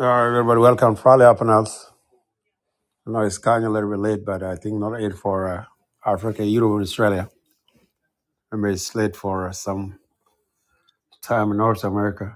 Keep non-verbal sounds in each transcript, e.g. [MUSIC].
All right, everybody, welcome. Probably up and out. I know it's kind of a little bit late, but I think not late for uh, Africa, Europe, and Australia. Maybe it's late for uh, some time in North America.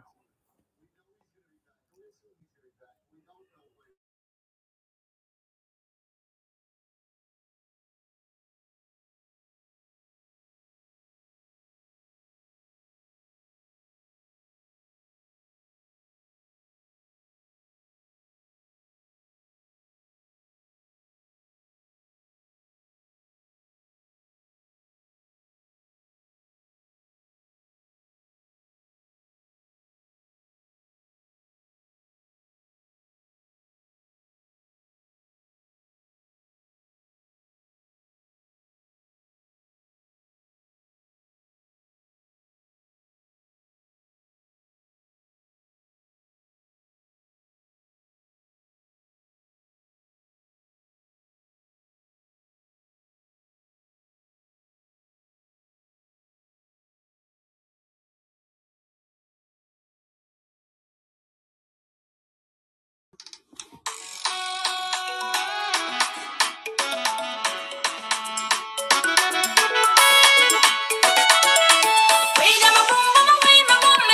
Freedom, freedom, freedom, freedom,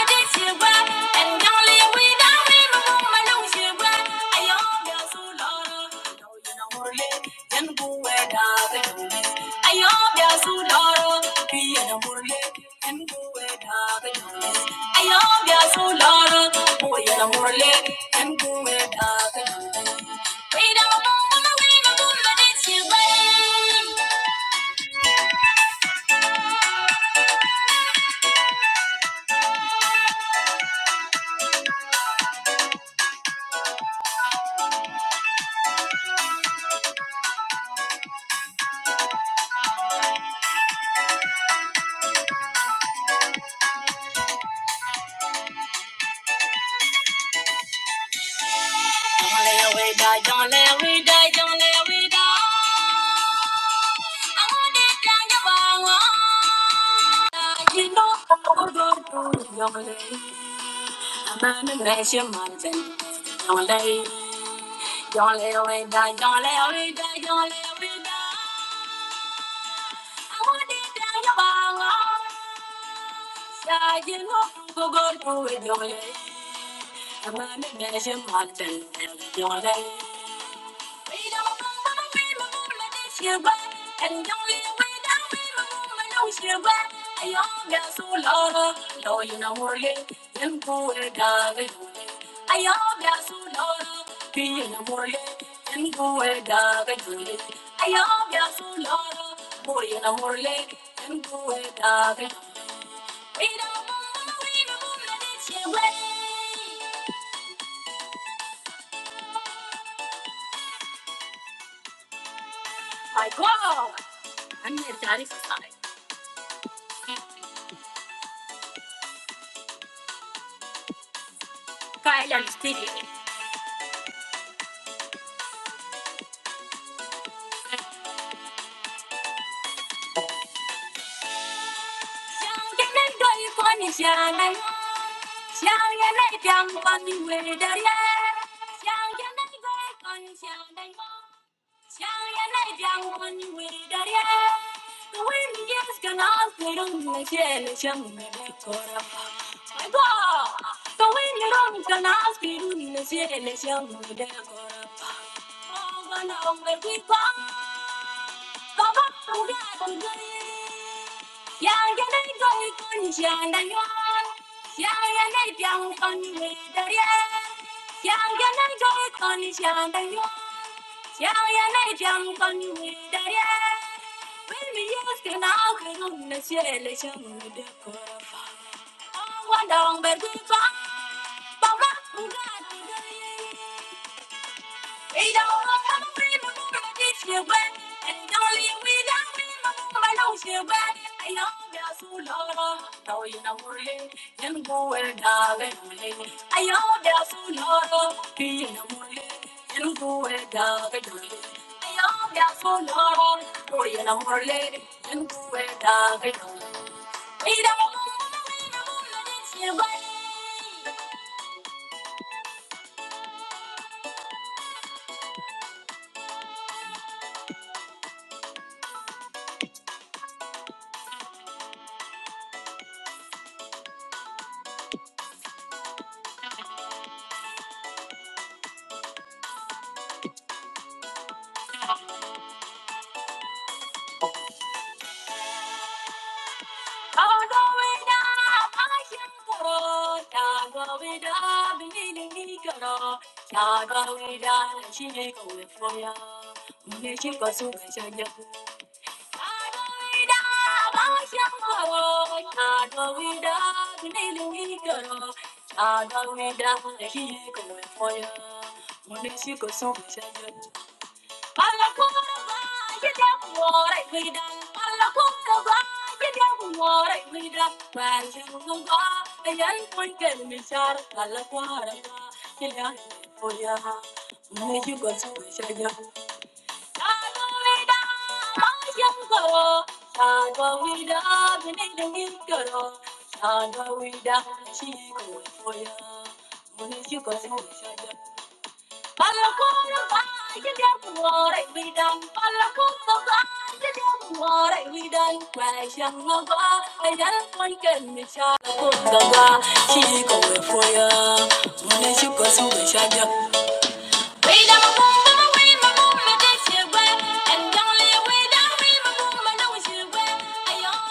freedom, freedom, Don't let we die, don't let we die, don't let we die. I want it down your bone. You know who go through it, do I'm on the nation mountain, don't let. Don't let we die, don't let we die, don't let we die. I want it down your bone. You know who go through it, do I'm on the nation mountain, don't let. We don't move when we move, but it's your way. And don't live without we move, but no, it's your way. I am your soul, Lord. No, you know, we're here. Them poor darling. I am your soul, Lord. Be in the morning. Them poor darling. I am your soul, Lord. Boy in the morning. Them poor darling. We don't move when we move, but it's your way. My God. I'm the here, Daddy. Kyle and Stevie. Thank you. Yang yang doi kun jiang da yuan, yang yang doi biang kun wei da lian, yang yang doi kun jiang da yuan, yang yang doi biang kun wei da lian. When we used to know the moon is yellow, she would go far. Oh, one dong, but we found, but what would I do? yeah, yeah. We don't look how we move and it's you way. And he don't leave we down, we I and you your I know you're so low, no you know we're here. Then go and dive in the lake. I know you're so low, be in the way. Then go and dive in the lake. I know you're so low, no you know we're here. Then go and dive in the lake. We don't move and we move and it's your way. Chagawida, she go for you. When she goes on, Shagawida, she going for ya. When you go to we done, we done, I don't want she go for you. When she goes to the shadow, we don't we and only we don't we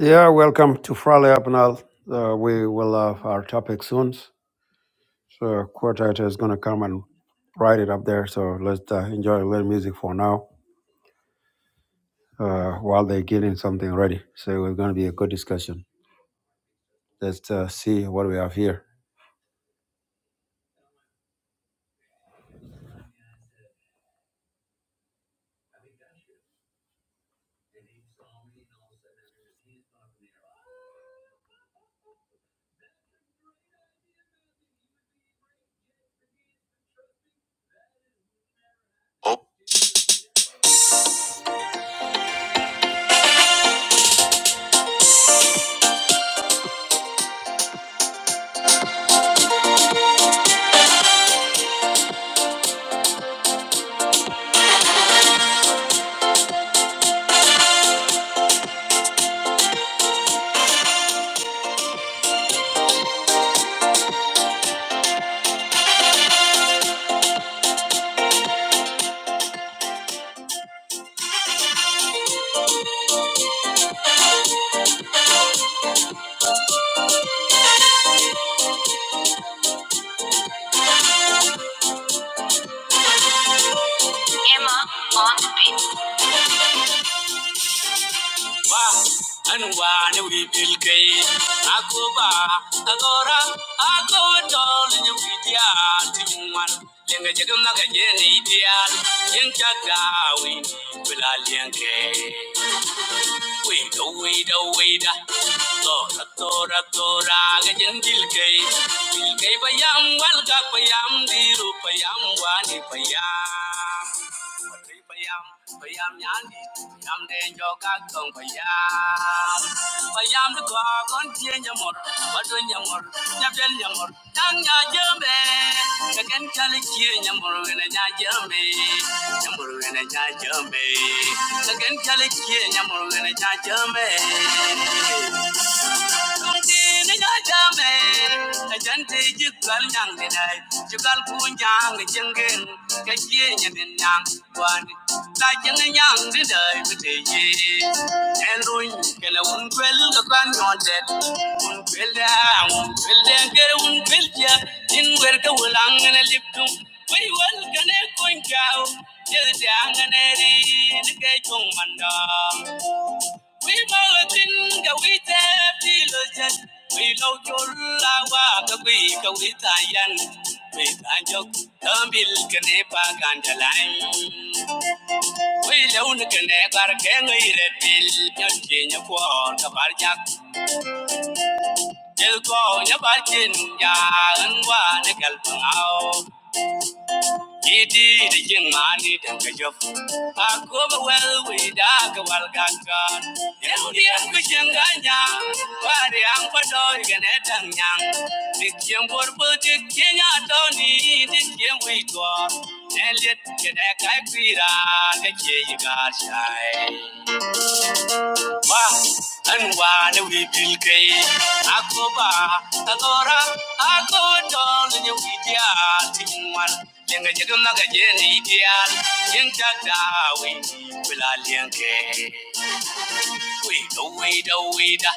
I Yeah, welcome to Frale Up now. Uh, we will have our topic soon. So quartet is gonna come and write it up there. So let's uh, enjoy a little music for now uh, while they're getting something ready. So it's gonna be a good discussion. Let's uh, see what we have here. Wah, and wah, and we will gain. Agoba, agora, agoba, darling, you be the only one. Lenga jaga maga jene ideal. Yenga gawi, bila lenge. Wait, oh, wait, oh, wait. Tora, tora, tora, gajan gilgay. Gilgay payam, walga payam, diru payam, wani payam. Baiam, baiam yandi, baiam den jogakong baiam, baiam duka kon jenya mor, baiam yamor, yamel yamor, jang ya jome, jagen kali kienya mor, ena ya jome, yamor ena ya jome, jagen kali kienya mor, ena ya jome. Wai wal kane kun jawo, jirgin hangane ne, nike jung manda. We malatinga we tepilojat. We know jolla waka we ka we tayan. We tanjok tambil kene pa gandalan. We leun kene bar kenge iretil nyal kenya kuor kabarjak. Jelko nyabarjin ya anwa ne kalpangao. Iti rigin mani danga jofu. Akoma well we daga wal gangan. Yehudi ang kuchanganya. Wari ang padoy ganetang nyang. Dikyang borbo dikyang atoni dikyang witwa. Nelit kene kai kwira kachye yigar shai anwane wibil kay akoba agora ako dol nyu widia tinwan lenga jega maga jeni ideal yen tagda we bila lenke we do we do we da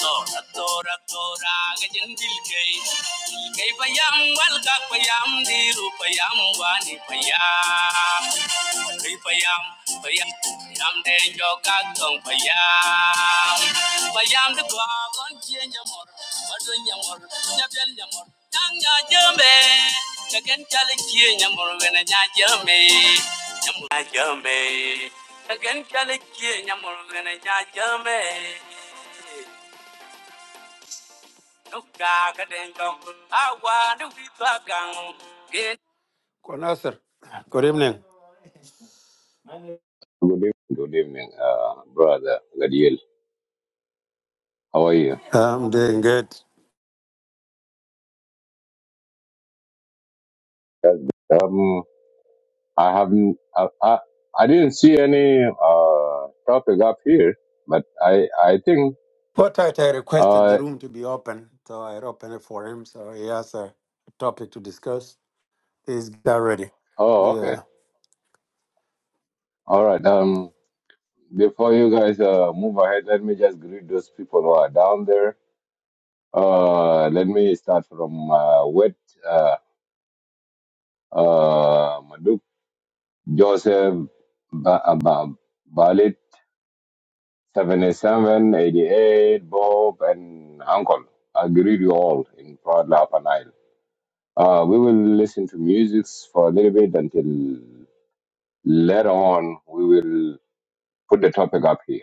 tora tora tora ga jendil kay Kay payam walga ka payam diru payam wani payam. Kay payam payam payam de jo ka tong payam. Payam de kwa kon chien nyamor, madun nyamor, nyabel nyamor, nyang nya jembe. Kagen chale chien nyamor wena nya jembe. Nyamor nya jembe. Kagen chale chien nyamor wena nya jembe. Konasir, good evening. Good evening, good evening, uh, brother Gadiel. How are you? I'm doing good. That's good. Um, I haven't, I, I, I didn't see any uh, topic up here, but I, I think, What I requested the uh, room to be open, so I opened it for him. So he has a topic to discuss. He's got ready. oh, okay, Yeah. all right. Um, before you guys uh, move ahead, let me just greet those people who are down there. Uh, let me start from uh, Wet, uh, uh, Maduk, Joseph, ba- ba- Balit. 77, 88, Bob, and Uncle. I greet you all in Proud La Upper Nile. Uh, we will listen to music for a little bit until later on we will put the topic up here.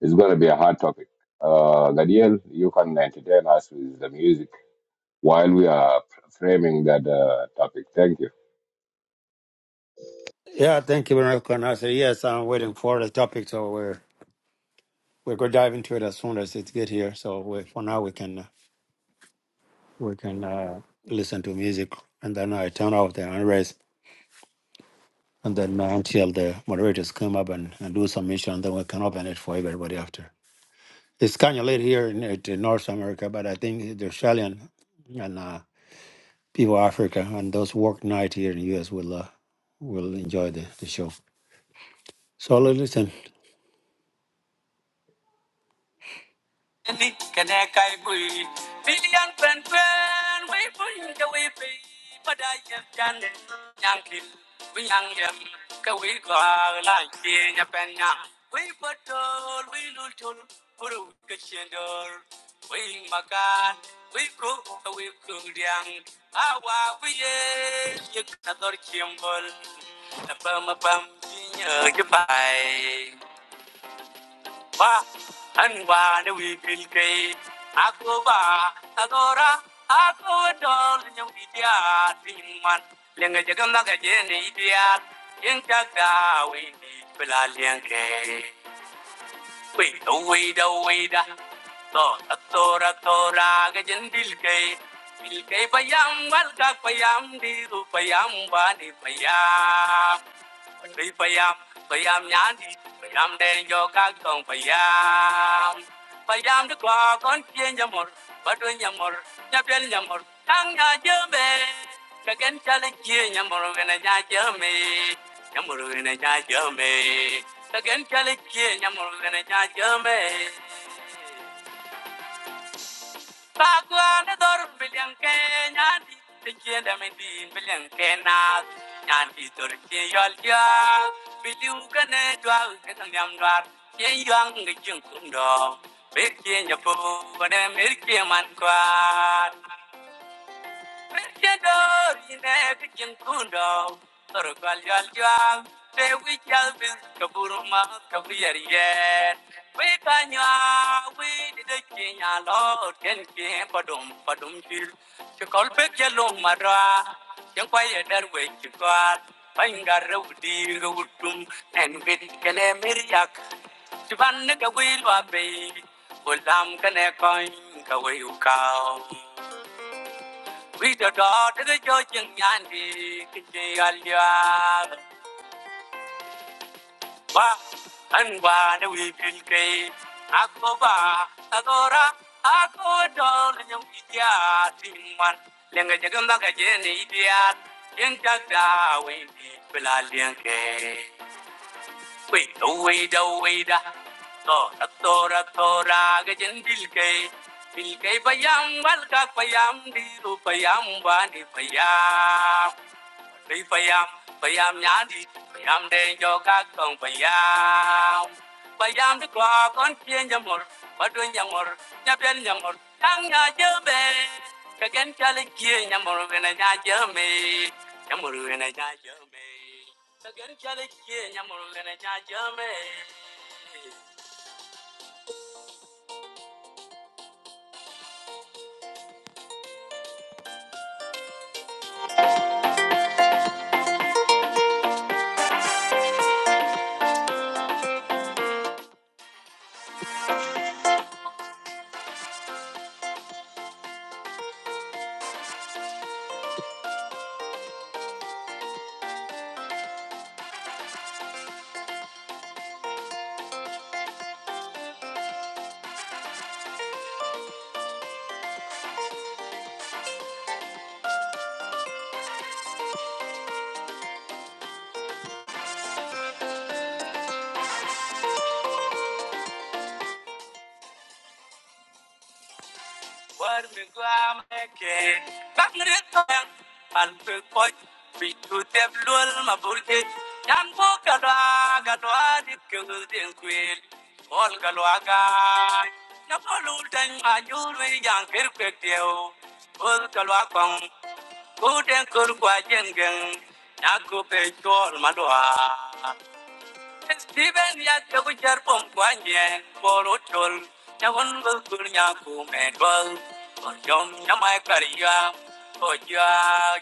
It's going to be a hard topic. Uh, Gadiel, you can entertain us with the music while we are framing that uh, topic. Thank you. Yeah, thank you very much, Konasir. Yes, I'm waiting for the topic, so we're we're gonna dive into it as soon as it get here. So we, for now, we can uh, we can uh, listen to music, and then I turn off the unrest. and then uh, until the moderators come up and, and do submission, and then we can open it for everybody after. It's kind of late here in, it- in North America, but I think the Australian and uh, people of Africa and those who work night here in the U.S. will uh, will enjoy the, the show. So li- listen. ni kene kai bui billion pen pen we bui de wei pi pada ye jan yang kil wei yang yem ke wei gwa la ki nya pen nya wei patol we lul tul puru ke chendor wei makan wei ko wei ku diang awa wei ye ye na dor chimbol na pam pam ji nyo bai Ba, anwa ne wi pil ke. Ako ba, agora, ako dol nyong idia tingman. Lenga jaga maga jeni idia. Yen jaga wi ni pelaliang ke. Wait, oh, wait, oh, wait. Tora, tora, tora, gajan dilkay. Dilkay payam, walka payam, diru payam, vani payam. Patri payam, payam nyandi, payam den yoga tong payam. Payam de kwa kon kien yamor, batu yamor, nyapel yamor, tang ya jeme. Kagen chale kien yamor, vena ya jeme. Nha mường bên nè nha giê mê, ta ghen chi lại chiêng nha mường bên nè nha giê mê. Ba quan ở đường bên nhàng khe, nha đi chơi chiêng đam mê đi bên nhàng khe na. Nha đi chơi chiêng yểu điệu, bên du khách bên du khách tham đoàn chiêng dương cái chiêng cũng đón. Bên chiêng nha phụ bên em bên chiêng man quạt. Misyador ine kijin kundo, torgal yal yal, te wikyal bin kaburuma kabiyar yen. We kanya, we dide kinya lor, ken kien padum padum jil, chikol pek yalong madra, yang kwaya dar we chikwal, pangar rudi rutum, en bit miriak, chiban ka wilwa bay, ulam kene koin we the daughter of the judge and Yandy, Kitty Alia, Ba, and one we feel gay. Akoba, Agora, Ako, darling, young idiot, in one, Langajagamaka, Jenny, idiot, in Jagda, we people are gay. Wait, oh, wait, oh, wait, Tora, Tora, Tora, Gajan Bilgay. Bilgay, Bayam, Walka, Bayam, Diru, Bayam, Bani, Bayam. Bayam, bayam ya di, bayam deh jo kak dong bayam, bayam dekwa kon kien ya mor, bayu ya mor, ya pel ya mor, kang ya jamé, kagén kali kien ya mor we na ya jamé, ya mor we na ya jamé, kagén kali kien ya mor we na ya jamé. What we go to make? Back in the time, I'm too cold. We too deep, lol, my body. Yan po kalwa, kalwa, di kung din kwil. All kalwa ka. Napalutang ayun, we yang kirkwek diyo. All kalwa kong, kudeng kurkwa jengeng. Naku pe chol madwa. Steven ya chagu char pom kwanye moro chol chagun gul nya ku me dol por jom nya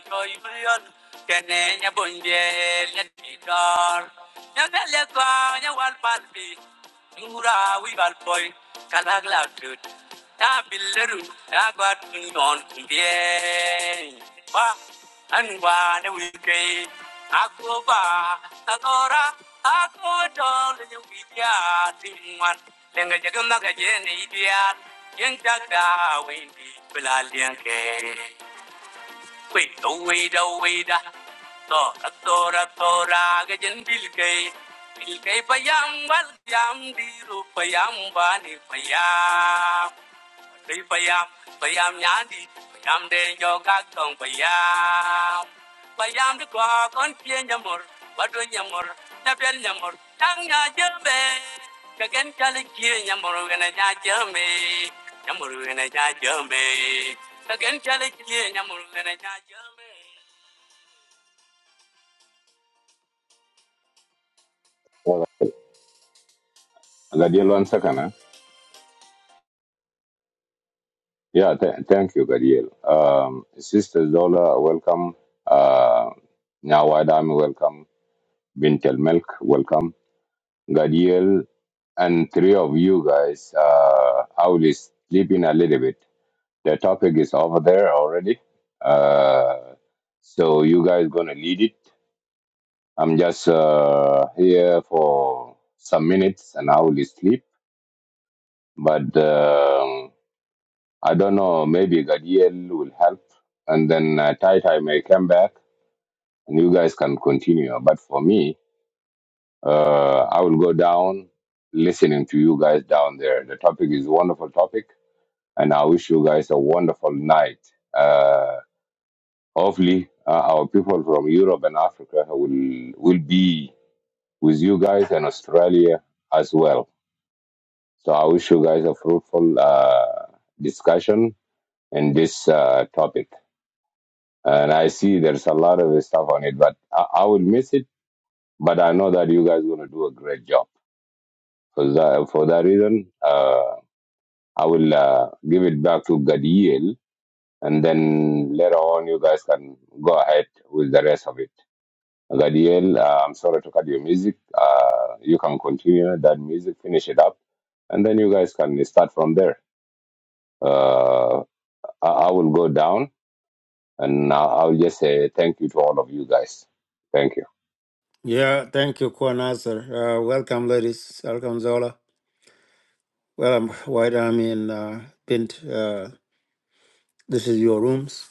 joy buyon kene nya bunje nya tidor nya le kwa nya wal Mura we bad boy, Kalagla dude. Tabileru, Aguat on Kumbien. Ba, and one we gay. Akoba, Tadora, ako don you idiot, in one. Lenga Jagamaga Jen, idiot, Yen Jaga, Windy, Pilalian Gay. Wait, oh, wait, oh, wait. So, tora, tora, gajan bilkay. Bilkay payam, wal yam, diru payam, bani payam. Đi bay am, bay am nhá đi, bay am đen cho các con bay am. Bay am đi qua con kia nhà mор, bắt đuôi nhà mор, nhà bên nhà mор, thằng nhà chơi Well, Gadiel, one second. Huh? Yeah, th- thank you, Gadiel. Um, Sister Zola, welcome. Uh, now, welcome. Bintel Milk, welcome. Gadiel, and three of you guys, uh, I will sleep in a little bit. The topic is over there already. Uh, so you guys gonna lead it. I'm just uh, here for some minutes and I will sleep. But um, I don't know, maybe Gadiel will help. And then uh, Tai Tai may come back and you guys can continue. But for me, Uh, I will go down listening to you guys down there. The topic is a wonderful topic, and I wish you guys a wonderful night. Uh, hopefully, uh, our people from Europe and Africa will will be with you guys and Australia as well. So I wish you guys a fruitful uh, discussion in this uh, topic. And I see there's a lot of stuff on it, but I, I will miss it. But I know that you guys going to do a great job. For that, for that reason, uh, I will uh, give it back to Gadiel, and then later on you guys can go ahead with the rest of it. Gadiel, uh, I'm sorry to cut your music. Uh, you can continue that music, finish it up, and then you guys can start from there. Uh, I, I will go down, and I- I'll just say thank you to all of you guys. Thank you. Yeah, thank you, Kwan Nasser. Uh, welcome, ladies. Welcome, Zola. Well, I'm White Army and uh, Pint. Uh, this is your rooms.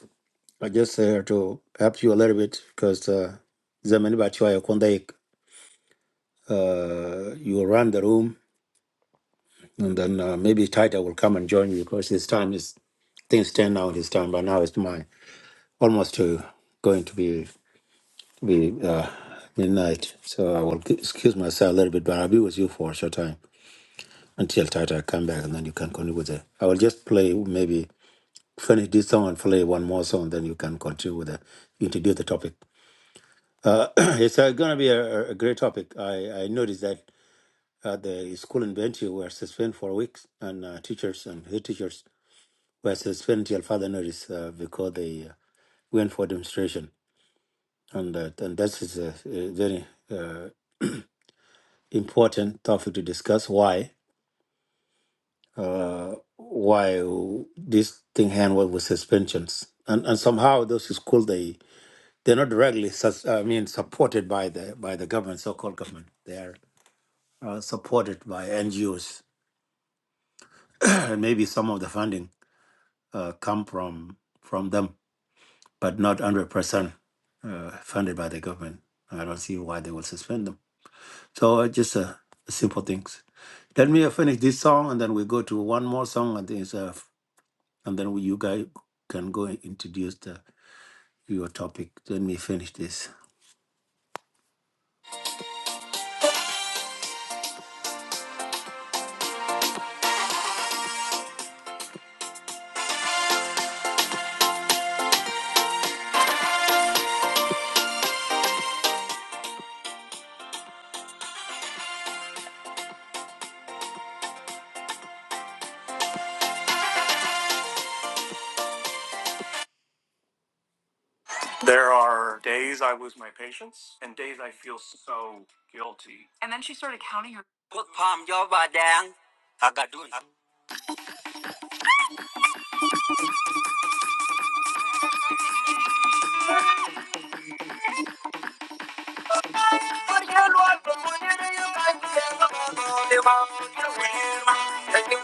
I just here to help you a little bit because uh, zamani bachwaya kondai. Uh, you run the room, and then uh, maybe Tita will come and join you because his time is things turn out his time, but now it's my almost to going to be be uh, midnight. So I will excuse myself a little bit, but I'll be with you for a short time until Tita come back, and then you can continue with it. I will just play maybe finish this song and play one more song, then you can continue with the introduce the topic. Uh, [CLEARS THROAT] it's uh, going to be a, a great topic. I, I noticed that uh, the school in Bentiu were suspended for weeks, and uh, teachers and head teachers were suspended till further notice uh, because they uh, went for demonstration. And, uh, and that is a, a very uh, important topic to discuss. Why? Uh, why this thing handled with suspensions? And, and somehow those schools they they're not directly sus- I mean supported by the by the government, so-called government. They are uh, supported by NGOs, [CLEARS THROAT] and maybe some of the funding uh, come from from them, but not one hundred percent uh, funded by the government. I don't see why they will suspend them. So uh, just uh, simple things. Let me uh, finish this song, and then we go to one more song, and then, uh, and then we, you guys can go and introduce the, your topic. Let me finish this.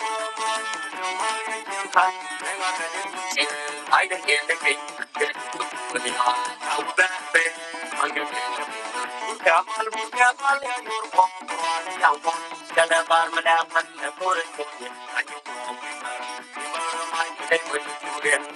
[LAUGHS] Thank you.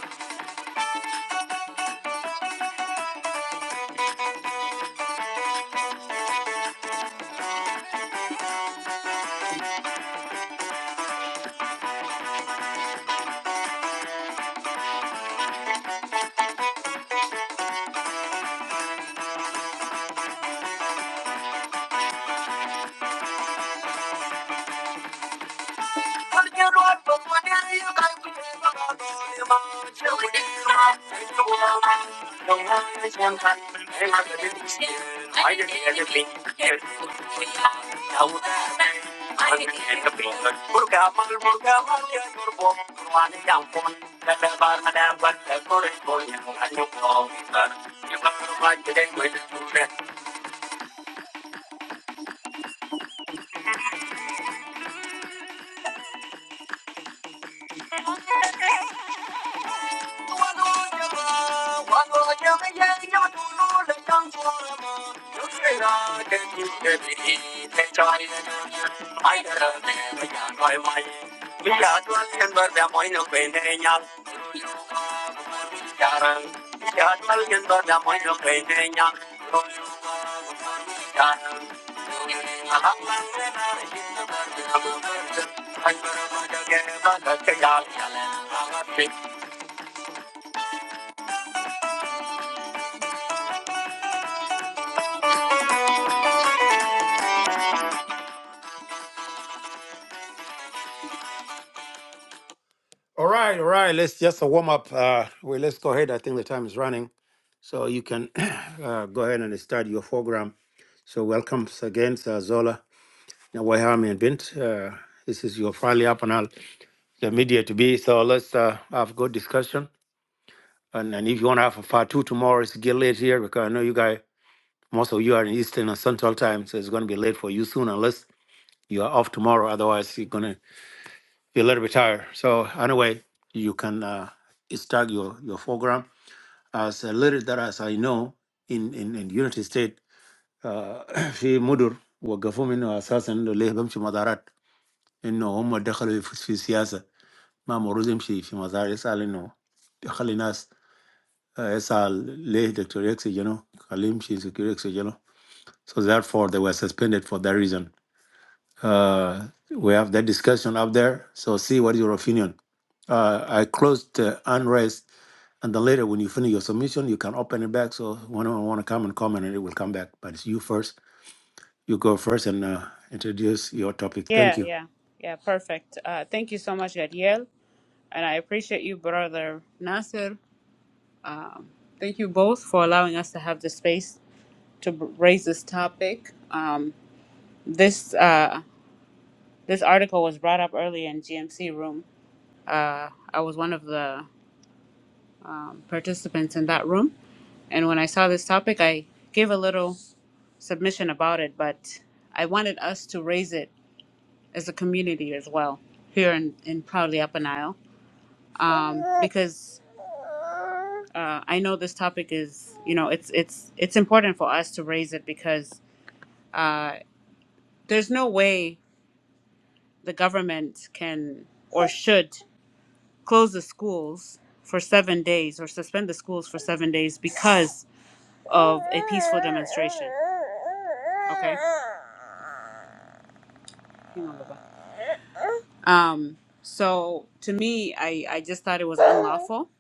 Thank you. All right, all right. Let's just a warm up. Uh, well, let's go ahead. I think the time is running. So you can [CLEARS THROAT] uh, go ahead and start your program. So welcome again, Sir Zola, Nawahami and Bint. Uh, this is your Friday up and all the media to be. So let's uh, have a good discussion. And, and if you want to have a part two tomorrow, it's get late here because I know you guys, most of you are in Eastern and Central time, so it's going to be late for you soon unless you are off tomorrow. Otherwise, you're going to be a little bit tired. So anyway, you can uh, start your, your program. As a little that as I know, in, in, in United States. آه، [CLEARS THROAT] في مدر وقفوهم انه اساسا انه ليه بمشي مزارات انه هم دخلوا في في السياسه ما مروز يمشي في مزار يسال انه يخلي ناس آه، يسال ليه دكتور يكسي جنو خليه يمشي دكتور يكسي جنو so therefore they were suspended for that reason uh, we have that discussion up there so see what is your opinion uh, I closed the unrest and then later when you finish your submission you can open it back so whenever I want to come and comment and it will come back but it's you first you go first and uh, introduce your topic. Thank Yeah, you. yeah, yeah, perfect. Uh, thank you so much, Gadiel, and I appreciate you, brother Nasser. Thank you both for allowing us to have the space to b- raise this topic. Um, this uh, this article was brought up earlier in GMC room. Uh, I was one of the um, participants in that room, and when I saw this topic, I gave a little submission about it, but I wanted us to raise it as a community as well here in, in Proudly Up an Isle. Um, because uh, I know this topic is, you know, it's it's it's important for us to raise it because uh, there's no way the government can or should close the schools for seven days or suspend the schools for seven days because of a peaceful demonstration. Okay. Hang on, Baba. Um, so to me, I I just thought it was unlawful.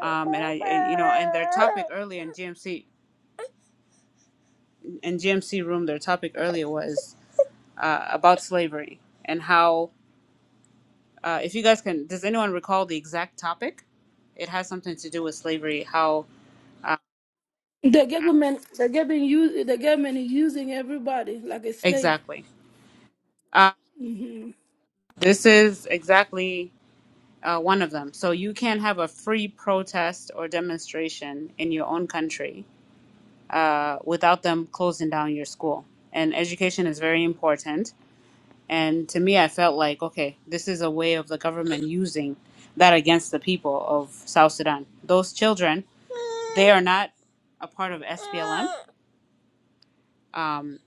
Um, and I and, you know, and their topic earlier in GMC. in GMC room, their topic earlier was uh, about slavery and how, uh, if you guys can, does anyone recall the exact topic? It has something to do with slavery. How uh, The government, the government, use, the government is using everybody like a slave. exactly? Uh, hmm this is exactly uh, one of them. So you can't have a free protest or demonstration in your own country uh, without them closing down your school. And education is very important And to me, I felt like, okay, this is a way of the government using that against the people of South Sudan. Those children, they are not a part of SPLM. Um,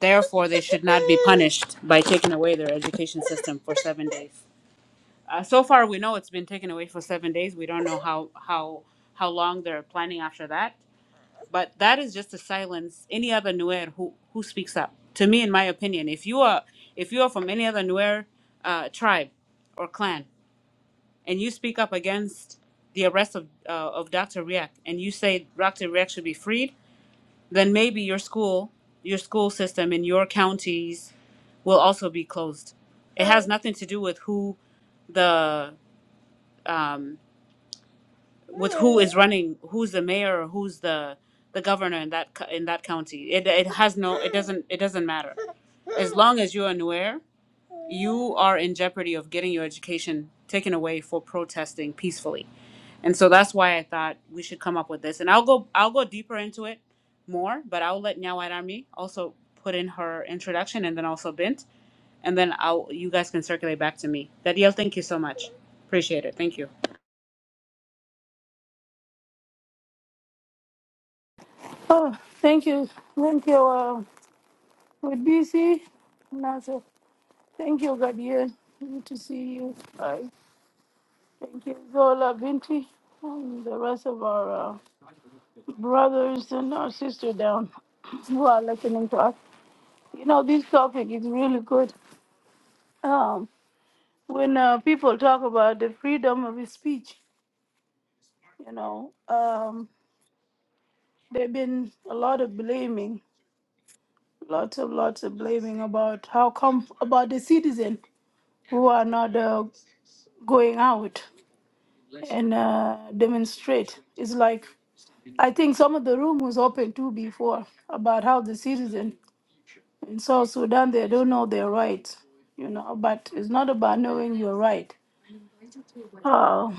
therefore, they should not be punished by taking away their education system for seven days. Uh, so far, we know it's been taken away for seven days. We don't know how how how long they're planning after that. but that is just to silence any other Nuer who who speaks up. To me, in my opinion, if you are if you are from any other Nuer uh, tribe or clan and you speak up against the arrest of uh, of Dr. Riak and you say Dr. Riak should be freed, then maybe your school your school system in your counties will also be closed. It has nothing to do with who the um, with who is running, who's the mayor, or who's the the governor in that co- in that county. It it has no, it doesn't it doesn't matter. As long as you're aware, you are in jeopardy of getting your education taken away for protesting peacefully. And so that's why I thought we should come up with this. And I'll go I'll go deeper into it more, but I'll let Nyawad Army also put in her introduction and then also Bint. And then I'll you guys can circulate back to me. Dadiel, thank you so much. Appreciate it. Thank you. Oh, thank you, thank you, uh, with BC, Nasa. Thank you, Gadiel. Good to see you. Bye. Thank you, Zola Binti, and the rest of our uh, brothers and our sister down [LAUGHS] who are listening to us. You know, this topic is really good. Um, when uh, people talk about the freedom of speech, you know. Um, There've been a lot of blaming, lots of lots of blaming about how come about the citizen who are not uh, going out and uh, demonstrate. It's like I think some of the room was open too before about how the citizen in South Sudan they don't know their rights, you know. But it's not about knowing your right. Uh,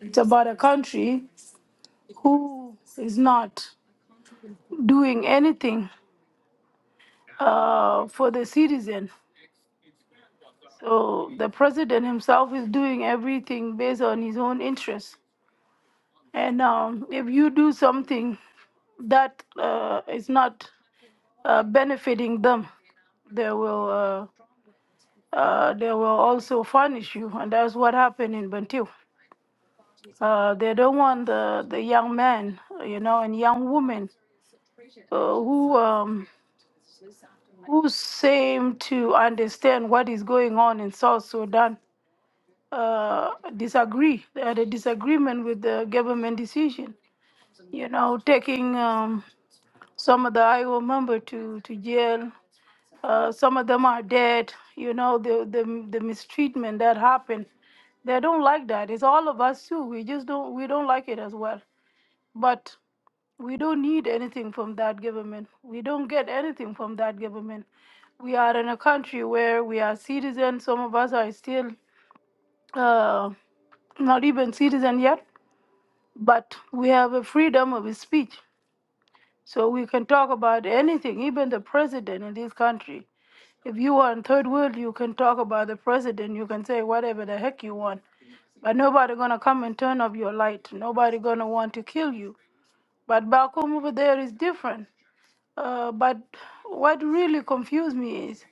it's about a country who is not doing anything uh, for the citizen. So the president himself is doing everything based on his own interests. And um, if you do something that uh, is not uh, benefiting them, they will uh, uh, they will also punish you, and that's what happened in Bantu. Uh, they don't want the, the young men, you know, and young women uh, who um, who seem to understand what is going on in South Sudan uh, disagree they had a disagreement with the government decision you know taking um, some of the iowa member to to jail uh, some of them are dead you know the, the the mistreatment that happened they don't like that it's all of us too we just don't we don't like it as well but we don't need anything from that government. We don't get anything from that government. We are in a country where we are citizens. Some of us are still uh, not even citizen yet, but we have a freedom of speech. So we can talk about anything, even the president in this country. If you are in third world, you can talk about the president. You can say whatever the heck you want, but nobody gonna come and turn off your light. Nobody gonna want to kill you. But back home over there is different. Uh, but what really confused me is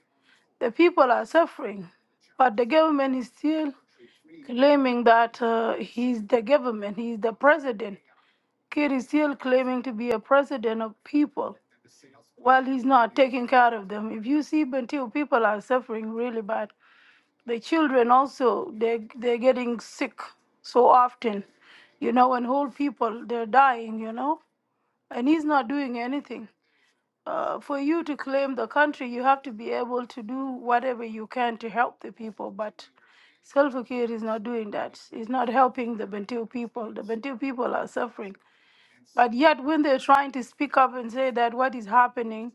the people are suffering, but the government is still claiming that uh, he's the government, he's the president. Kid is still claiming to be a president of people while he's not taking care of them. If you see Bentiu, people are suffering really bad. The children also, they, they're getting sick so often, you know, and whole people, they're dying, you know, and he's not doing anything uh, for you to claim the country, you have to be able to do whatever you can to help the people. But Salva Kiir is not doing that. He's not helping the Bantu people. The Bantu people are suffering. But yet, when they're trying to speak up and say that what is happening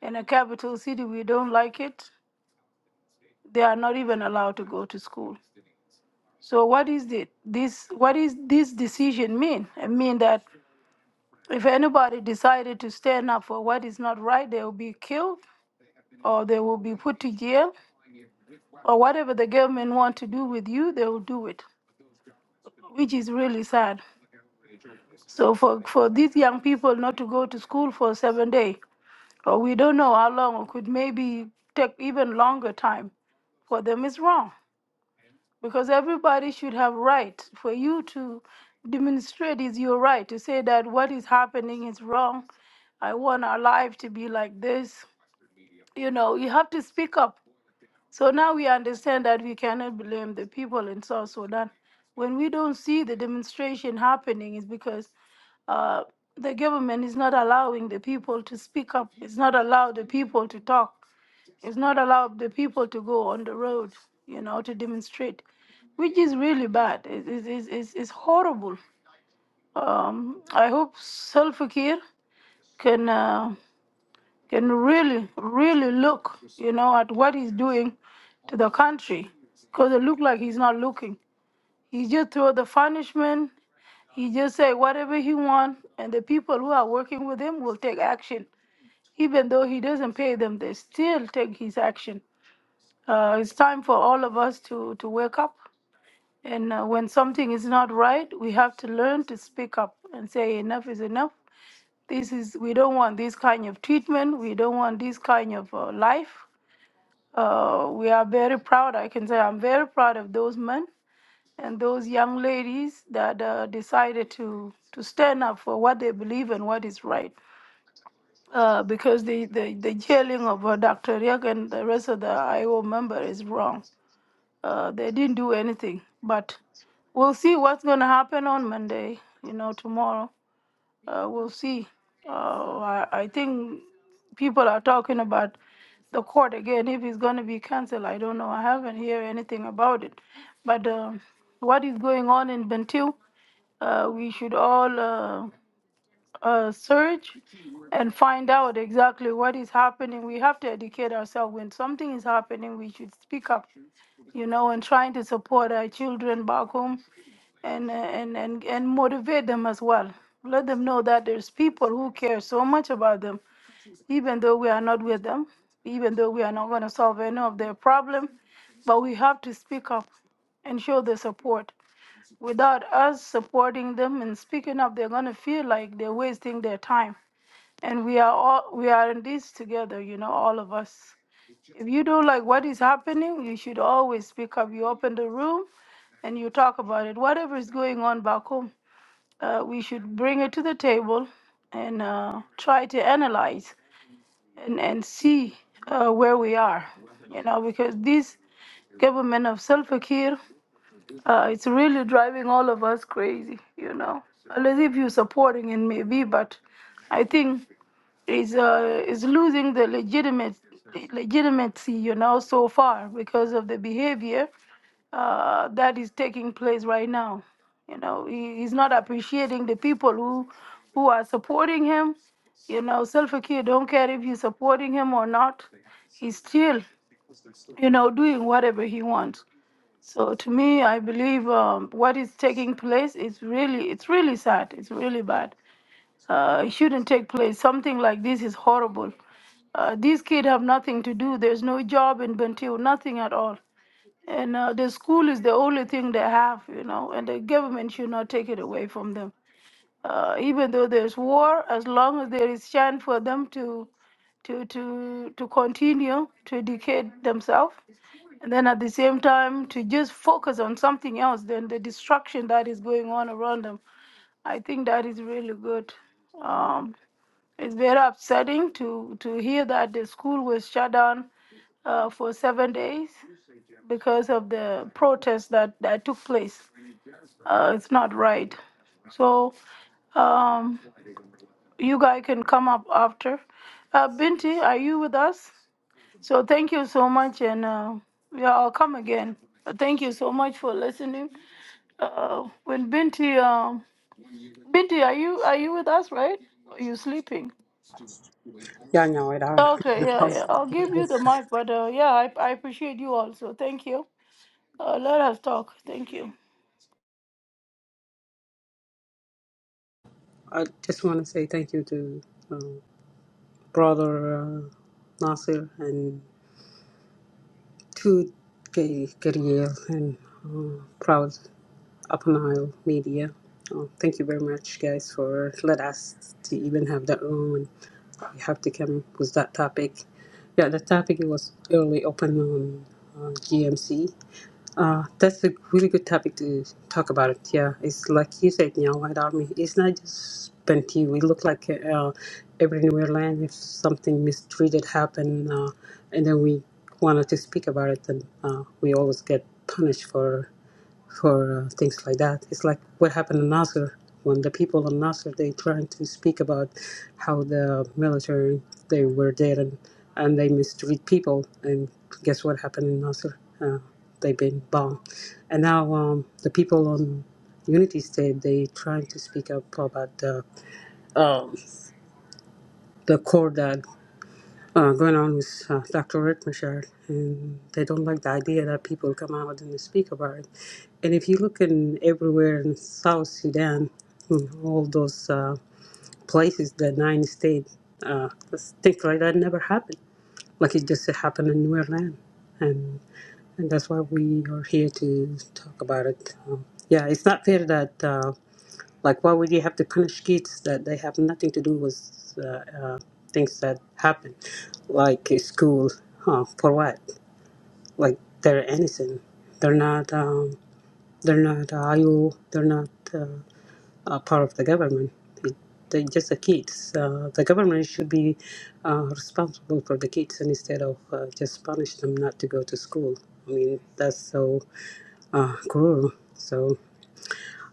in a capital city, we don't like it, they are not even allowed to go to school. So, what is the, this? What is this decision mean? It mean that if anybody decided to stand up for what is not right, they will be killed or they will be put to jail or whatever the government want to do with you they will do it which is really sad so for for these young people not to go to school for seven days or we don't know how long or could maybe take even longer time for them is wrong because everybody should have right for you to demonstrate is your right to say that what is happening is wrong i want our life to be like this you know you have to speak up So now we understand that we cannot blame the people in South Sudan. When we don't see the demonstration happening, it's because uh, the government is not allowing the people to speak up. It's not allowed the people to talk. It's not allowed the people to go on the road, you know, to demonstrate, which is really bad. It, it, it's it's it's horrible. Um, I hope Salva Kiir can. Uh, can really, really look, you know, at what he's doing to the country. Because it looked like he's not looking. He just throw the punishment. He just say whatever he want, and the people who are working with him will take action. Even though he doesn't pay them, they still take his action. Uh, it's time for all of us to, to wake up and uh, when something is not right, we have to learn to speak up and say enough is enough. This is we don't want this kind of treatment. We don't want this kind of uh, life. Uh, we are very proud. I can say I'm very proud of those men and those young ladies that uh, decided to to stand up for what they believe and what is right. Uh, because the, the, the jailing of uh, Dr. Riek and the rest of the IO member is wrong. Uh, they didn't do anything, but we'll see what's going to happen on Monday, you know, tomorrow. Uh, we'll see. Uh, I, I think people are talking about the court again. If it's going to be canceled, I don't know. I haven't heard anything about it. But um what is going on in Bentiu, uh, we should all. Uh, uh, search and find out exactly what is happening. We have to educate ourselves. When something is happening, we should speak up, you know, and trying to support our children back home and, uh, and, and, and motivate them as well. Let them know that there's people who care so much about them, even though we are not with them, even though we are not going to solve any of their problem, but we have to speak up and show the support without us supporting them and speaking up, they're gonna feel like they're wasting their time. And we are all we are in this together, you know, all of us. If you do not like what is happening, you should always speak up. You open the room and you talk about it. Whatever is going on back home, uh, we should bring it to the table and uh, try to analyze and, and see uh, where we are, you know, because this government of Salva Kiir uh, it's really driving all of us crazy, you know. Unless if you're supporting it, maybe, but I think it's, uh, it's losing the legitimate legitimacy, you know, so far because of the behavior uh, that is taking place right now. You know, he, he's not appreciating the people who who are supporting him. You know, Selfie Kid don't care if you're supporting him or not. He's still you know, doing whatever he wants. So to me, I believe um, what is taking place is really, it's really sad. It's really bad. Uh, it shouldn't take place. Something like this is horrible. Uh, these kids have nothing to do. There's no job in Bentiu, nothing at all. And uh, the school is the only thing they have, you know, and the government should not take it away from them. Uh, even though there's war, as long as there is chance for them to to to to continue to educate themselves, and then at the same time to just focus on something else than the destruction that is going on around them. I think that is really good. Um, it's very upsetting to, to hear that the school was shut down uh, for seven days because of the protests that, that took place. Uh, it's not right. So um, you guys can come up after. Uh, Binti, are you with us? So thank you so much, and uh, yeah, I'll come again. Uh, Thank you so much for listening. Uh, when Binti, um, Binti, are you are you with us, right? Are you sleeping? Y'all know it. I, Okay, yeah, yeah. I'll give you the mic, but uh, yeah, I, I appreciate you also. Thank you. Uh, let us talk. Thank you. I just want to say thank you to brother uh, Nasir and to K- Kiriel and proud Up Nile Media. Uh, thank you very much, guys, for let us to even have that room and we have to come with that topic. Yeah, the topic was early open on uh, GMC. Uh, that's a really good topic to talk about it. Yeah, it's like you said, you know, White Army. It's not just Benty. We look like uh, every New land. If something mistreated happened, uh, and then we wanted to speak about it, then uh, we always get punished for for uh, things like that. It's like what happened in Nasser when the people in Nasser they trying to speak about how the military they were there and, and they mistreat people and guess what happened in Nasser? Uh, they've been bombed, and now um, the people on Unity State they trying to speak up about the um, the Kurd uh, going on with uh, Dr. Rick Michaud, and they don't like the idea that people come out and speak about it. And if you look in everywhere in South Sudan, in all those uh, places, the nine States uh, things like that never happened. Like it just happened in New Orleans, and and that's why we are here to talk about it. Um, yeah, it's not fair that. Uh, like, why would you have to punish kids that they have nothing to do with uh, uh, things that happen, like in school? Huh? For what? Like they're innocent. They're not. Um, they're not IO. They're not uh, a part of the government. It- They're just the kids. Uh, the government should be uh, responsible for the kids and instead of uh, just punish them not to go to school. I mean, that's so uh, cruel. So.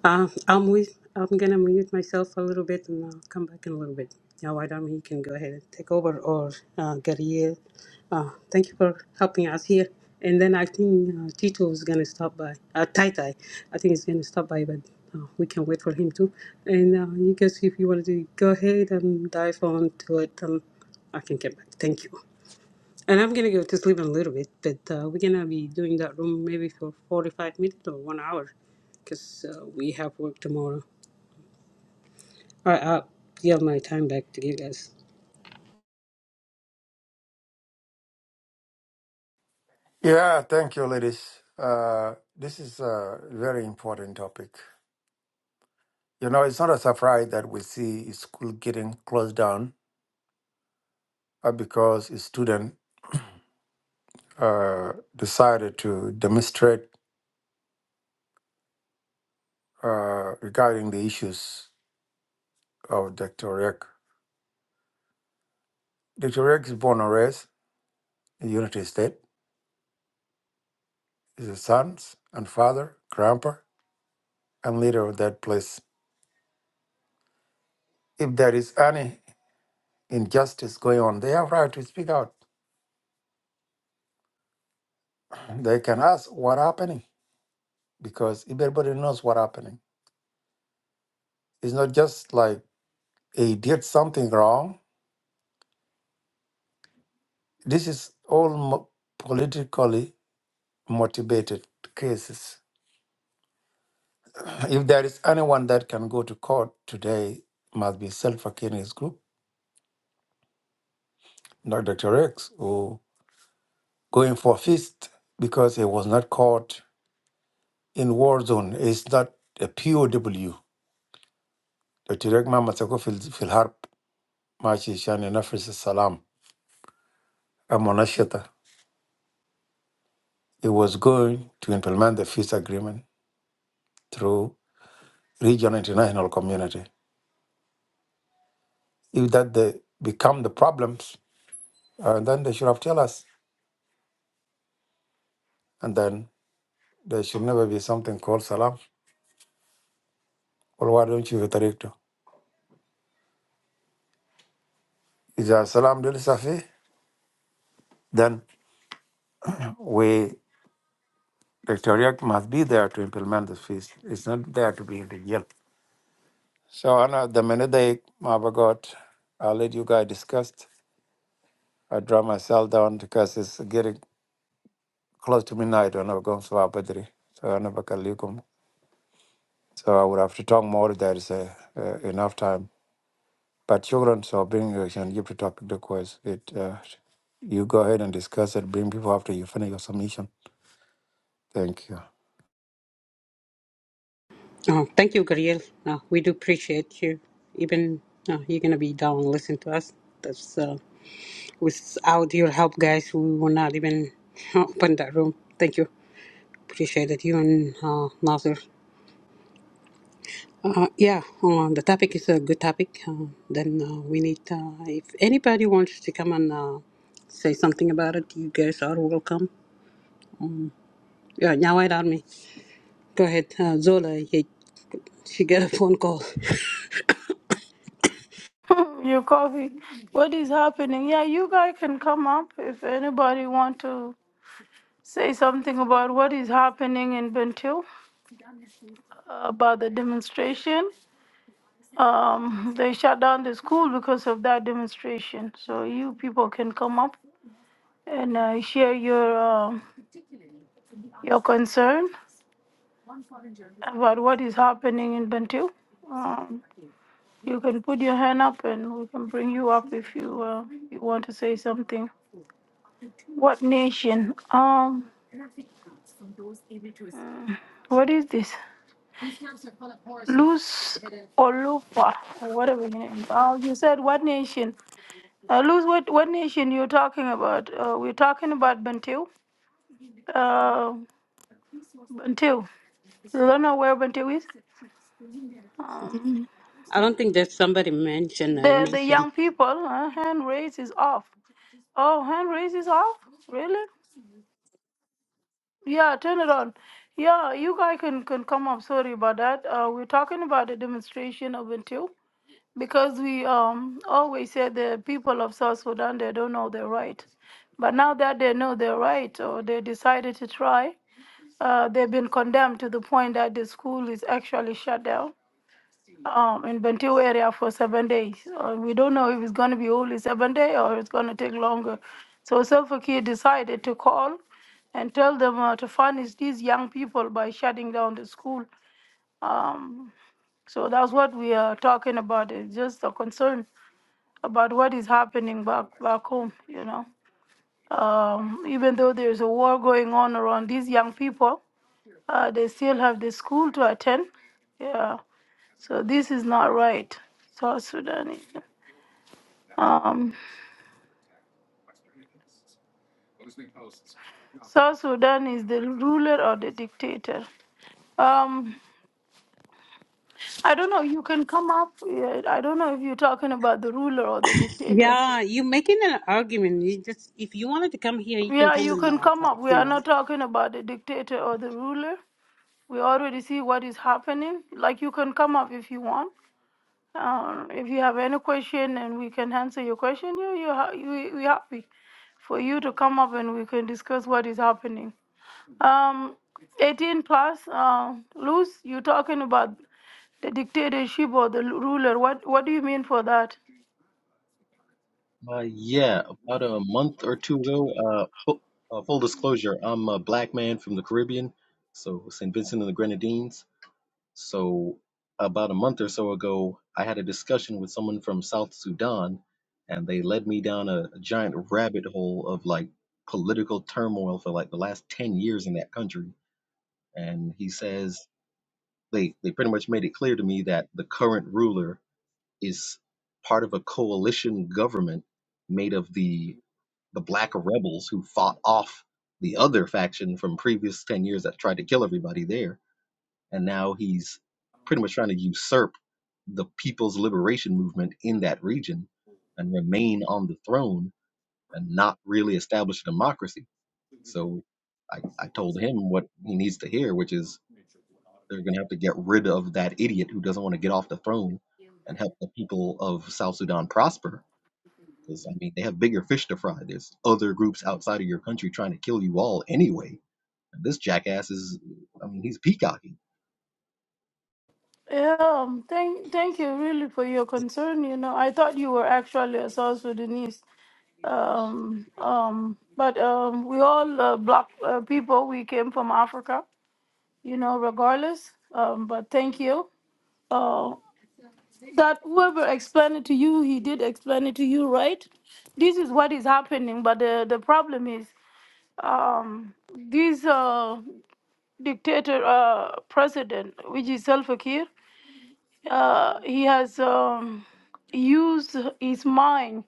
Uh, I'll mute, I'm gonna mute myself a little bit and I'll come back in a little bit. Now, Adam, you can go ahead and take over or uh, Gabriel. Uh, thank you for helping us here. And then I think uh, Tito is gonna stop by. Uh, Tai Tai, I think he's gonna stop by, but uh, we can wait for him too. And uh, you guys, if you wanted to go ahead and dive on to it, um, I can get back. Thank you. And I'm gonna go to sleep in a little bit, but uh, we're gonna be doing that room maybe for 45 minutes or one hour, because uh, we have work tomorrow. All right, I'll yield my time back to you guys. Yeah, thank you, ladies. Uh, this is a very important topic. You know, it's not a surprise that we see school getting closed down uh, because a student uh, decided to demonstrate uh, regarding the issues of Dr. Rick. Dr. Rick is born and raised in the United States. He's a son and father, grandpa, and leader of that place. If there is any injustice going on, they have right to speak out. They can ask what happening because everybody knows what happening. It's not just like he did something wrong. This is all mo- politically motivated cases. [CLEARS THROAT] If there is anyone that can go to court today, must be Self his group, not Dr. X, who going for a feast because he was not caught in war zone. It's not a POW. Dr. X Mama Sako fil fil harb. March Mashishan and Nafis Salam and Monashita. It was going to implement the peace agreement through regional international community. If that they become the problems, uh, then they should have tell us. And then there should never be something called Salam. Well, why don't you reiterate to? Is there Salam Del Safi? Then we, the Toriak must be there to implement the peace. It's not there to be in the jail. So, Anna, the minute they, my God, I'll let you guys discuss. I draw myself down because it's getting close to midnight when I go to our bedroom. So I never can leave home. So I would have to talk more. There is uh, uh, enough time. But children, so bring you and give to topic the course. It uh, you go ahead and discuss it. Bring people after you finish your submission. Thank you. Oh, thank you, Gabriel. Uh, we do appreciate you. Even uh, you're gonna be down and listen to us. That's uh, without your help, guys, we will not even [LAUGHS] open that room. Thank you. Appreciate it, you and uh, Nasir. Uh, yeah, uh, the topic is a good topic. Uh, then uh, we need, uh, if anybody wants to come and uh, say something about it, you guys are welcome. Yeah, now wait on me. Go ahead, uh, Zola. He, she got a phone call. [LAUGHS] Your coffee. What is happening? Yeah, you guys can come up if anybody want to say something about what is happening in Bentiu, uh, about the demonstration. Um, [LAUGHS] they shut down the school because of that demonstration. So you people can come up and uh, share your um your concern about what is happening in Bantu. Um, you can put your hand up and we can bring you up if you, uh, you want to say something. What nation? Um, what is this? Luz or Lupa or whatever your name. Oh, you said what nation? Uh, Luz, what what nation you're talking about? Uh, we're talking about Bantu. Uh, Bantu. You don't know where Bantu is? Um, [LAUGHS] I don't think that somebody mentioned a The the nation. young people uh, hand raise is off. Oh, hand raise is off. Really? Yeah, turn it on. Yeah, you guys can can come up. Sorry about that. Uh, we're talking about the demonstration of until because we um always said the people of South Sudan they don't know their right, but now that they know their right or they decided to try, uh, they've been condemned to the point that the school is actually shut down um, in Bentiu area for seven days. Uh, we don't know if it's going to be only seven days or it's going to take longer. So Selfakir decided to call and tell them uh, to punish these young people by shutting down the school. Um, so that's what we are talking about. It's just a concern about what is happening back back home, you know. Um, even though there's a war going on around these young people, uh, they still have the school to attend. Yeah. So this is not right. South Sudan is um, South Sudan is the ruler or the dictator. Um, I don't know. You can come up. yeah, I don't know if you're talking about the ruler or the dictator. Yeah, you making an argument. You just if you wanted to come here, you can Yeah, come you and can uh, come talk. up. We You are know, not talking about the dictator or the ruler. We already see what is happening. Like you can come up if you want. Um, if you have any question and we can answer your question, you you ha- we we happy for you to come up and we can discuss what is happening. Um, 18 plus, uh, Luz, you talking about the dictatorship or the ruler. What what do you mean for that? Uh, yeah, about a month or two ago. Uh, full, uh, full disclosure, I'm a black man from the Caribbean, so St. Vincent and the Grenadines. So about a month or so ago, I had a discussion with someone from South Sudan, and they led me down a, a giant rabbit hole of like political turmoil for like the last ten years in that country. And he says they they pretty much made it clear to me that the current ruler is part of a coalition government made of the the black rebels who fought off the other faction from previous 10 years that tried to kill everybody there and now he's pretty much trying to usurp the people's liberation movement in that region and remain on the throne and not really establish a democracy so i, I told him what he needs to hear which is they're going to have to get rid of that idiot who doesn't want to get off the throne and help the people of South Sudan prosper. Because, I mean, they have bigger fish to fry. There's other groups outside of your country trying to kill you all anyway. And this jackass is, I mean, he's peacocking. Yeah, um, thank thank you really for your concern. You know, I thought you were actually a South Sudanese. Um, um, but um, we all uh, black uh, people. We came from Africa. you know, regardless. Um, but thank you. Uh, that whoever explained it to you, he did explain it to you, right? This is what is happening, but the, the problem is um, this uh, dictator uh, president, which is Salva Kiir, uh, he has um, used his mind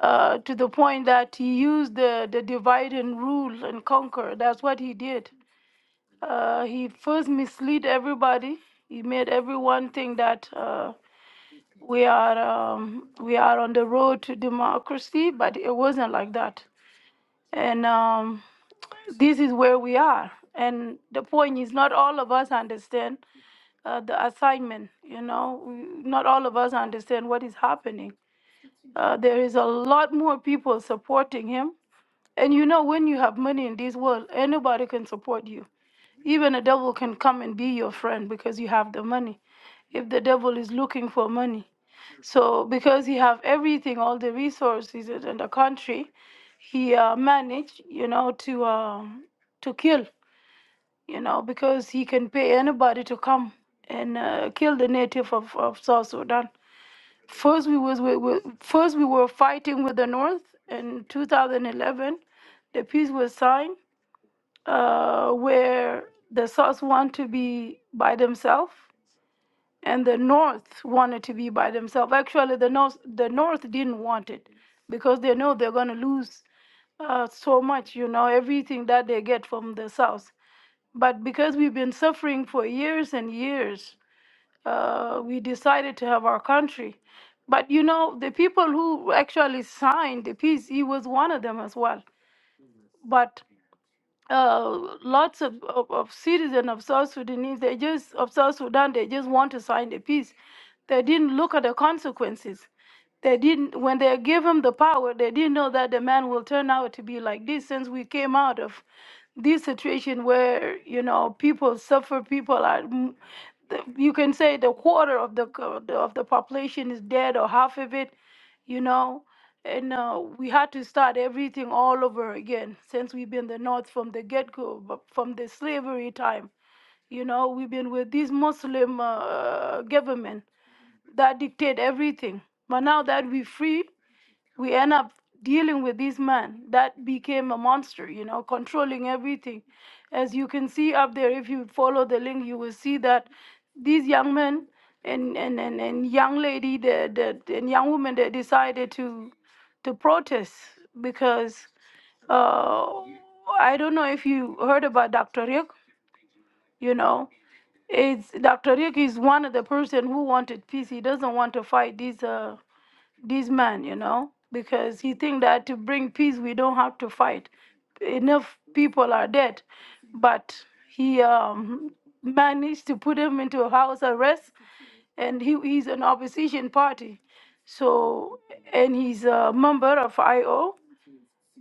uh, to the point that he used the, the divide and rule and conquer. That's what he did Uh, he first misled everybody. He made everyone think that uh, we are um, we are on the road to democracy, but it wasn't like that. And um, this is where we are. And the point is, not all of us understand uh, the assignment. You know, We- not all of us understand what is happening. Uh, there is a lot more people supporting him. And you know, when you have money in this world, anybody can support you even a devil can come and be your friend because you have the money. If the devil is looking for money, so because he have everything, all the resources in in the country, he uh, managed, you know, to um, to kill, you know, because he can pay anybody to come and uh, kill the native of, of South Sudan. First, we was we, we, first we were fighting with the North in 2011. The peace was signed uh, where the south want to be by themselves and the north wanted to be by themselves. Actually, the north the north didn't want it because they know they're gonna lose uh, so much. You know everything that they get from the south. But because we've been suffering for years and years, uh, we decided to have our country. But you know, the people who actually signed the peace, he was one of them as well. But uh, lots of, of, of citizens of South Sudanese, they just of South Sudan, they just want to sign the peace. They didn't look at the consequences. They didn't when they gave him the power, they didn't know that the man will turn out to be like this since we came out of this situation where, you know, people suffer, people are mm, the- you can say the quarter of the co- of the population is dead or half of it, you know and uh, we had to start everything all over again since we've been the north from the get-go but from the slavery time you know we've been with this muslim uh, government that dictate everything but now that we're free we end up dealing with this man that became a monster, you know, controlling everything. As you can see up there, if you follow the link, you will see that these young men and and and, and young lady that that and young women that decided to to protest because uh, I don't know if you heard about Dr. Rick, you know. It's Dr. Rick is one of the person who wanted peace. He doesn't want to fight these. Uh, this man, you know, because he think that to bring peace we don't have to fight. Enough people are dead, but he um, managed to put him into a house arrest, and he, he's an opposition party, so and he's a member of IO.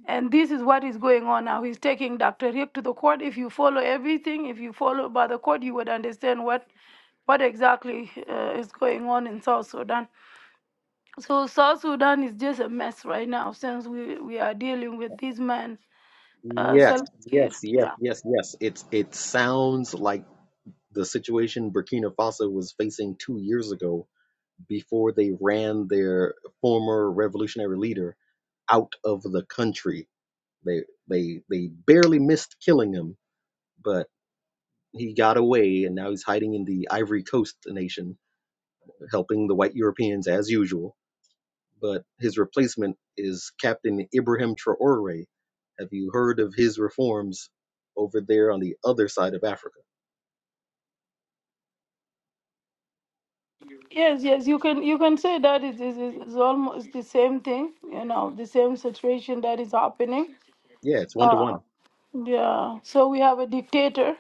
And this is what is going on now. He's taking Dr. Rick to the court. If you follow everything, if you follow by the court, you would understand what what exactly uh, is going on in South Sudan. So South Sudan is just a mess right now since we, we are dealing with this man, uh, Yes, Salva Kiir. yes, yes, Yeah. yes, yes. It's It sounds like the situation Burkina Faso was facing two years ago before they ran their former revolutionary leader out of the country They they they barely missed killing him, but he got away, and now he's hiding in the Ivory Coast nation, helping the white Europeans as usual. But his replacement is Captain Ibrahim Traore. Have you heard of his reforms over there on the other side of Africa? Yes, yes, you can you can say that it is is is almost the same thing. You know, the same situation that is happening. Yeah, it's one to Uh, one. yeah. So we have a dictator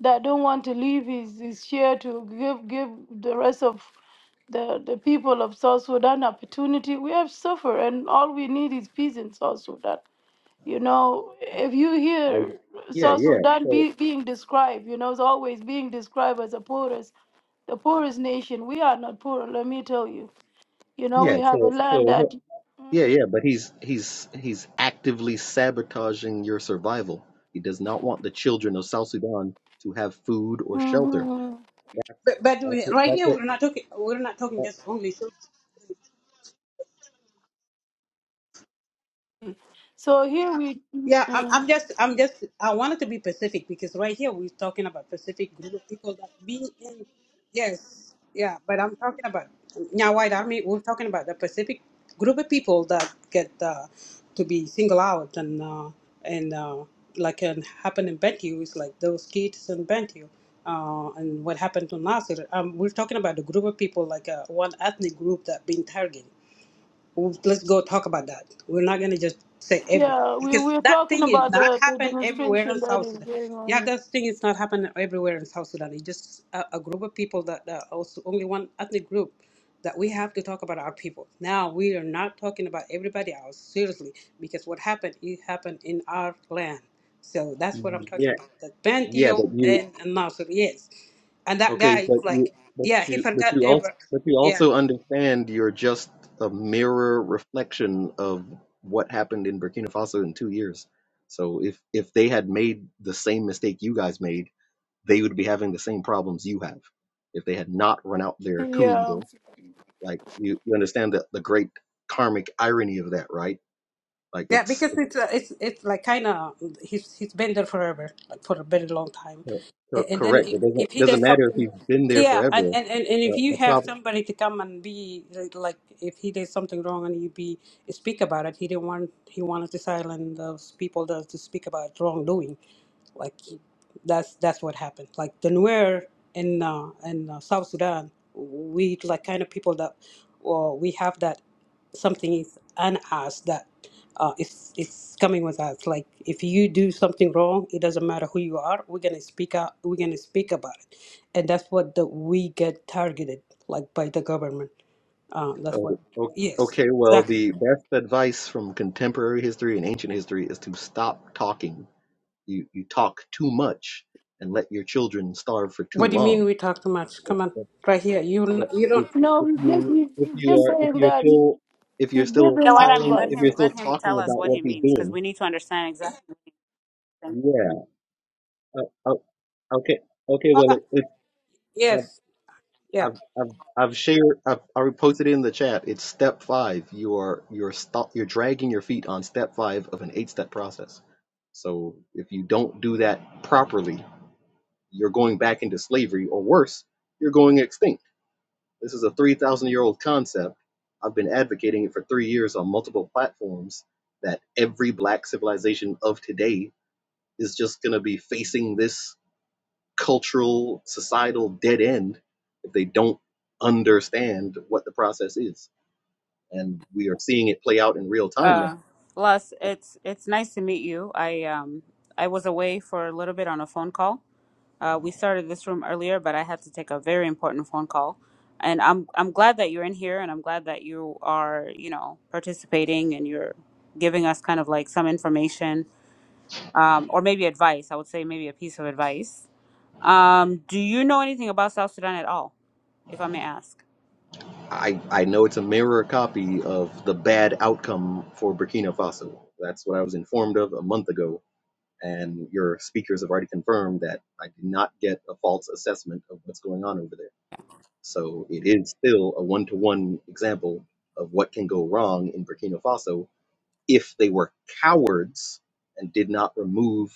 that don't want to leave his, his share to give give the rest of the the people of South Sudan opportunity. We have suffered, and all we need is peace in South Sudan. You know, if you I hear yeah South yeah. Sudan So be, being described, you know, it's always being described as the poorest, the poorest nation. We are not poor, let me tell you. You know, Yeah, we have a so land that. so yeah, yeah, but he's he's he's actively sabotaging your survival. He does not want the children of South Sudan to have food or shelter. hmm That's but but that's we- what right that's here what we're not talking. We're not talking just only. So here we, Yeah, I'm, mm, I'm just, I'm just, I wanted to be Pacific because right here we're talking about Pacific group of people that be in, yes, yeah, but I'm talking about now White Army. We're talking about the Pacific group of people that get uh, to be singled out and uh, and uh, like can happen in Bentiu is like those kids in Bentiu. Uh, and what happened to Nasir? Um, we're talking about the group of people, like uh, one ethnic group that been targeted. Well, let's go talk about that. We're not gonna just say everything yeah, we because we're that talking thing is about not the, the happen everywhere in demonstration that South is Sudan. going Yeah, on. that thing is not happening everywhere in South Sudan. It's just a, a group of people that, that also only one ethnic group that we have to talk about our people. Now we are not talking about everybody else seriously because what happened it happened in our land. So that's what I'm that, talking yeah, about. That yeah, Bantio but you and, and Nasser, yes, and that okay, guy but is you like, but yeah, he you but forgot you also ever, but you yeah. also understand you're just a mirror reflection of what happened in Burkina Faso in 2 years. So if if they had made the same mistake you guys made they would be having the same problems you have if they had not run out their Yeah. cooler. Like you, you understand the, the great karmic irony of that, right? Like Yeah, it's, because it's it's uh, it's it's like kind of he's he's been there forever, like for a very long time, co- A- and then correct. if, It doesn't if he doesn't does matter if something, you've been there yeah, and, forever. and and and if Uh, you the have problem. somebody to come and be like like, if he did something wrong and you be speak about it, he didn't want he wanted to silence those people that to speak about wrongdoing, like he- that's that's what happened. Like the Nuer in uh, in uh, South Sudan, we like kind of people that, well, we have that something is on us that uh, it's it's coming with us. Like if you do something wrong, it doesn't matter who you are. We're gonna speak out. We're gonna speak about it, and that's what the, we get targeted like by the government. Um, that's what. Oh, o- Yes, okay. Well, exactly. the best advice from contemporary history and ancient history is to stop talking. You you talk too much and let your children starve for too What do you mean long. we talk too much? Come on, right here. You n- But you if, don't. if No, he's just, you if he's you just are if saying you're that still if you're he's still You know giving what I mean? calling Let if advice. him you're still let him tell talking us about what what he he's means because doing, we need to understand exactly. What he's saying. yeah. Uh, uh, okay, okay. Oh, Well, that- it, it, I've, Yes. Yeah. I've I've I've shared I've I reposted it in the chat. It's step five. You are you're stop you're dragging your feet on step five of an eight step process. So if you don't do that properly, you're going back into slavery or worse, you're going extinct. This is a 3,000 year old concept. I've been advocating it for three years on multiple platforms that every black civilization of today is just going to be facing this cultural, societal dead end if they don't understand what the process is. And we are seeing it play out in real time Uh, now. Les, it's it's nice to meet you. I um I was away for a little bit on a phone call. Uh, we started this room earlier, but I had to take a very important phone call. And I'm I'm glad that you're in here, and I'm glad that you are you know participating and you're giving us kind of like some information, um, or maybe advice. I would say maybe a piece of advice. Um, do you know anything about South Sudan at all, if I may ask? I, I know it's a mirror copy of the bad outcome for Burkina Faso. That's what I was informed of a month ago and your speakers have already confirmed that I did not get a false assessment of what's going on over there. So it is still a one to one example of what can go wrong in Burkina Faso if they were cowards and did not remove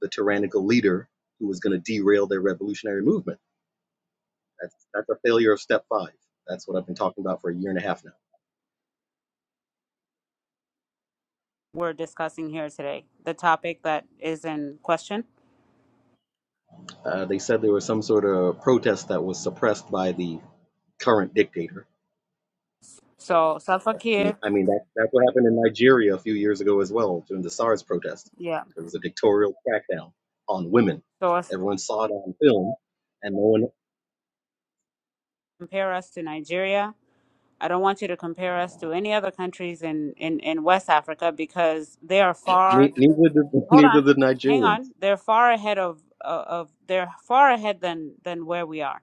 the tyrannical leader who was going to derail their revolutionary movement. That's, that's a failure of step five. That's what I've been talking about for a year and a half now. we're discussing here today, the topic that is in question. Uh, they said there was some sort of protest that was suppressed by the current dictator So, So Salva that- I mean, Kiir, I mean that that's what happened in Nigeria a few years ago as well during the SARS protest. yeah. There was a dictatorial crackdown on women. So us- Everyone saw it on film, and no one, compare us to Nigeria. I don't want you to compare us to any other countries in, in, in West Africa because they are far. ne- neither did [LAUGHS] Hold neither on, the hang Nigerians. on. They're far ahead of uh, of they're far ahead than than where we are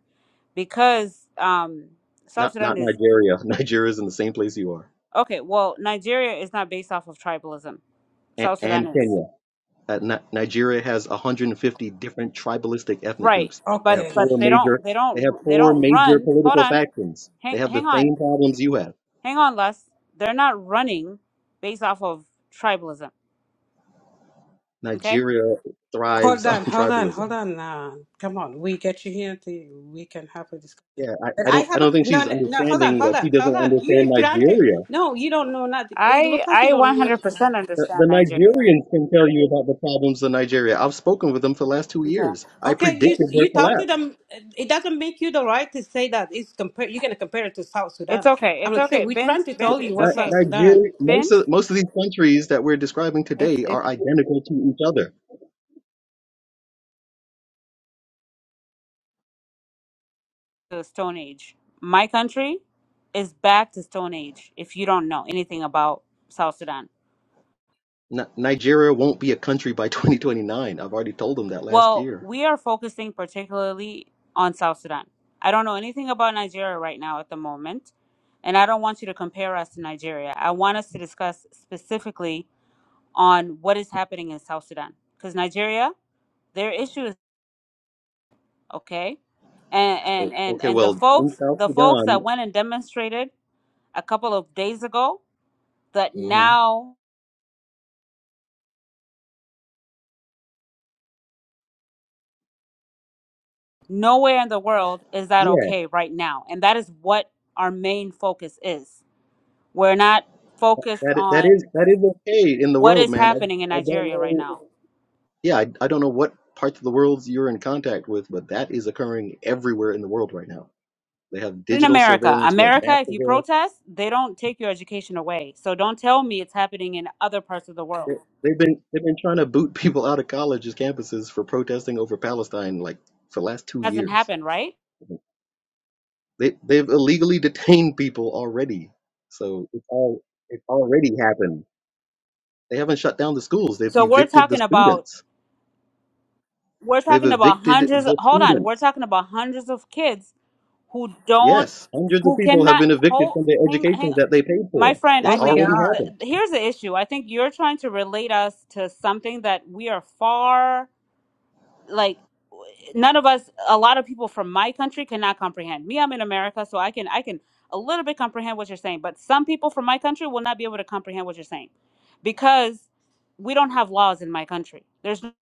because um, South Not Sudan not is Nigeria. [LAUGHS] Nigeria's in the same place you are, okay. Well, Nigeria is not based off of tribalism. and, South Sudan and is. Kenya. Uh, Ni- Nigeria has 150 different tribalistic ethnic Right. groups. They But have Okay. four but they major. don't they They have don't they four don't major run. Hold political on. factions. They Hang have the hang on. same problems you have. Hang on, Les. They're not running based off of tribalism. Okay? Nigeria thrives Hold on [LAUGHS] on, hold on, tribalism hold on. Uh, come on, we get you here. To, we can have a discussion. Yeah, But I, I I don't I have a don't think no, she's no, no. Hold on, understanding hold that she on, doesn't hold on. understand You trying to? Nigeria. No, you don't know nothing. It I look like you I don't know nothing. 100% The, the understand Nigeria. Nigerians can tell you about the problems in Nigeria. I've spoken with them for the last two Okay. years. I Okay, you predicted their you talk to collapse. them. It doesn't make you the right to say that. It's compare. You're gonna compare it to South It's Sudan. okay. I'm It's like, so okay. we trying Bent to bent tell you it's what Ni- okay. South Sudan. Nigeria, most Bent of most of these countries that we're describing it's today it's are identical to each other. the stone age. My country is back to stone age if you don't know anything about South Sudan. N- Nigeria won't be a country by [LAUGHS] 2029. I've already told them that last Well, year. we are focusing particularly on South Sudan. I don't know anything about Nigeria right now at the moment, and I don't want you to compare us to Nigeria. I want us to discuss specifically on what is happening in South Sudan because Nigeria, their issue is okay, and and Oh, and okay, and the well, in folks, South the folks that Sudan, went and demonstrated a couple of days ago, that hmm now nowhere in the world is that yeah, okay right now, and that is what our main focus is. We're not focused that that is on that is okay in the what world, is ma'am. I, happening in I don't Nigeria right know. now. Yeah, I, I don't know what parts of the world you're in contact with, but that is occurring everywhere in the world right now. They have In digital America, surveillance, we have mass America, if you surveillance. protest, they don't take your education away. So don't tell me it's happening in other parts of the world. They, they've been they've been trying to boot [LAUGHS] people out of colleges campuses for protesting over Palestine like for the last two hasn't years. happened, right? They they've illegally detained people already, so it's all it's already happened. They haven't shut down the schools. They've So we're evicted the talking about students. we're They've talking about evicted hundreds the hold on, we're students talking about hundreds of kids who don't Yes, hundreds of who people have cannot been evicted hold from their hang hang educations that they paid my for. friend, It's I Oh my think already God. the, happened. here's the issue. I think you're trying to relate us to something that we are far like none of us a lot of people from my country cannot comprehend me i'm in america so i can i can a little bit comprehend what you're saying but some people from my country will not be able to comprehend what you're saying because we don't have laws in my country there's no,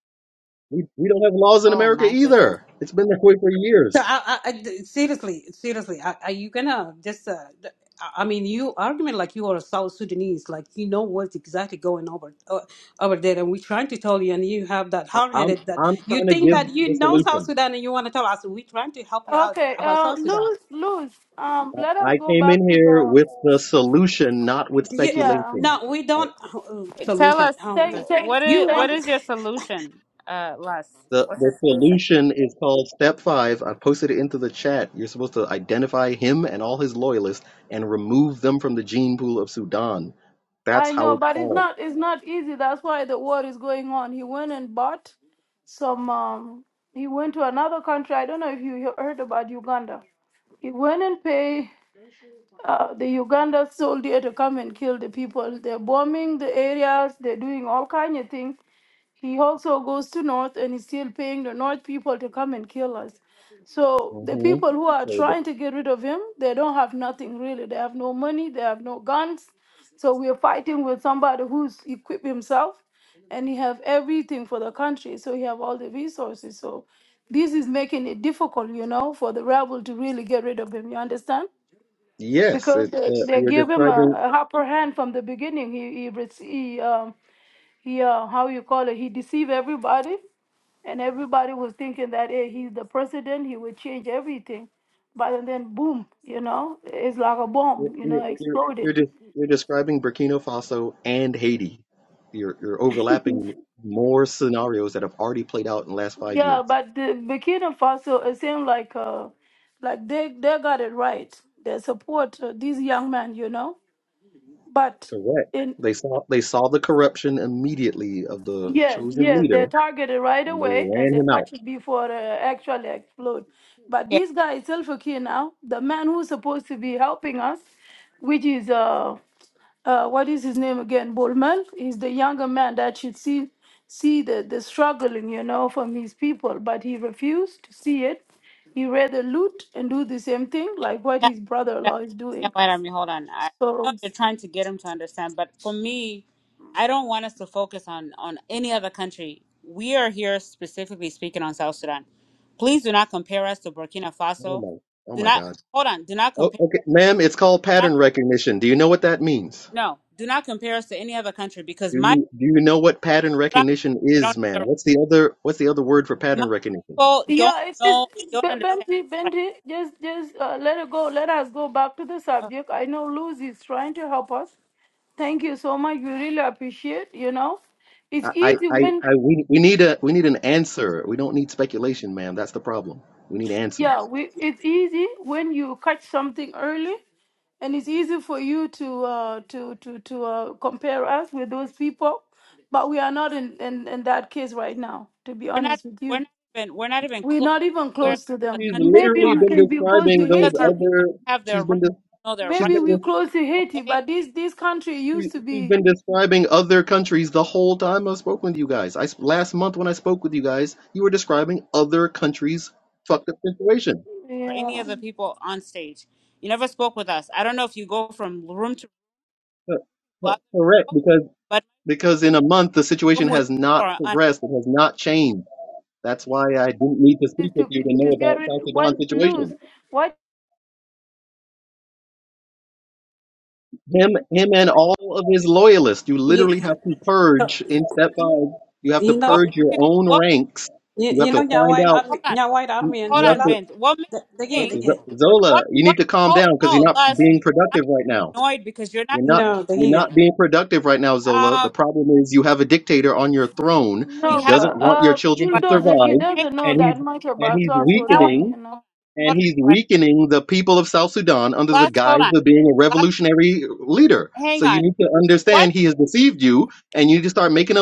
We, we don't have laws in oh America my goodness either. It's been that way for So years. I, I, I- seriously, seriously, are, are you gonna just? Uh, th- I I mean, you argument like you are a South Sudanese, like you know what's exactly going over uh, over there, and we're trying to tell you, and you have that I, hard I'm headed that I'm you trying to think give that the you know South solution. Sudan, and you want to tell us we're trying to help you out Okay, about uh, South Sudan. Luz, Luz, um, let I, I us go came back in to here the, with the solution, not with Do you? yeah. speculation. No, we Uh, don't. Uh, tell solution. us Oh my Thank, God, wh- thank, what is you what thank. want is your [LAUGHS] solution uh les The what's the your solution solution is called step five. I posted it into the chat. You're supposed to identify him and all his loyalists and remove them from the gene pool of Sudan. I That's how know, it's but it's solved. not. It's not easy. That's why the war is going on. He went and bought some. Um, he went to another country. I don't know if you he- heard about Uganda. He went and paid uh, the Uganda soldier to come and kill the people. They're bombing the areas. They're doing all kind of things. He also goes to North and he's still paying the North people to come and kill us. So the hmm people who are So trying to get rid of him, they don't have nothing really. They have no money, they have no guns. So we're fighting with somebody who's equipped himself and he have everything for the country. So he have all the resources. So this is making it difficult, you know, for the rebel to really get rid of him. You understand? Yes, Because it's they, uh, they you're give him a, describing a upper hand from the beginning. He he, rece- he um yeah, how you call it, he deceived everybody, and everybody was thinking that hey, he's the president, he would change everything. But then, boom, you know, it's like a you're bomb, you you're know, you're exploded. you're, de- you're describing Burkina Faso and Haiti. You're you're overlapping more scenarios that have already played out in the last five Yeah, years. but the Burkina Faso, it seemed like, uh, like they they got it right. They support uh, these young men, you know. But Correct. in They saw they saw the corruption immediately of the Yes, chosen yes, they're leader, targeted right and they away and ran they him out. catch it before they actually explode. But this yeah guy is self Selfie now, the man who's supposed to be helping us, which is uh, uh what is his name again? Bolmel is the younger man that should see see the, the struggling, you know, from his people, but he refused to see it. He rather loot and do the same thing like what his Yeah, brother-in-law is doing. wait at me. Hold on. I know So you're trying to get him to understand, but for me, I don't want us to focus on on any other country. We are here specifically speaking on South Sudan. Please do not compare us to Burkina Oh Faso. my! Oh Do my not God! hold on. Do not Oh, compare. okay, ma'am, it's called Not, pattern recognition. Do you know what that means? no, do not compare us to any other country because Do my you do you know what pattern recognition they don't is, know ma'am? their right. What's the other What's the other word for My pattern recognition? people don't Yeah, it's just know don't B- understand Benji, their right. Benji, just just uh, let it go. Let us go back to the Ugh. subject. I know Luz is trying to help us. Thank you so much. We really appreciate. You know, I, it's easy I, when I, we, we need a, we need an answer. We don't need speculation, ma'am. That's the problem. We need yeah, answers. we it's easy when you catch something early, and it's easy for you to uh, to to to uh, compare us with those people. But we are not in, in in that case right now. To be We're not honest with we're you, not even we're not even we're close not to even where close to the them. She's countries Maybe literally we are been can be close describing to because those our Haiti people other. don't have She's their right. been, de- Know their she's right. Maybe been, we de- close to Haiti, okay? but this this country she, used to she's be been describing other countries the whole time I've spoken with you guys. I s- last month when I spoke with you guys, you were describing other countries' fucked up situation. Or any yeah of the people on stage. You never spoke with us. I don't know if you go from room to room to Co- other co- Correct, people, because but because in a month the my situation room with has you not or on. progressed. It has not changed. That's why I didn't need to to speak with to you to know get about rid South what Sudan's lose situation. what Him, him, and all of his loyalists. You you literally have to so, purge in step five. You have to you What know purge your makes you, own what, ranks. you, You have you makes, to know your find white out. army, hold on. your white Ho- You army and Hold you have on, to Zola. Vince. What makes The, the, you uh, the, think, the, Z- Zola. what, You need what, to calm hold, down because you're no, not Les, because being I'm productive right now. annoyed because you're not, You're not. no, the You're giga. not being productive right now, Zola. The um, problem is you have a dictator on your throne. He we no haven't, doesn't but want your uh children to but bulldozer he survive, hang doesn't on. know and that he's much and about he's South Now, Sudan weakening you I- know. and hold on, hold on. he's Hold on. weakening the people of South Sudan under the Les, hold guise on. of being a Les, revolutionary leader. hang So you on. need to What, understand he has deceived you, and you need to start making a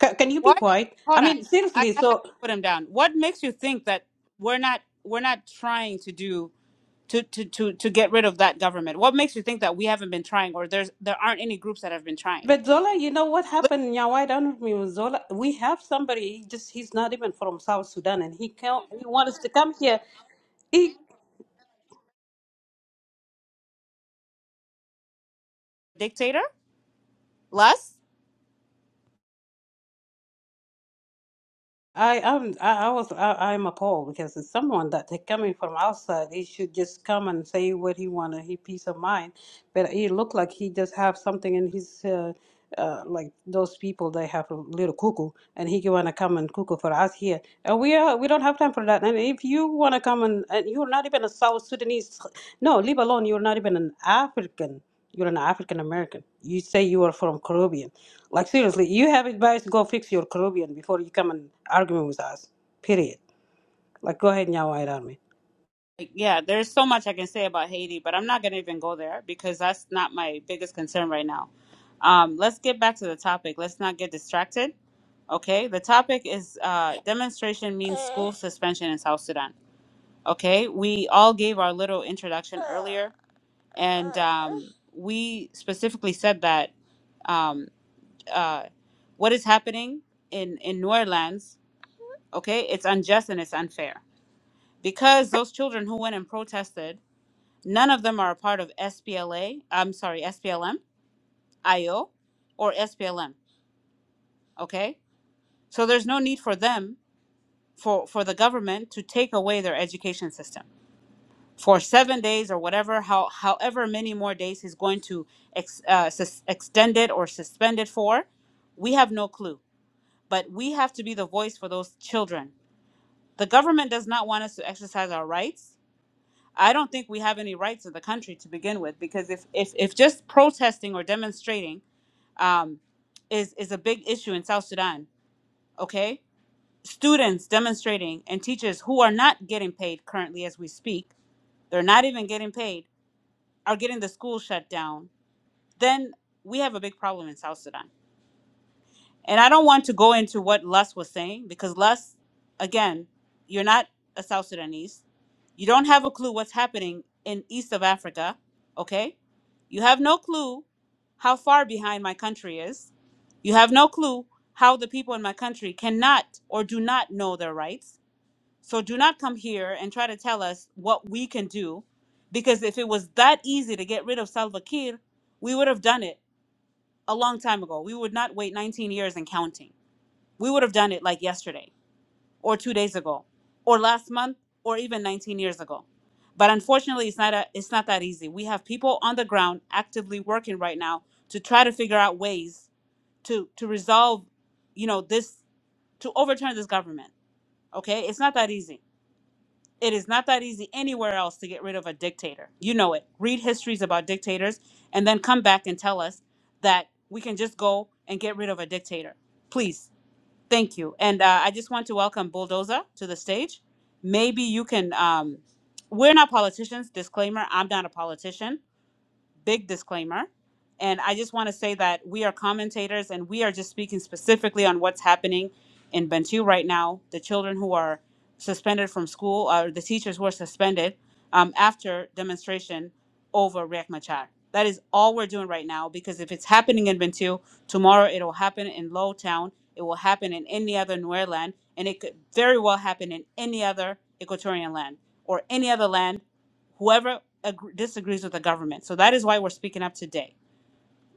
Ca can you be what, quiet? hold I on. mean, I, I seriously. I have to So, put him down. What makes you think that we're not, we're not trying to do to to to to get rid of that government? What makes you think that we haven't been trying, or there's there aren't any groups that have been trying? but Zola, you know what Listen, happened? Yeah, why don't we with Zola? We have somebody. He just he's not even from South Sudan, and he can he wants to come here. He dictator, less. I am I, I was I, I'm appalled because it's someone that they coming from outside. He should just come and say what he wanted. He peace of mind, but he looked like he just have something in his uh, uh, like those people they have a little cuckoo, and he wanna come and cuckoo for us here. And we are we don't have time for that. And if you wanna come and, and you're not even a South Sudanese, no, leave alone. You're not even an African. You're an African American. You say you are from Caribbean. Like seriously, you have advice. Go fix your Caribbean before you come and arguing with us. Period. Like go ahead, now, white army. Like, yeah, there's so much I can say about Haiti, but I'm not gonna even go there because that's not my biggest concern right now. Um, let's get back to the topic. Let's not get distracted. Okay, the topic is uh, demonstration means school suspension in South Sudan. Okay, we all gave our little introduction earlier, and um, we specifically said that. Um, uh, what is happening in in New Orleans, okay, it's unjust and it's unfair because those children who went and protested, none of them are a part of SPLA. I'm sorry, SPLM, IO, or SPLM. Okay, so there's no need for them for for the government to take away their education system for seven days or whatever, how however many more days he's going to ex, uh, sus- extend it or suspend it for. We have no clue, but we have to be the voice for those children The government does not want us to exercise our rights. I don't think we have any rights in the country to begin with, because if if, if just protesting or demonstrating um, is is a big issue in South Sudan, okay? Students demonstrating and teachers who are not getting paid currently as we speak, they're not even getting paid, are getting the school shut down. Then we have a big problem in South Sudan. And I don't want to go into what Lus was saying because Lus, again, you're not a South Sudanese. You don't have a clue what's happening in East of Africa, okay? You have no clue how far behind my country is. You have no clue how the people in my country cannot or do not know their rights. So do not come here and try to tell us what we can do because if it was that easy to get rid of Salva Kiir, we would have done it a long time ago. We would not wait 19 years and counting we would have done it like yesterday or two days ago or last month or even 19 years ago but unfortunately it's not a, it's not that easy we have people on the ground actively working right now to try to figure out ways to to resolve you know this to overturn this government okay it's not that easy it is not that easy anywhere else to get rid of a dictator you know it read histories about dictators and then come back and tell us that we can just go and get rid of a dictator please Thank you. And uh, I just want to welcome Bulldozer to the stage. Maybe you can, um, we're not politicians, disclaimer, I'm not a politician big disclaimer. And I just want to say that we are commentators and we are just speaking specifically on what's happening in Bentiu right now. The children who are suspended from school, or the teachers who are suspended um, after demonstration over Riek Machar. That is all we're doing right now because if it's happening in Bentiu, tomorrow it'll happen in Lowtown, it will happen in any other Nuer land, and it could very well happen in any other Equatorian land or any other land whoever agr disagrees with the government. So that is why we're speaking up today.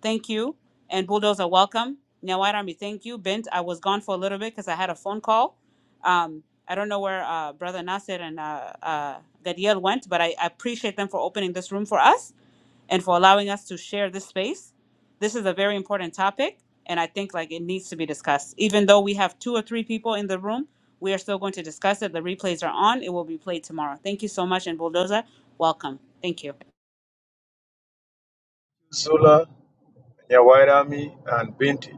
Thank you. And Bulldozer, welcome. Nyawad Army, thank you. Bent, I was gone for a little bit because I had a phone call. Um, I don't know where uh, Brother Nasir and uh, uh, Gadiel went, but I, I appreciate them for opening this room for us and for allowing us to share this space. This is a very important topic, and I think like it needs to be discussed. Even though we have two or three people in the room, we are still going to discuss it. The replays are on. It will be played tomorrow. Thank you so much, and Bulldoza, welcome. Thank you. Sula, Nyawairami, and Binti.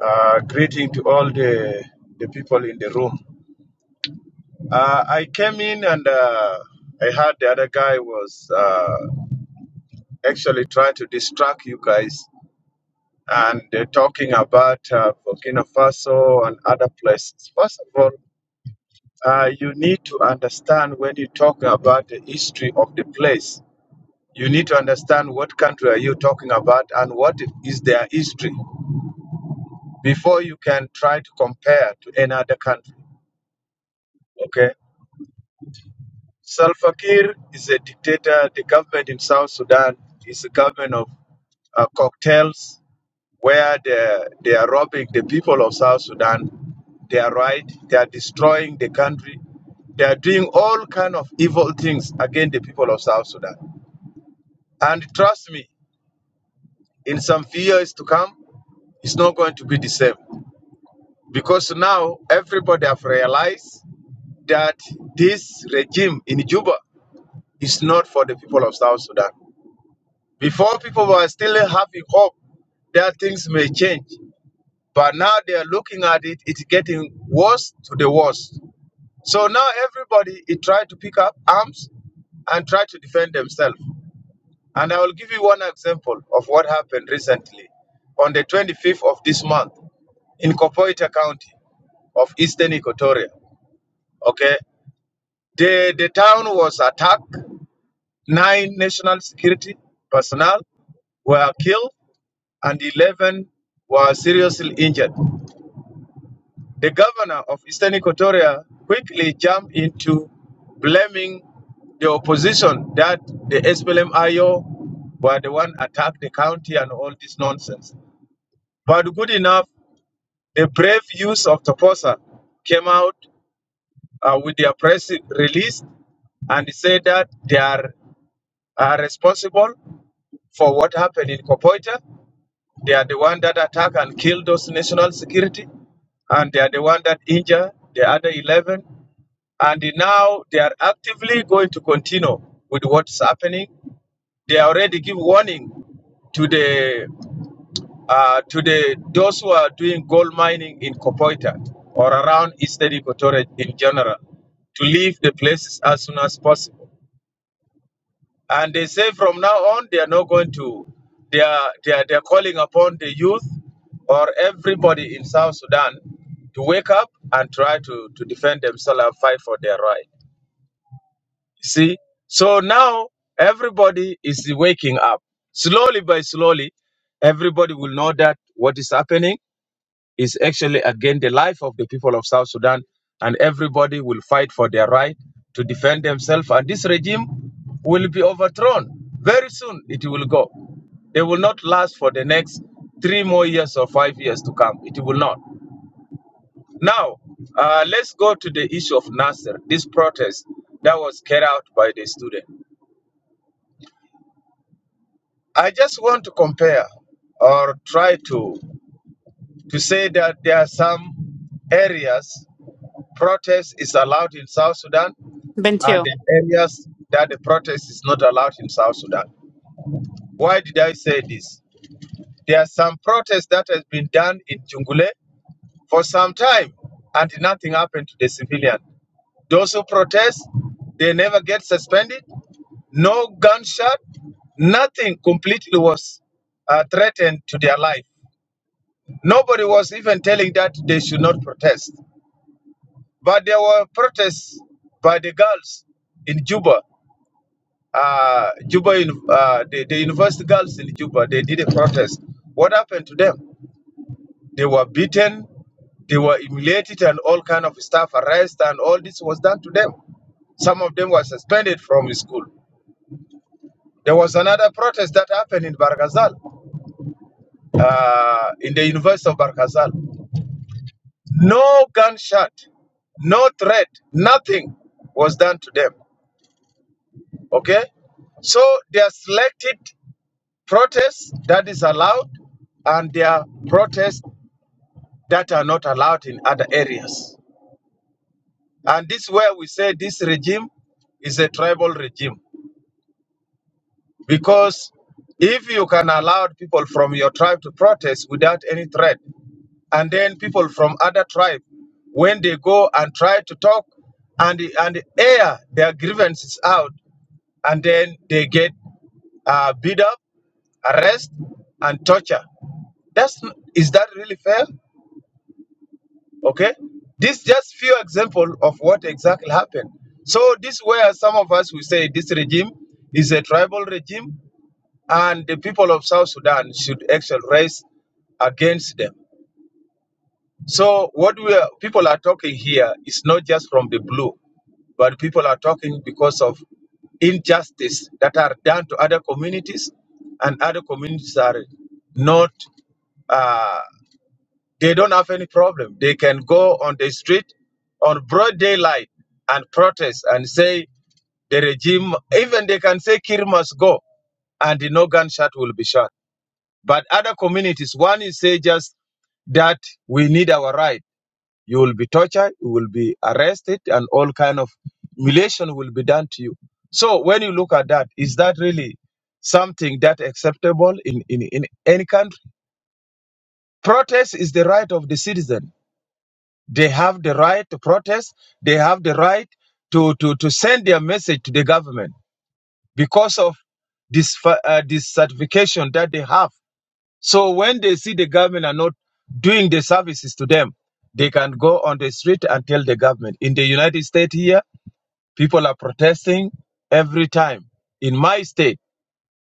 Uh, greeting to all the, the people in the room. Uh, I came in and uh, I heard the other guy was uh, actually trying to distract you guys and uh, talking about uh, Burkina Faso and other places. First of all, uh, you need to understand when you talk about the history of the place. You need to understand what country are you talking about and what is their history. before you can try to compare to any other country. Okay? Salva Kiir is a dictator. The government in South Sudan is a government of uh, cocktails where they, they are robbing the people of South Sudan. They are right. They are destroying the country. They are doing all kind of evil things against the people of South Sudan. And trust me, in some few years to come, it's not going to be the same because now everybody have realized that this regime in Juba is not for the people of South Sudan. Before people were still having hope that things may change, but now they are looking at it, it's getting worse to the worst. So now everybody is trying to pick up arms and try to defend themselves. And I will give you one example of what happened recently on the 25th of this month in Kopoita County of Eastern Equatoria. Okay, the, the town was attacked Nine national security personnel were killed and 11 were seriously injured. The governor of Eastern Equatoria quickly jumped into blaming the opposition that the SPLM-IO were the one attacked the county and all this nonsense. But good enough, the brave youth of Toposa came out uh, with their press release and said that they are, are responsible for what happened in Kopoita They are the one that attack and kill those national security, and they are the one that injure the other 11. And now they are actively going to continue with what's happening. They already give warning to the uh, to the those who are doing gold mining in Kopoita or around Eastern Equatoria in general to leave the places as soon as possible and they say from now on, they are not going to, they are, they are, they are calling upon the youth or everybody in South Sudan to wake up and try to, to defend themselves and fight for their right. See? So now everybody is waking up. Slowly by slowly, everybody will know that what is happening is actually against the life of the people of South Sudan, and everybody will fight for their right to defend themselves. And this regime will be overthrown very soon. It will go. They will not last for the next three more years or five years to come. It will not. Now, uh, let's go to the issue of Nasser, this protest that was carried out by the student. I just want to compare or try to to say that there are some areas Protest is allowed in South Sudan and Bintu. the areas that the protest is not allowed in South Sudan. Why did I say this? There are some protests that has been done in Jungule for some time and nothing happened to the civilian. Those who protest, they never get suspended, no gunshot, nothing completely was uh, threatened to their life. Nobody was even telling that they should not protest. But there were protests by the girls in Juba Uh, Juba, uni- uh, the, the university girls in Juba, they did a protest. What happened to them? They were beaten, they were humiliated, and all kind of stuff, arrest, and all this was done to them. Some of them were suspended from school. There was another protest that happened in Barkazal, uh, in the University of Barkazal. No gunshot, no threat, nothing was done to them. Okay? So they are selected protests that is allowed and there are protests that are not allowed in other areas. And this is where we say this regime is a tribal regime because if you can allow people from your tribe to protest without any threat, and then people from other tribe, when they go and try to talk and, and air their grievances out, and then they get uh, beat up, arrest, and torture. That's, n- is that really fair? Okay, this just few example of what exactly happened. So this where some of us will say this regime is a tribal regime, and the people of South Sudan should actually rise against them. So what we are, people are talking here is not just from the blue, but people are talking because of injustice that are done to other communities, and other communities are not. uh, they don't have any problem. They can go on the street on broad daylight and protest and say the regime, even they can say Kir must go and no gunshot will be shot. But other communities, one is say just that we need our right. You will be tortured, you will be arrested, and all kind of humiliation will be done to you. So when you look at that, is that really something that acceptable in, in, in any country? Protest is the right of the citizen. They have the right to protest. They have the right to, to, to send their message to the government because of this uh, this certification that they have. So when they see the government are not doing the services to them, they can go on the street and tell the government. In the United States here, people are protesting every time. In my state.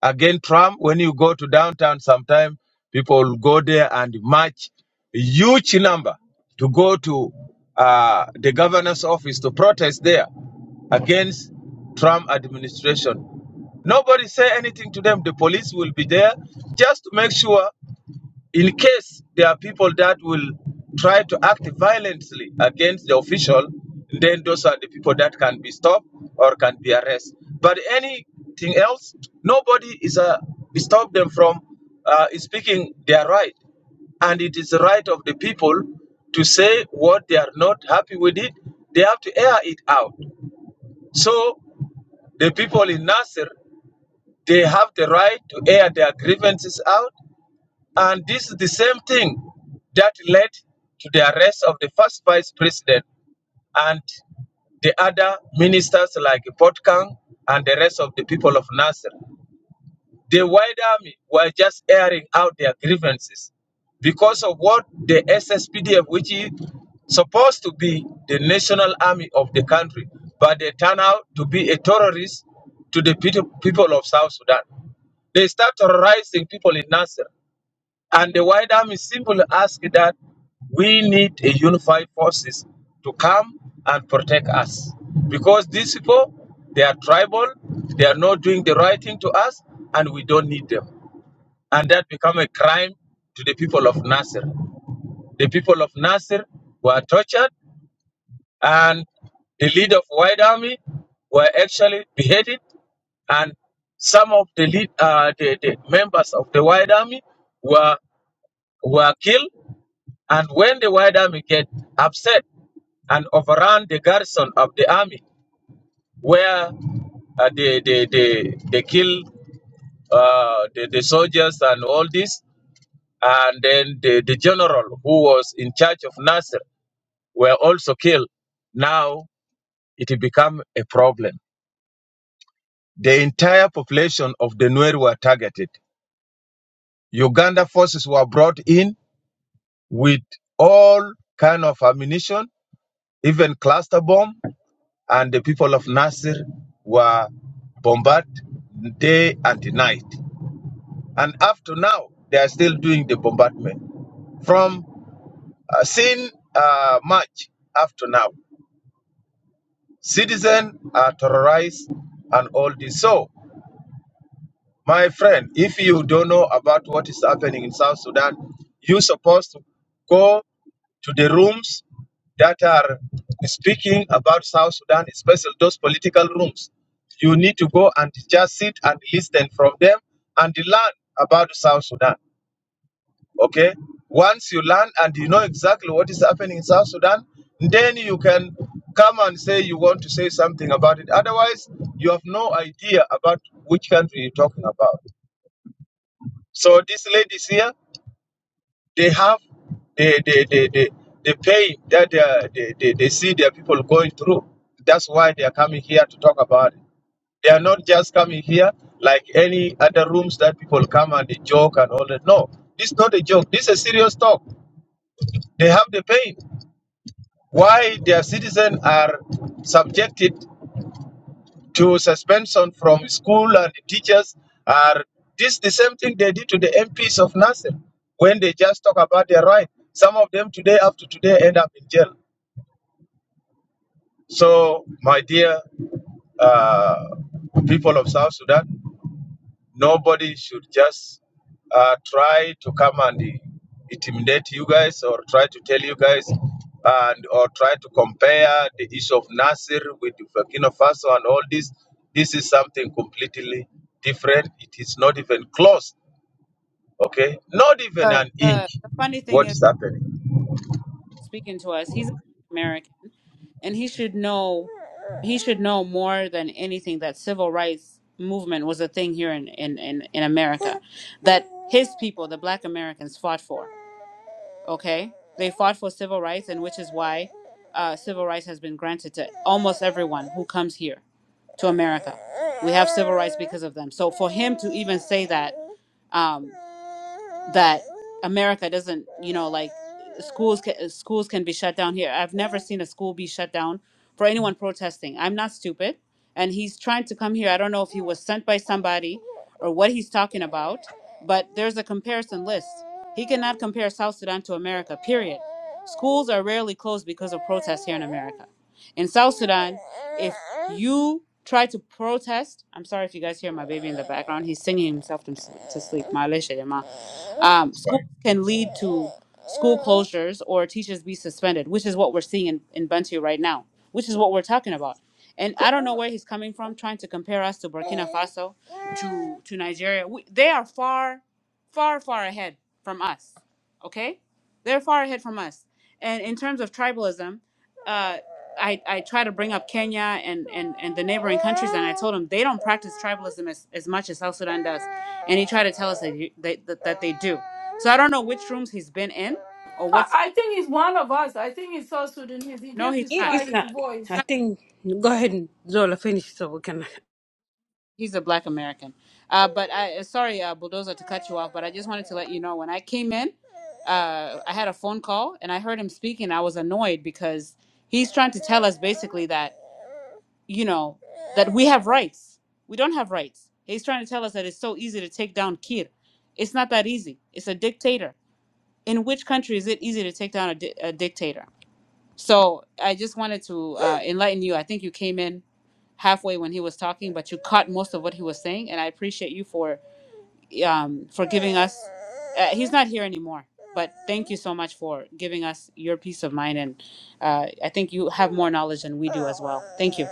Again, Trump, when you go to downtown sometime, people will go there and march a huge number to go to uh, the governor's office to protest there against Trump administration. Nobody say anything to them. The police will be there just to make sure in case there are people that will try to act violently against the official, then those are the people that can be stopped or can be arrested. But anything else, nobody is uh, stop them from uh, speaking their right, and it is the right of the people to say what they are not happy with it. They have to air it out. So the people in Nasser, they have the right to air their grievances out and this is the same thing that led to the arrest of the first vice president and the other ministers like Potkan and the rest of the people of Nasser. The white army were just airing out their grievances because of what the SSPDF, which is supposed to be the national army of the country, but they turn out to be a terrorist to the people of South Sudan. They start terrorizing people in Nasser. And the White Army simply asked that we need a unified forces to come and protect us. Because these people, they are tribal, they are not doing the right thing to us, and we don't need them. And that become a crime to the people of Nasser. The people of Nasser were tortured, and the leader of White Army were actually beheaded and some of the lead, uh, the, the members of the White Army were were killed, and when the White Army get upset and overrun the garrison of the army, where uh, they, they, they, they kill uh, the, the soldiers and all this, and then the, the general who was in charge of Nasser were also killed. Now it become a problem. The entire population of the Nuer were targeted. Uganda forces were brought in with all kind of ammunition, even cluster bomb, and the people of Nasir were bombarded day and night. And up to now, they are still doing the bombardment. From uh, since uh, March up to now, citizens are terrorized and all this. So My friend, if you don't know about what is happening in South Sudan, you're supposed to go to the rooms that are speaking about South Sudan, especially those political rooms. You need to go and just sit and listen from them and learn about South Sudan. Okay? Once you learn and you know exactly what is happening in South Sudan, then you can come and say you want to say something about it. Otherwise, you have no idea about which country you're talking about. So these ladies here, they have the the the the, the pain that they, are, they, they they see their people going through. That's why they are coming here to talk about it. They are not just coming here like any other rooms that people come and they joke and all that. No, this is not a joke. This is a serious talk. They have the pain. Why their citizens are subjected to suspension from school and teachers are this the same thing they did to the MPs of Nasir when they just talk about their right. Some of them today, after today, end up in jail. So, my dear uh, people of South Sudan, Nobody should just uh, try to come and intimidate you guys or try to tell you guys and or try to compare the issue of Nasir with Burkina Faso and all this. This is something completely different. It is not even close. Okay, not even Uh, an uh, inch. the funny thing What is, is happening? speaking to us, he's American, and he should know. He should know more than anything that civil rights movement was a thing here in in in, in America, that his people, the Black Americans, fought for. okay they fought for civil rights and which is why uh, civil rights has been granted to almost everyone who comes here to america we have civil rights because of them so for him to even say that um, that America doesn't, you know, like schools can, schools can be shut down here. I've never seen a school be shut down for anyone protesting. I'm not stupid, and he's trying to come here. I don't know if he was sent by somebody or what he's talking about, but there's a comparison list. He cannot compare South Sudan to America. Period. Schools are rarely closed because of protests here in America. In South Sudan, if you try to protest, I'm sorry if you guys hear my baby in the background. He's singing himself to, to sleep. معلش يا جماعة um, schools can lead to school closures or teachers be suspended, which is what we're seeing in, in Bantu right now, which is what we're talking about. And I don't know where he's coming from, trying to compare us to Burkina Faso, to, to Nigeria. We, they are far, far, far ahead from us. Okay? They're far ahead from us. And in terms of tribalism, uh, I, I try to bring up Kenya and, and, and the neighboring countries, and I told them they don't practice tribalism as, as much as South Sudan does and he tried to tell us that, you, that, that that they do. So I don't know which rooms he's been in or I, what's. I think he's one of us. I think he's South Sudanese. He No, just he's It- not. disguised It's his not. voice. I think go ahead and Zola finish so we can. He's a Black American. Uh, but I uh, sorry, uh, bulldozer, to cut you off. But I just wanted to let you know when I came in, uh, I had a phone call and I heard him speaking. I was annoyed because he's trying to tell us basically that you know that we have rights. We don't have rights. He's trying to tell us that it's so easy to take down Kir. It's not that easy. It's a dictator. In which country is it easy to take down a, di- a dictator? So I just wanted to uh, enlighten you. I think you came in halfway when he was talking, but you caught most of what he was saying, and I appreciate you for um, for giving us. Uh, he's not here anymore, but thank you so much for giving us your peace of mind, and uh, I think you have more knowledge than we do as well. Thank you.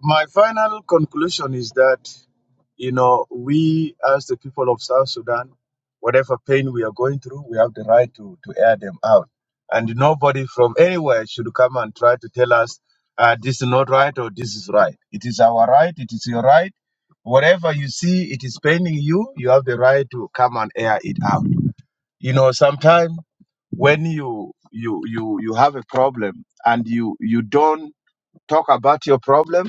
My final conclusion is that, you know, we as the people of South Sudan, whatever pain we are going through, we have the right to, to air them out. And nobody from anywhere should come and try to tell us uh, this is not right or this is right. It is our right, it is your right. Whatever you see, it is paining you, you have the right to come and air it out. You know, sometimes when you you you you have a problem and you you don't talk about your problem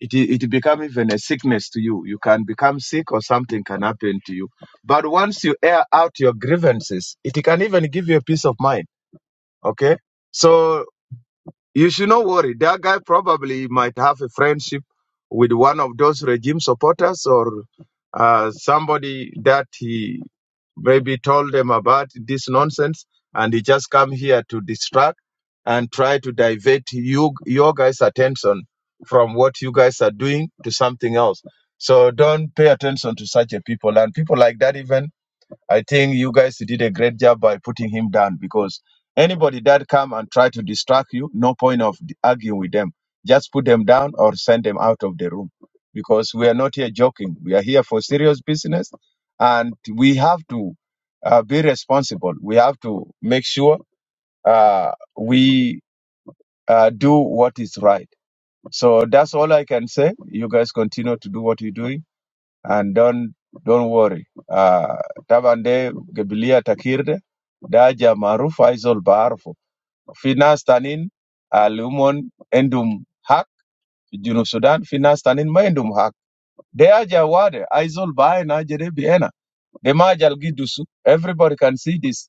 it, it become even a sickness to you. You can become sick or something can happen to you. But once you air out your grievances, it can even give you a peace of mind. Okay? So you should not worry. That guy probably might have a friendship with one of those regime supporters or uh, somebody that he maybe told them about this nonsense and he just come here to distract and try to divert you your guys attention from what you guys are doing to something else so don't pay attention to such a people and people like that even I think you guys did a great job by putting him down because anybody that come and try to distract you, no point of arguing with them. Just put them down or send them out of the room because we are not here joking. We are here for serious business and we have to uh, be responsible. We have to make sure uh, we uh, do what is right. So that's all I can say. You guys continue to do what you do and don't don't worry uh, taban de gebilia takirde daja maarufu aizol baarfo fi nas tanin alumon endum hak fi junub sudan fi nas tanin ma endum hak de aja wade aizol baayin aje de biena de ma ajal gi everybody can see this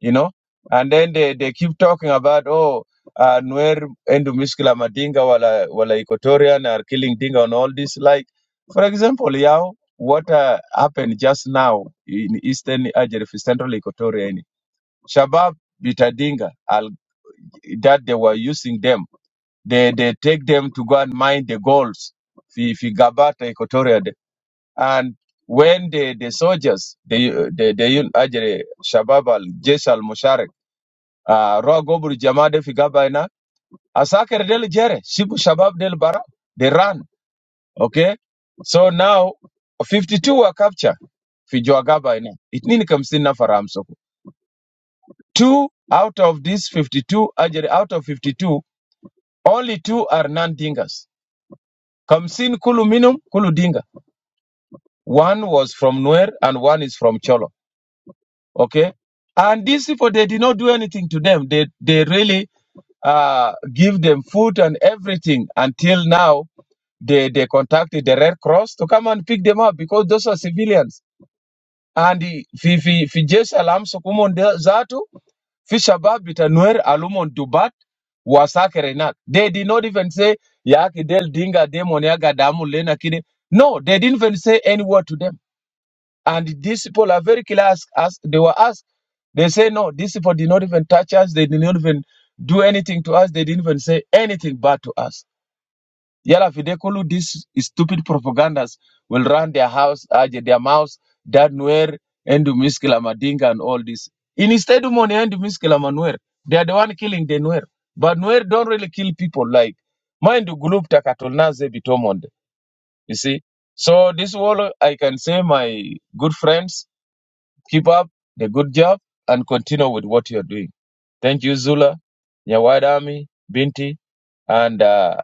you know. And then they, they keep talking about, oh, uh, Nwer Endu Miskila Madinga wala, wala Equatorian are killing Dinga and all this. Like, for example, Yao, what uh, happened just now in Eastern Algeria, Central Equatoria, in Shabab Bita Dinga, al, that they were using them. They, they take them to go and mine the golds, fi, fi Gabata Equatoria. de. And when the, the soldiers, the, the, the Algeria, Shabab al, Jesh al-Musharak, Ah, Roa Gobru Jamade Figaba Asakere del Jere, Shibu Shabab del Bara, they ran. Okay? So now, 52 were captured. Fijoagaba ina. It nini kamsina faramsoko. Two out of these 52, actually out of 52, only two are non-dingers. Kamsin kulu minum, kulu dinga. One was from Nuer and one is from Cholo. Okay? And these people, they did not do anything to them. They, they really uh, give them food and everything until now They, they contacted the Red Cross to come and pick them up because those are civilians. And the- fi fi fi jeshi la Kumon de- Zatu, fi Shabab Bitanuer Alumon Dubat Wasakerenak. They did not even say Yaki Del Dinga Demoniaga Damu Lena Kide. No, they didn't even say any word to them. And these people are very clear as, as they were asked. They say no, these people did not even touch us, they did not even do anything to us, they didn't even say anything bad to us. Yala Fidekulu, these stupid propagandas will run their house, uh, their mouths, that Nuer, Endu miskela Madinga and all this. In instead of money, Endu miskela Manuer, they are the one killing the Nuer. But Nuer don't really kill people like mind Gulup Takatulnaze Bitomonde. You see? So this all I can say, my good friends. Keep up the good job and continue with what you're doing. Thank you, Zula, Nyawadami, Binti, and uh,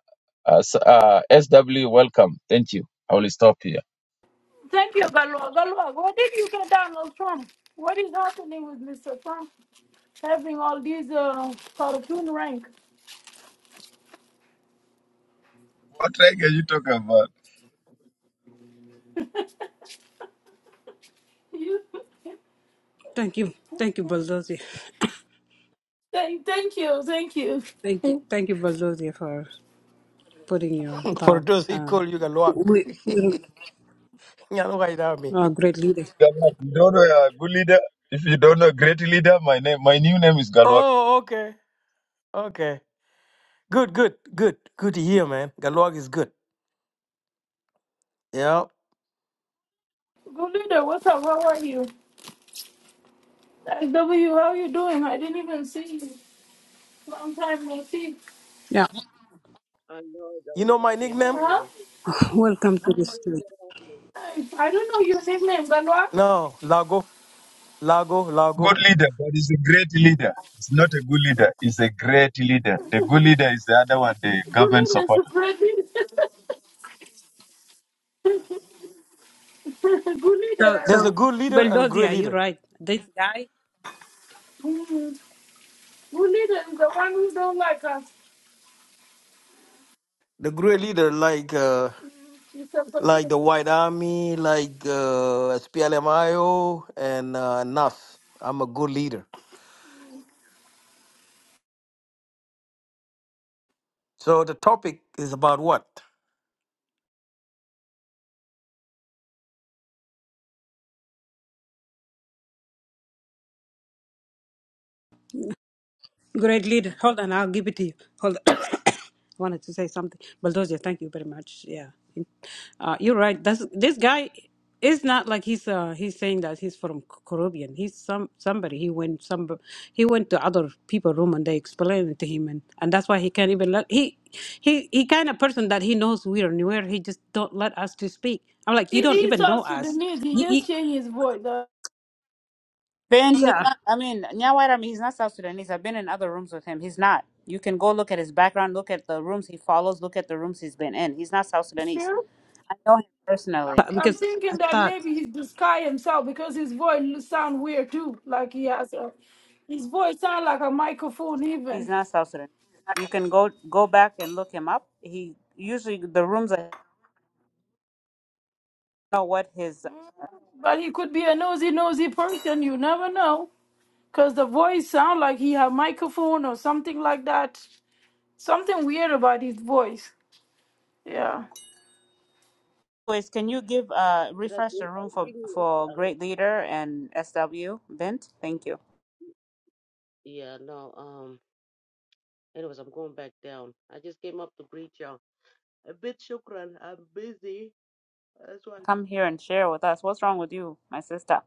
uh, S- uh, SW. Welcome. Thank you. I will stop here. Thank you, Galua. Galua, what did you get Donald Trump? What is happening with Mr. Trump having all these uh, cartoon rank? What rank are you talking about? You- Thank you, thank you, [LAUGHS] Bulldozer. thank, thank you, thank you. Thank you, thank you, Bulldozer, for putting your For thought. those who Uh, call you Galwak. we, we [LAUGHS] me. are great leader. Galwak. You don't know a good leader. If you don't know a great leader, my name, my new name is Galwak. Oh, okay. Okay. Good, good, good. Good to hear, man. Galwak is good. Yeah. Good leader, what's up? How are you? W, how you doing? I didn't even see you. Long time no see. Yeah, Hello, know the You know white my army. How nickname? are Huh? you? welcome to the Good, stage. good, how are you? I, I don't know your nickname, Galwa. No, Lago. Lago, Good Lago. leader, but he's a great leader. It's not a good leader. It's a great leader. The good leader is the other one, the Good government leader is supporter. Freddy. Good leader, So, [LAUGHS] I There's a so guess. good leader and a great Bulldozer, you're leader. right. This guy Mm. Good leader is the one who don't like us. The great leader like uh He's a like the White Army, like uh SPLMIO and uh, NAS. I'm a good leader. So the topic is about what? Great leader. Hold on, I'll give it to you. Hold on. [COUGHS] I wanted to say something. Bulldozer, thank you very much. Yeah. Uh, you're right. That's, this guy is not like he's uh, he's saying that he's from C- Caribbean. He's some somebody. He went some he went to other people room and they explained it to him and, and that's why he can't even let he he he kind of person that he knows we are nowhere. He just don't let us to speak. I'm like you he, don't he's even know also the us. news. He You, you, just changed his voice. Uh, Bent, he's yeah, not, I mean, Nyawaira, I mean, he's not South Sudanese. I've been in other rooms with him. He's not. You can go look at his background, look at the rooms he follows, look at the rooms he's been in. He's not South Sudanese. sure. I know him personally. I'm, I'm because I thinking that thought. maybe he's the sky himself because his voice sound weird too. Like he has a, his voice sound like a microphone He's even. not South Sudanese. You can go go back and look him up. He usually the rooms I know what his. But he could be a nosy, nosy person. You never know. Because the voice sound like he have microphone or something like that. Something weird about his voice. Yeah. Anyways, can you give uh Could I refresh do? the room Uh, for give me. a s- for I don't- great leader and SW Bent? Thank you. yeah, no. Um. Anyways, I'm going back down. I just came up to greet y'all. A bit shukran. I'm busy. That's why Come here and share with us. What's wrong with you, my sister?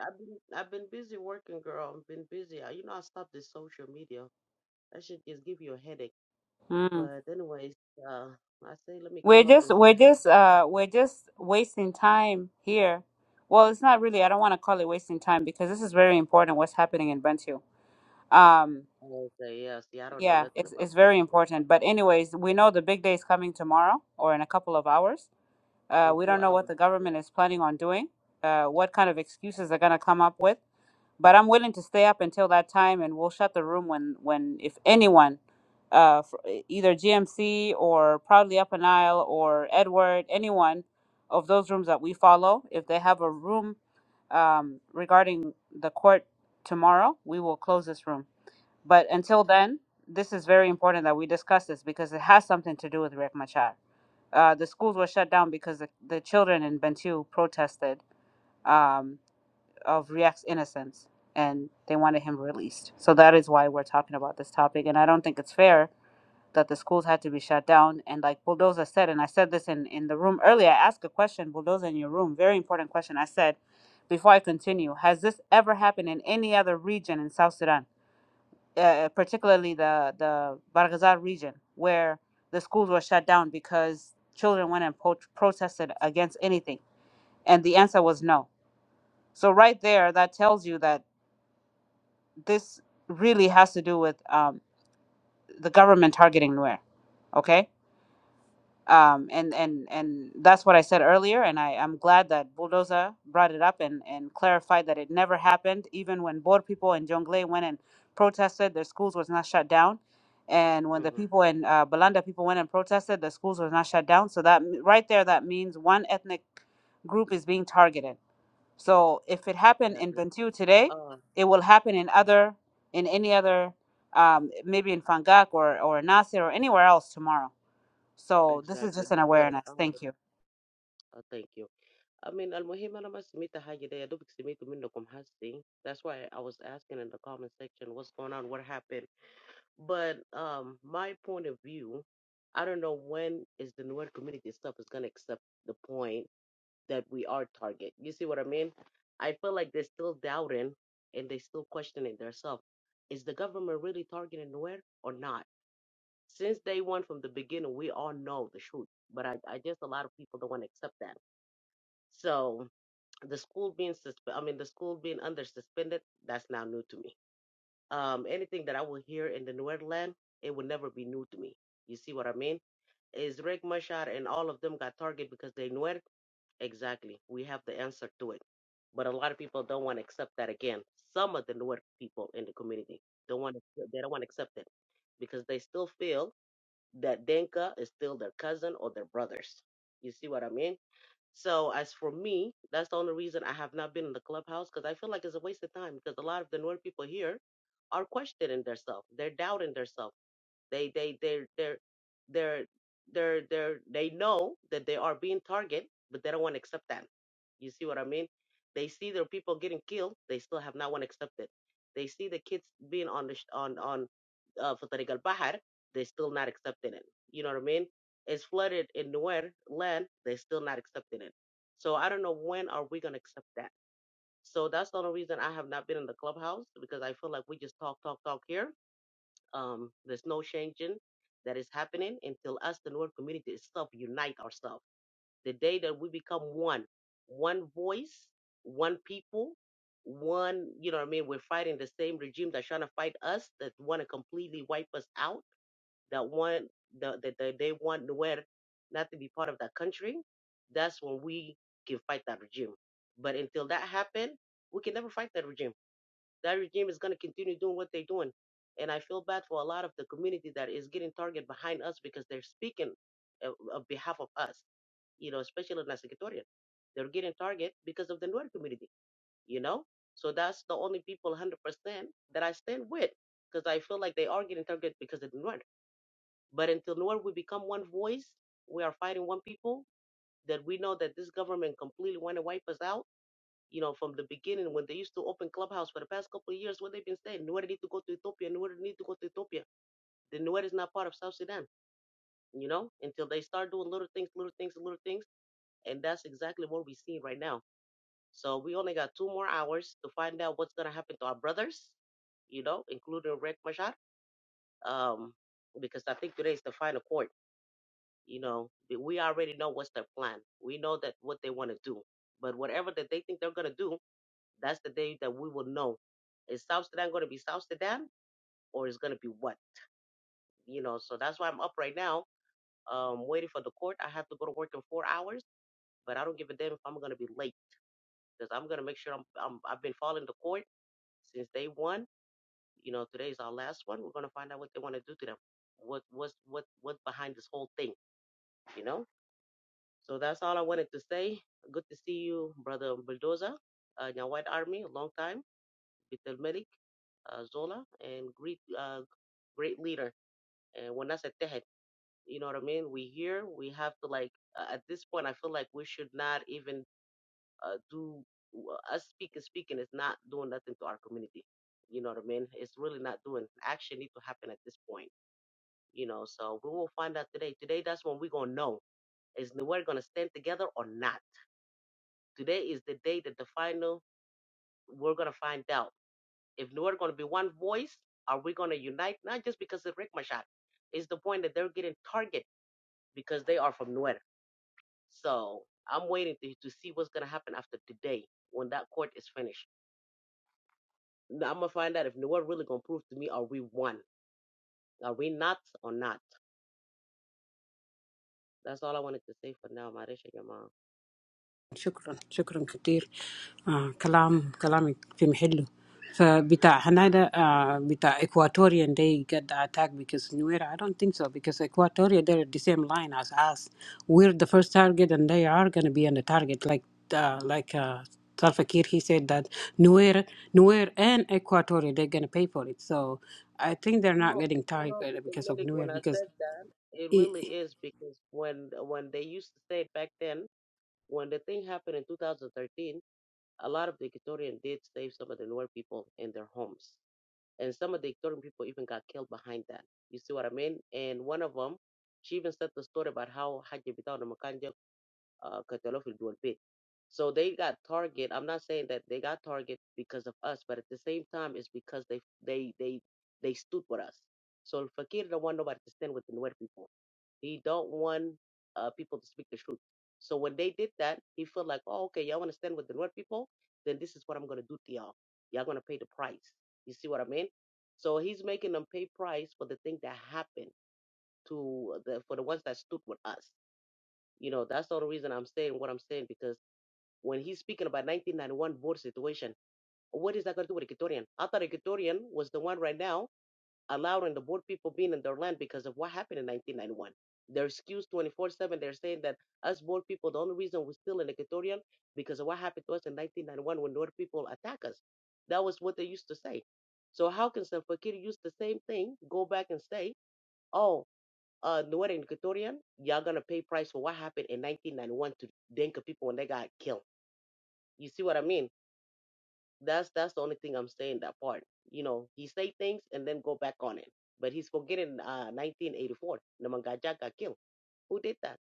I've been I've been busy working, girl. I've been busy. I, you know, I stopped the social media. That should just give you a headache. Mm. But anyways, uh, I say let me We're come up just and say we're hi. to just my uh sister. we're just wasting time here. Well, it's not really. I don't want to call it wasting time because this is very important. What's happening in Bentiu? Um, And I say yeah. See, I don't know Yeah, nothing it's about it's very computer. So important. But anyways, we know the big day is coming tomorrow or in a couple of hours. Uh, in we two don't know what hours. the government Yeah. is planning on doing, uh, what kind of excuses they're gonna come up with. But I'm willing to stay up until that time, and we'll shut the room when when if anyone, uh, fr- e, either GMC or Proudly Up an Aisle or Edward, anyone of those rooms that we follow, if they have a room um, regarding the court tomorrow, we will close this room. But until then, this is very important that we discuss this because it has something to do with Riek Machar. Uh, the schools were shut down because the, the children in Bentiu protested um, of Riek's innocence and they wanted him released. So that is why we're talking about this topic. And I don't think it's fair that the schools had to be shut down. And like Bulldoza said, and I said this in, in the room earlier, I asked a question, Bulldoza, in your room, very important question. I said, before I continue, has this ever happened in any other region in South Sudan? uh, particularly the the Bargazal region, where the schools were shut down because children went and po- protested against anything, and the answer was no. So right there, that tells you that this really has to do with um, the government targeting Nuer. Okay um, and and and that's what I said earlier. And I am glad that Bulldoza brought it up and and clarified that it never happened. Even when Boer people in Jonglei went and protested, their schools was not shut down. And when the Mhm. people in uh, Balanda people went and protested, the schools was not shut down. So that right there, that means one ethnic group is being targeted. So if it happened in Exactly. Bentiu today, Um. it will happen in other in any other um, maybe in Fangak or or Nasir or anywhere else tomorrow. So this is Exactly. just an But awareness. um, Thank you. uh, thank you. I mean, المهم أنا ما سميت حاجة دي يا دوبك سميته منكم حسي. That's why I was asking in the comment section what's going on, what happened. But um, my point of view, I don't know when is the newer community stuff is gonna accept the point that we are target. You see what I mean? I feel like they're still doubting and they still questioning themselves. Is the government really targeting Nuer or not? since day one from the beginning, we all know the truth. But I, I guess a lot of people don't want to accept that. So the school being suspended, I mean, the school being under suspended, that's now new to me. Um, anything that I will hear in the Nordland, it will never be new to me. You see what I mean? Is Rick Mashar and all of them got targeted because they Nuer? Exactly. We have the answer to it. But a lot of people don't want to accept that again. Some of the Nuer people in the community don't want to, they don't want to accept it because they still feel the Denka is still their cousin or their brothers. You see what I mean? So as for me, that's the only reason I have not been in the clubhouse because I feel like it's a waste of time because a lot of the newer people here are questioning themselves. They're doubting themselves. They they they they they they they they know that they are being targeted, but they don't want to accept that. You see what I mean? They see their people getting killed. They still have not want to accept it. They see the kids being on the sh- on on uh, في طريق البحر. They still not accepting it. You know what I mean? It's flooded in nowhere land. They still not accepting it. So I don't know when are we gonna accept that. So that's the only reason I have not been in the clubhouse because I feel like we just talk, talk, talk here um, there's no changing that is happening until us, the North community itself, unite ourselves. The day that we become one, one voice, one people, one, you know what I mean? We're fighting the same regime that's trying to fight us, that want to completely wipe us out, that want, that the, the, they want nowhere, not to be part of that country. That's when we can fight that regime. But until that happen, we can never fight that regime that regime is going to continue doing what they're doing. And I feel bad for a lot of the community that is getting targeted behind us because they're speaking uh, on behalf of us, you know, especially in Secretariat. They're getting targeted because of the Nuer community, you know? So that's the only people 100% that I stand with because I feel like they are getting targeted because of the Nuer. But until Nuer we become one voice, we are fighting one people, that we know that this government completely want to wipe us out you know, from the beginning when they used to open Clubhouse for the past couple of years, what they've been saying, Nuer need to go to Ethiopia, Nuer need to go to Ethiopia. The Nuer is not part of South Sudan, you know, until they start doing little things, little things, little things. And that's exactly what we're seeing right now. So we only got two more hours to find out what's going to happen to our brothers, you know, including Red Mashar, um, because I think today is the final court. You know, we already know what's their plan. We know that what they want to do. But whatever that they think they're going to do, That's the day that we will know is South Sudan going to be South Sudan or is going to be what? You know, so that's why I'm up right now, um, waiting for the court. I have to go to work in four hours, but I don't give a damn if I'm going to be late because I'm going to make sure I'm, I'm I've been following the court since day one. You know, today's our last one. We're going to find out what they want to do to them. What what's what what's behind this whole thing? You know. So that's all I wanted to say. Good to see you, brother Bulldozer. Uh, in your white army, a long time Abdel Malik uh, Zola, and great, uh, great leader. And when I a that, you know what I mean? We here, we have to like, uh, at this point, I feel like we should not even uh, do, uh, us speaking, speaking is not doing nothing to our community. You know what I mean? It's really not doing, action need to happen at this point, you know? So we will find out today. Today, that's when we're going to know is the- we're going to stand together or not. Today is the day that the final, we're going to find out If we're going to be one voice, are we going to unite? Not just because of Rick Machar. It's the point that they're getting targeted because they are from Nuer. So I'm waiting to, to see what's going to happen after today when that court is finished. Now I'm going to find out if Nuer really going to prove to me, are we one? Are we not or not? That's all I wanted to say for now, Marisha Yama. شكرا شكرا كتير آه كلام كلامك في محله فبتاع هنادا آه بتاع Equatorian they get the attack because Nuera I don't think so because Equatoria they're at the same line as us we're the first target and they are gonna be on the target like uh, like uh, Salva Kiir he said that Nuer Nuer and Equatoria they're gonna pay for it so I think they're not No, getting tired no, because because of Malik, Nuer when I because said that, it it, really is because when when they used to say it back then, when the thing happened in 2013, A lot of the Ecuadorian did save some of the Nuer people in their homes, and some of the Ecuadorian people even got killed behind that. You see what I mean? And one of them, she even said the story about how Haji Bitao uh, Catalonia will do big, So they got target. I'm not saying that they got target because of us, but at the same time, it's because they they they they stood with us. So Fakir don't want nobody to stand with the Nuer people. He don't want uh, people to speak the truth. So when they did that, he felt like, oh, okay, y'all want to stand with the Nuer people? Then this is what I'm gonna do to y'all. Y'all gonna pay the price. You see what I mean? So he's making them pay price for the thing that happened to the for the ones that stood with us. You know, that's the only reason I'm saying what I'm saying because when he's speaking about 1991 border situation, what is that going to do with Equatorian? I thought Equatorian was the one right now allowing the board people being in their land because of what happened in 1991. They're excused 24 7. They're saying that us board people, the only reason we're still in Equatorian because of what happened to us in 1991 when North people attack us. That was what they used to say. So how can Salva Kiir use the same thing, go back and say, oh, uh, Nuer and Equatorian, y'all gonna pay price for what happened in 1991 to Denka people when they got killed. You see what I mean? That's that's the only thing I'm saying that part. You know, he say things and then go back on it. But he's forgetting uh, 1984, Namangajak got killed. Who did that?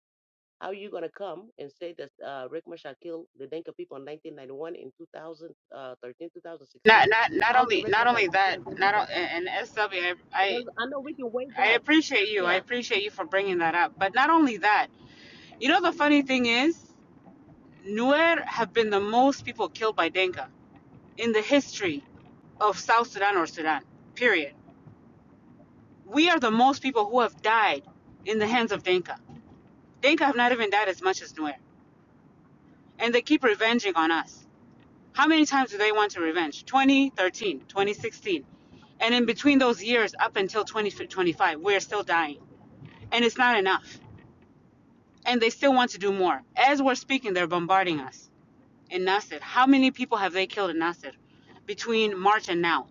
How are you gonna come and say that uh, Rick Machar killed the Denka people in 1991 in 2013, 2016? Not not not How did only Rick not Machar only kill that, the Denka not people? o- and and SW, I, I Because I know we can way I back. appreciate you. I Yeah. appreciate you for bringing that up. But not only that, you know the funny thing is, Nuer have been the most people killed by Denka in the history of South Sudan or Sudan. Period. We are the most people who have died in the hands of Denka. Denka have not even died as much as Nuer, and they keep revenging on us. How many times do they want to revenge? 2013, 2016. And in between those years, up until 2025, we're still dying. And it's not enough. And they still want to do more. As we're speaking, they're bombarding us in Nasir. How many people have they killed in Nasir between March and now?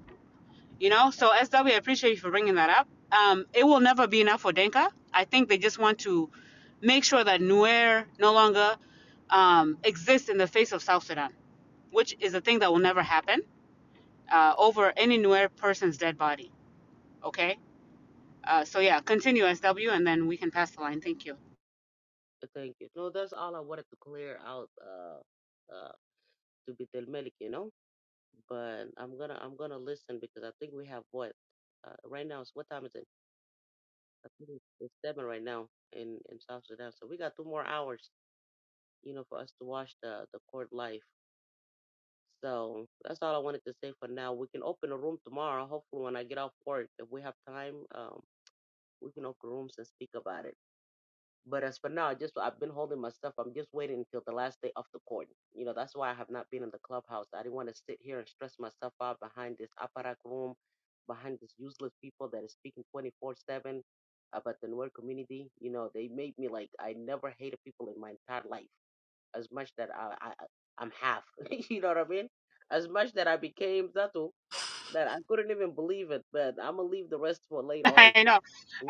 You know, so SW, I appreciate you for bringing that up. Um, it will never be enough for Denka. I think they just want to make sure that Nuer no longer um, exists in the face of South Sudan, which is a thing that will never happen uh, over any newer person's dead body. Okay. Uh, so yeah, continue SW, and then we can pass the line. Thank you. Thank you. No, that's all I wanted to clear out uh uh to be Del Malik, you know. But I'm gonna I'm gonna listen because I think we have what uh, right now is what time is it? I think it's it's seven right now in in South Sudan. So we got two more hours, you know, for us to watch the the court life. So that's all I wanted to say for now. We can open a room tomorrow. Hopefully, when I get off work, if we have time, um, we can open rooms and speak about it. But as for now, just I've been holding my stuff. I'm just waiting until the last day of the court. You know, that's why I have not been in the clubhouse. I didn't want to sit here and stress myself out behind this apparat room, behind these useless people that is speaking 24 7 about the Nuer community. You know, they made me like I never hated people in my entire life as much that I, I I- am half. [LAUGHS] you know what I mean? As much that I became Zatu that I couldn't even believe it. But I'm gonna leave the rest for [LAUGHS] later on. I know.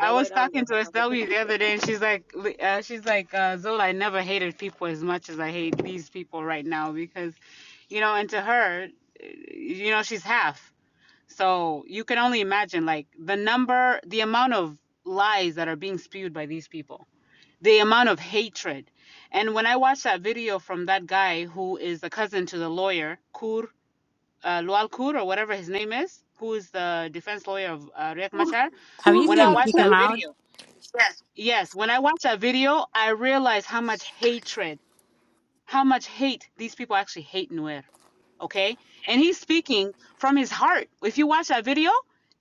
Yeah, was White Army. I talking to have SW the other day, and she's like, li- uh, she's like, uh, Zola, I never hated people as much as I hate these people right now because, you know, and to her, uh, you know, she's half. So you can only imagine like the number, the amount of lies that are being spewed by these people the amount of hatred. And when I watched that video from that guy who is the cousin to the lawyer, Kur, uh, Lual Kur, or whatever his name is, who is the defense lawyer of uh, Riek Cool, Machar, have you cool, when I seen him? well, He watched came that cool. out. video, yes, when I watched that video, I realized how much hatred, how much hate these people actually hate Nuer. Okay? And he's speaking from his heart. If you watch that video,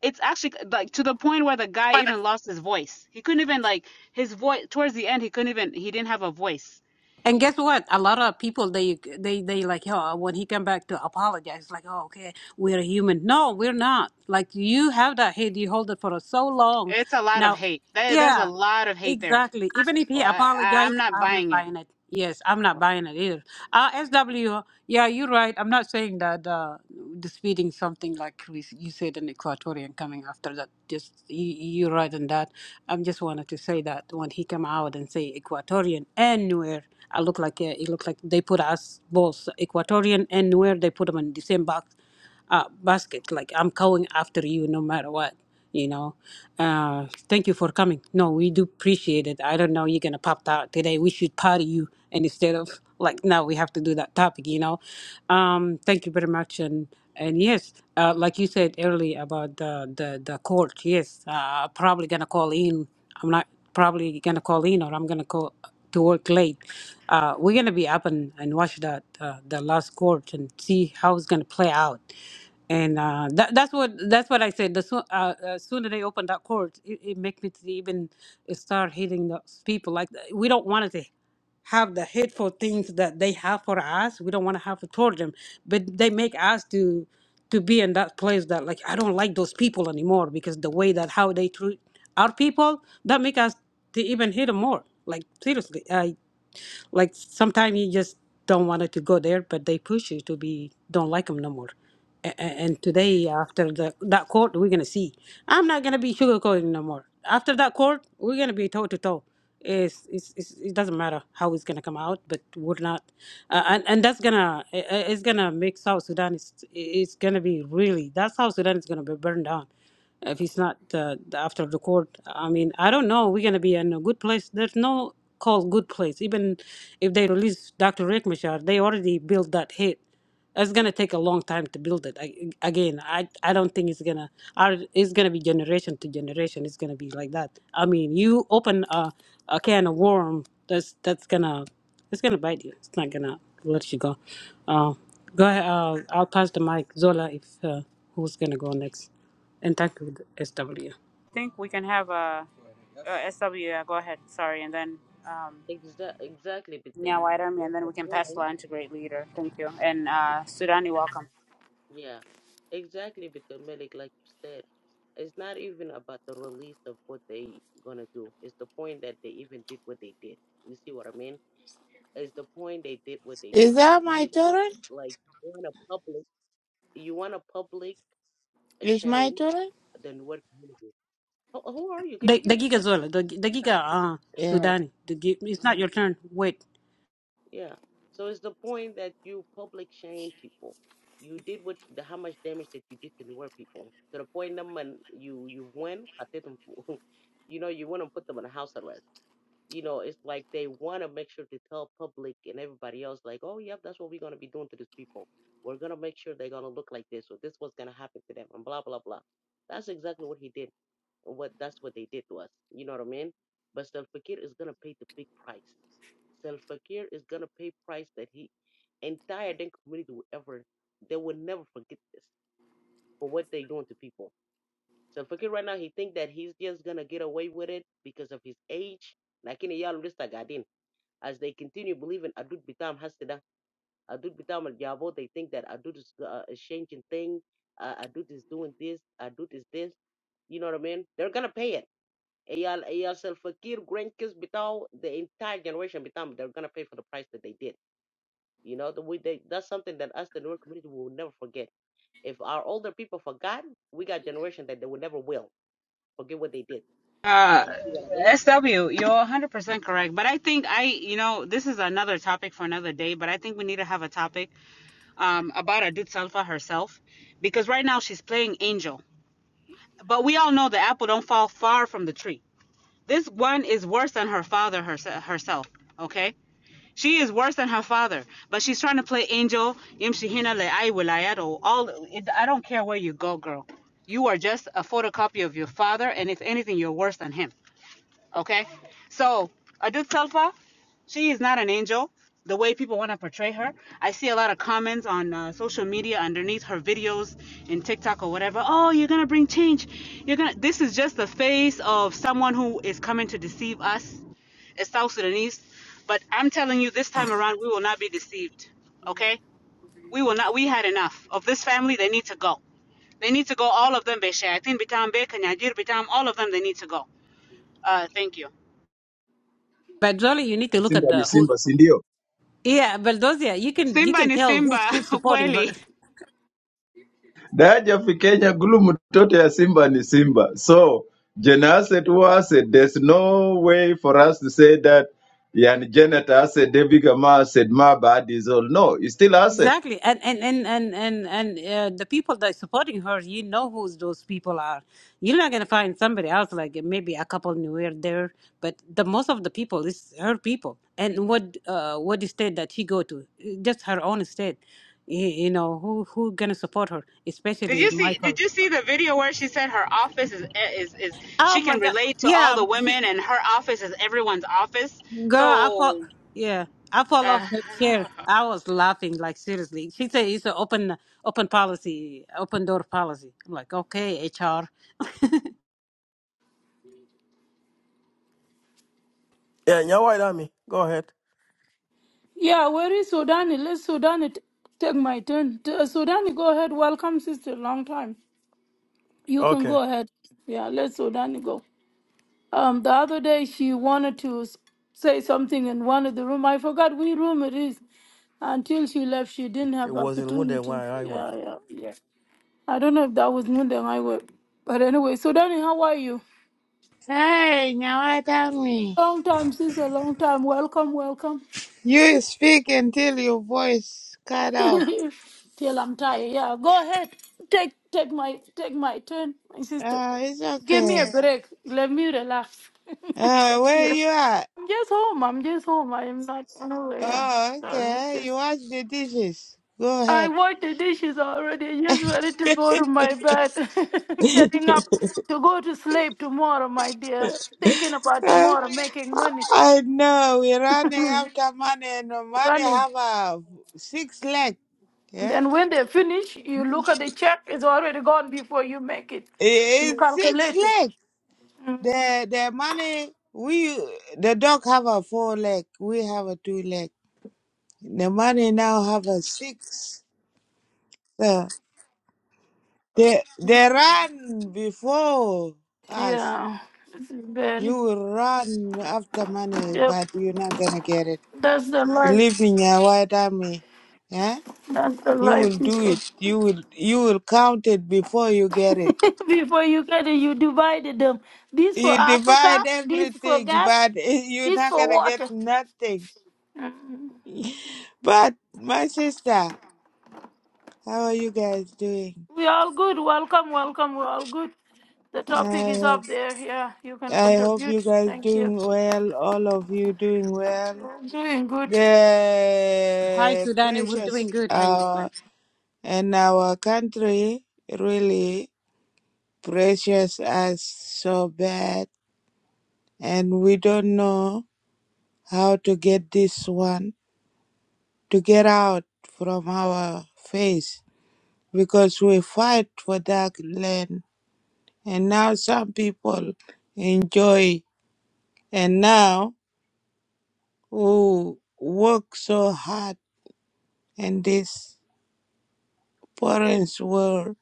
it's actually like to the point where the guy even lost his voice. He couldn't even like his voice towards the end. He couldn't even he didn't have a voice And guess what? A lot of people they they they like oh when he come back to apologize like oh okay we're human. No, we're not. Like you have that hate, you hold it for so long. It's a lot of Now, hate. There's a yeah, lot of hate there. exactly. Even if he Well, I, I- am apologized, not I'm not buying it. buying it. Yes, I'm not buying it either. Uh, SW, yeah, you're right. I'm not saying that uh, disputing something like we, you said in Equatorian coming after that. Just you, you're right in that. I am just wanted to say that when he came out and say Equatorian and Nuer, I look like uh, it looked like they put us both Equatorian and Nuer. They put them in the same box uh, basket. Like I'm going after you no matter what. You know, uh, thank you for coming. No, we do appreciate it. I don't know you're gonna pop out today. We should party you, and instead of like now we have to do that topic. You know, um, thank you very much. And and yes, uh, like you said earlier about the the the court. Yes, uh, probably gonna call in. I'm not probably gonna call in or I'm gonna call to work late. Uh, we're gonna be up and, and watch that uh, the last court and see how it's gonna play out. And uh, that, that's what that's what I said. The soo- uh, uh, sooner they open that court, it, it makes me to even start hitting those people. Like we don't want it to have the hateful things that they have for us. We don't want to have it toward them, but they make us to to be in that place that like I don't like those people anymore because the way that how they treat our people that make us to even hate them more. Like seriously, I like sometimes you just don't want it to go there, but they push you to be don't like them no more. And, and today after the that court, we're gonna see. I'm not gonna be sugarcoating no more. After that court, we're gonna be toe to toe. It's, it's, it's, it doesn't matter how it's gonna come out, but we're not, uh, and and that's gonna i- i- it's gonna make South Sudan. It's it's gonna be really that's how Sudan is gonna be burned down if it's not uh, the after the court. I mean, I don't know. We're gonna be in a good place. There's no call good place. Even if they release Dr. Rick Machar, they already built that hate. It's gonna take a long time to build it. I, again, I I don't think it's gonna. Our, it's gonna be generation to generation. It's gonna be like that. I mean, you open a, a can of worm. That's that's gonna. It's gonna bite you. It's not gonna let you go. Uh, go ahead. Uh, I'll pass the mic, Zola. If uh, who's gonna go next? And thank you, SW. I think we can have a, a SW. Yeah, go ahead. Sorry, and then um, Exa- exactly, with the Nyawad milk. Army, and That's then the we can pass the point. to great leader. Thank you, and uh, Sudani, welcome. Yeah, exactly, with the milk, like you said. It's not even about the release of what they gonna do. It's the point that they even did what they did. You see what I mean? It's the point they did what they Is did. that my You put turn? like you want a public, you want a public Is my ashamed. turn? Then what? Can you do? Who, who are you? Can you The, give the me a Giga Zola, the, the second? Giga uh, Yeah. Sudani. The, gi- it's not your turn. Wait, Yeah. So it's the point that you public shame people. You did what the, how much damage that you did to the poor people to the point them and you you win, [LAUGHS] you know you want to put them in house arrest you know, it's like they want to make sure to tell public and everybody else, like, oh, yep, that's what we're going to be doing to these people. We're going to make sure they're going to look like this, or this was going to happen to them, and blah, blah, blah. That's exactly what he did. What That's what they did to us. You know what I mean? But Selfakir is going to pay the big price. Selfakir is going to pay price that he, entire Dinka community will ever, they will never forget this for what they're doing to people. Selfakir right now, he think that he's just going to get away with it because of his age. Like in a yellow list, I got as they continue believing Adud Bitam Hasida, Adud Bitam Al Jabo, they think that Adud is uh, a changing thing, uh, Adud is doing this, Adud is this. You know what I mean? They're gonna pay it. Eyal Eyal Selfakir, grandkids Bitao, the entire generation Bitam, they're gonna pay for the price that they did. You know, the way they, that's something that us, the newer community, will never forget. If our older people forgot, we got generation that they will never will forget what they did. Uh, You see what I mean? SW, you're 100% correct. But I think I, you know, this is another topic for another day, but I think we need to have a topic um, about Adut Salfa herself because right now she's playing angel. But we all know the apple don't fall far from the tree. This one is worse than her father herself, okay? She is worse than her father, but she's trying to play angel, all. I don't care where you go, girl. You are just a photocopy of your father, and if anything, you're worse than him. Okay. So Adut Selfa, she is not an angel. The way people want to portray her, I see a lot of comments on uh, social media underneath her videos in TikTok or whatever. Oh, you're gonna bring change. You're gonna. This is just the face of someone who is coming to deceive us as South Sudanese. But I'm telling you, this time around, we will not be deceived. Okay? We will not. We had enough of this family. They need to go. They need to go. All of them. Beshayatin, Bitam, Be, Kanyajir, Bitam. All of them. They need to go. Uh, thank you. but Zola, you need to look Simba, at ni the who's. Simba, si ndio? Yeah, Baldozia, you can you Simba can ni tell Simba, who's who's [LAUGHS] supporting her. ukweli. Daja Kenya gulu mtoto ya Simba ni Simba. So Gen Asset was it. There's no way for us to say that yani Janet Asset, David Gama Asset, my bad is all. No, it's still Asset. Exactly, and and and and and, and uh, the people that are supporting her, you know who those people are. You're not gonna find somebody else like maybe a couple new here there, but the most of the people is her people. And what uh what state that she go to? Just her own state. You, you know who who gonna support her, Did especially you see? Michael. Did you see the video where she said her office is is is Oh she my can God! relate to all Yeah, the she, women and her office is everyone's office? Girl, I fall. So, Yeah, I fall uh, off the chair. I was laughing like seriously. She said it's an open, open policy, open door policy. I'm like, okay, HR. Yeah, yeah, White Army. Go ahead. Yeah, where is Sudani? Let Sudani t- take my turn. T- uh, Sudani, go ahead. Welcome, sister. Long time. You can Okay. go ahead. Yeah, let Sudani go. Um, the other day she wanted to s- say something in one of the room. I forgot which room it is. Until she left, she didn't It have was in Wonder opportunity. Why Highway. Yeah, yeah, yeah. I don't know if that was Nundeng I were, but anyway. So Danny, how are you? Hey, now tell me. Long time, sister. Long time. Welcome, welcome. You speak until your voice cut [LAUGHS] off. Till I'm tired. Yeah, go ahead. Take take my take my turn, my sister. Uh, it's Give me okay. a break. Let me relax. [LAUGHS] Uh, Thank where you. you at? I'm just home. I'm just home. I'm not nowhere. Yeah. Oh, okay. Sorry. You wash the dishes. Go I ahead. washed the dishes already. You're ready to go to my bed. [LAUGHS] Getting up to go to sleep tomorrow, my dear. Thinking about Uh, tomorrow, making money, I know we're running after money, and the money running. have a six leg. And Yeah, then when they finish, you look at the check, it's already gone before you make it. You It- it's six calculate it. leg. The the money we the dog have a four leg. We have a two leg. The money now have a six. Uh, they they run before us. Yeah. This is You very will run after money, yep. but you're not gonna get it. That's the life. Believe in your white army, yeah? That's the You will life do it. people. You will you will count it before you get it. [LAUGHS] before you get it, you divided them. This for You Africa, divide this for everything, gas, but [LAUGHS] you're this not for gonna get water. nothing. But my sister, how are you guys doing? We all good. Welcome, welcome. We're all good. The topic is up there. Yeah, you can I hope contribute. you guys Thank you. doing well, all of you doing well. We're doing good. Hi, The Sudani. We're precious doing good. How you uh doing? and our country really precious us so bad and we don't know how to get this one to get out from our face because we fight for that land and now some people enjoy and now who work so hard and these parents were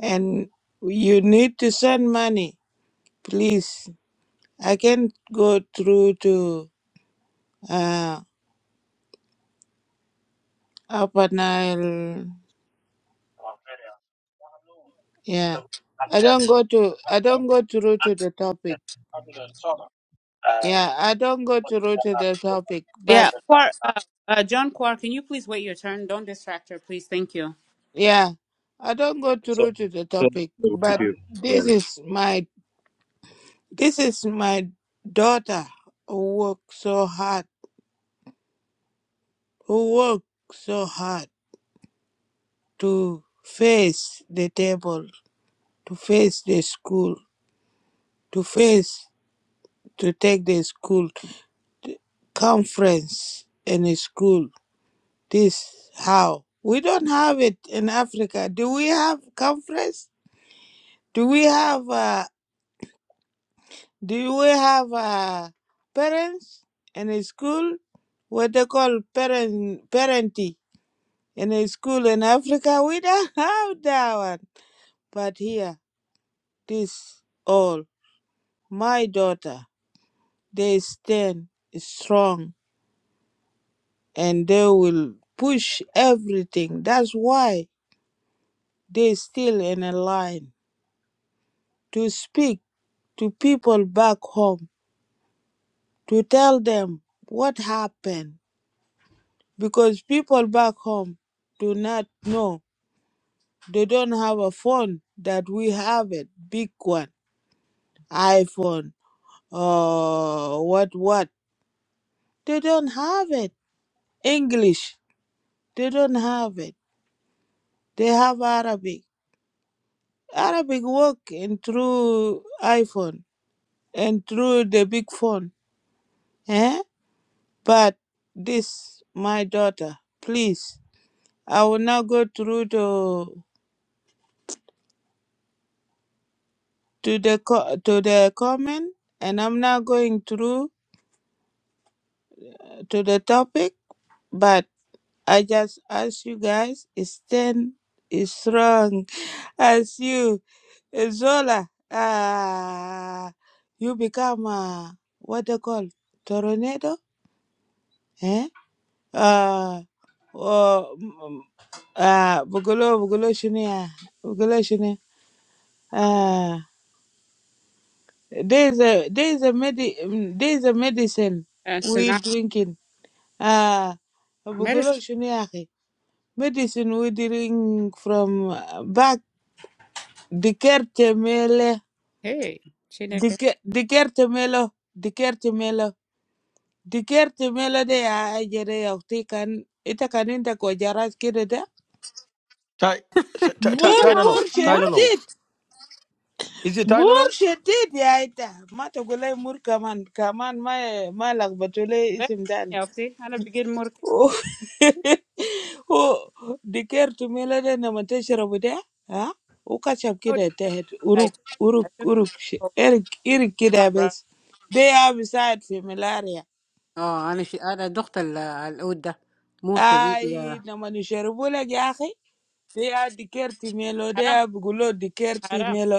and you need to send money please i can go through to uh upper nile yeah i don't go to i don't go through to the topic yeah i don't go through to the topic [LAUGHS] but yeah, Quar, uh, uh, John Quar, can you please wait your turn? Don't distract her, please. Thank you. yeah i don't go So, through to the so so, topic if but you this well, is my this is my daughter who worked so hard who worked so hard to face the table, to face the school, to face to take the school conference in a school. This how we don't have it in Africa. Do we have conference? Do we have uh, do we have uh, parents in a school? What they call parent parenting in a school in Africa? We don't [LAUGHS] have that one. But here, this all my daughter. they stand strong and they will push everything. That's why they still in a line to speak to people back home, to tell them what happened. Because people back home do not know. They don't have a phone that we have it, big one, iPhone, uh, what, what. They don't have it. English, they don't have it. They have Arabic Arabic work in through iPhone and through the big phone. Eh? But this, my daughter, please, I will now go through to to the co- to the comment, and I'm now going through to the topic. But I just ask you guys, stand is strong [LAUGHS] as you, Zola. Ah, you become a what they call tornado. eh? Ah, oh, mm, ah, bugolo, bugolo shuniya, bugolo shuni. Ah, there's a there's a med there's a medicine Uh, we Tsunami drinking. Ah, medicine. bugolo shuniya. Medicine we drink from uh, back. Di kerte mela, Hey, di chineke. k di kerte mela, di kerte mela, di kerte mela. De ah aye jere yau te kan ita kaninta kujaraz kirete. Ty, Ty, Ty, You More can Ana follow. Tylenol. work mur? Tylenol. yet. Is it Bur Tylenol? shedid ya ita. Ma ta gulai mur kaman. Kaman ma ma lakbato lai Ve- isim dani. ya, okti. Ana bigid mur ke. Oh, [LAUGHS] oh, diker tumela de na mata sharabu da? Ha? Uka chap Oh, kida ta het. I Uruk, took I uruk, took it. uruk. shi- Oh, Irik, mom, kida bro. bes. They have side familiarity. اه انا شي... انا دخت ال- العود ده مور شديد Ay, يا na manusha, bule gyahe. Dea dikerti mello, Haram, dea bugulo dikerti haram. mello.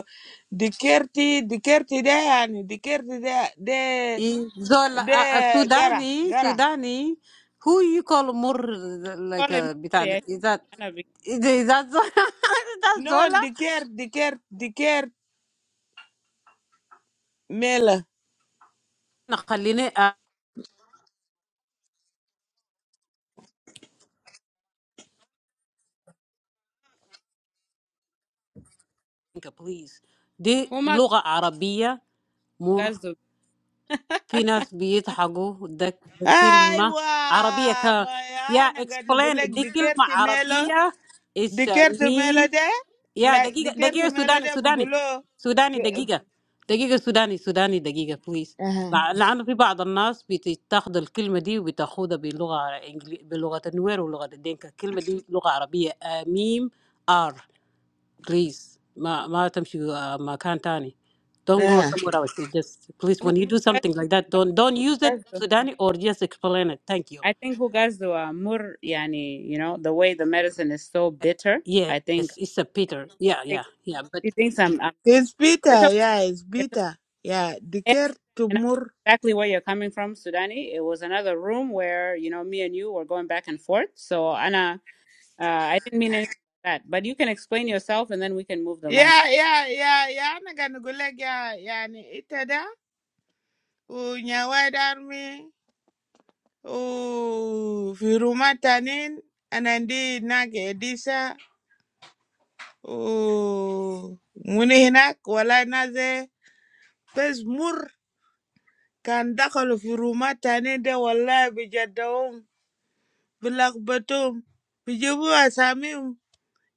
Dikerti, dikerti deh ani, dikerti dea de [LAUGHS] إيه زول آه، de آه، gara سوداني gara. سوداني who you call مور like Call him uh, mur, بتاع ده- yeah. is that Ana is that is that زول [LAUGHS] is that No, زولا dikerti, dikerti, dikerti mello. خليني think, please. دي bigid. لغة عربية مر Hogazdo, في ناس بيضحكوا ده ده كلمة Aywa, عربية ك ba ya يا nagat explain bugule دي كلمة dikerti mello. عربية is Dikerti mello ميم dea يا like, دقيقة dikerti دقيقة mello سوداني dea سوداني bugulo. سوداني دقيقة دقيقة سوداني سوداني دقيقة please Uh huh. لع- لأنه في بعض الناس بتاخد الكلمة دي وبتاخدها بلغة إنجلي... بلغة النوير ولغة الدين الكلمة دي لغة عربية آه، ميم ار please ma ma tamshu uh, ma kantani don't go Yeah. somewhere else It just please when you do something like that don't don't use it sudani or just explain it thank you I think Hogazdo are more, yani, you know, the way the medicine is so bitter. yes I think it's a peter yeah yeah yeah but he thinks I'm, I'm It's it's bitter, okay. yeah, it's It's okay. bitter. Yeah, The I understand. diker And I tumur. know exactly where you're coming from, Sudani. It was another room where, you know, me and you were going back and forth. So, Anna, uh, I didn't mean anything by that. But you can explain yourself and then we can move the line. Yeah, yeah, yeah, yeah, I'm gonna na gani guleg ya, yani itada, u nyawad army, u firuma tanin, anandi nage edisa, u muni hinak, wala naze, pes mur, kan dakalu firuma tanin de wala bijadawum, bilakbatum, bijibu asamim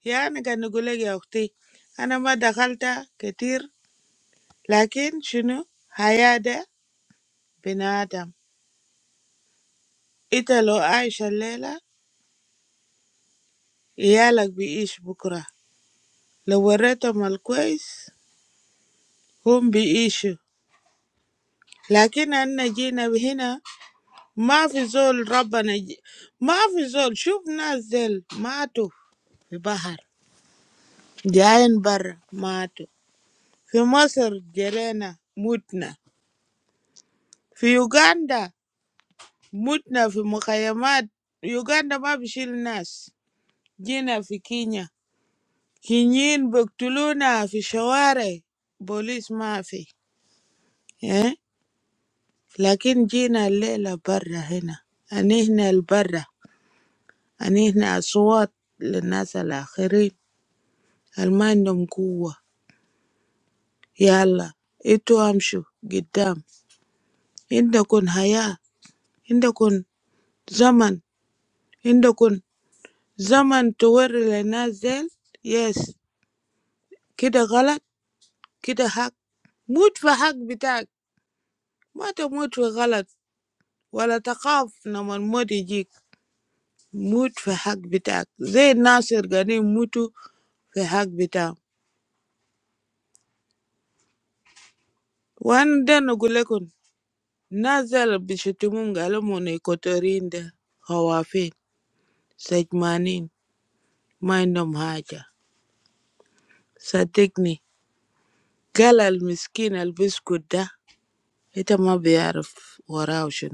يعني قاعد نقول لك يا أختي أنا ما دخلت كتير لكن شنو حياة ده بني آدم إنت لو عايش الليلة عيالك بيعيش بكرة لو وريتهم الكويس هم بيعيشوا لكن أنا جينا هنا ما في زول ربنا ج... ما في زول شوف ناس زل ماتوا في بحر جايين برا ماتوا في مصر جرينا متنا في يوغندا Mutna fi Mukayamat Uganda babishil Nas Jina fi Kenya Kinyen baktuluna fi Shaware Police maafi eh? Lakini Jina Lela bara hena Ani hna albara Ani hna aswat le Nas alakhirin Almano mkuwa Yalla Eto amsho Gidam Indakun haya Indakun zaman Indakun zaman tuwar le Nas el Yes Kida galat Kita hak mutwa hak btaak, ma ta mutwa galat, wala taqaf nama mutijik mutwa hak btaak. Zey naas ergani mutu fahak btaam. Wanda ngo gule kon nazal bishutumunga lomone kotorinde hawafin sejmanin ma inomhaja. Satekni gal almiskin albuskuda ita ma be araf warausho.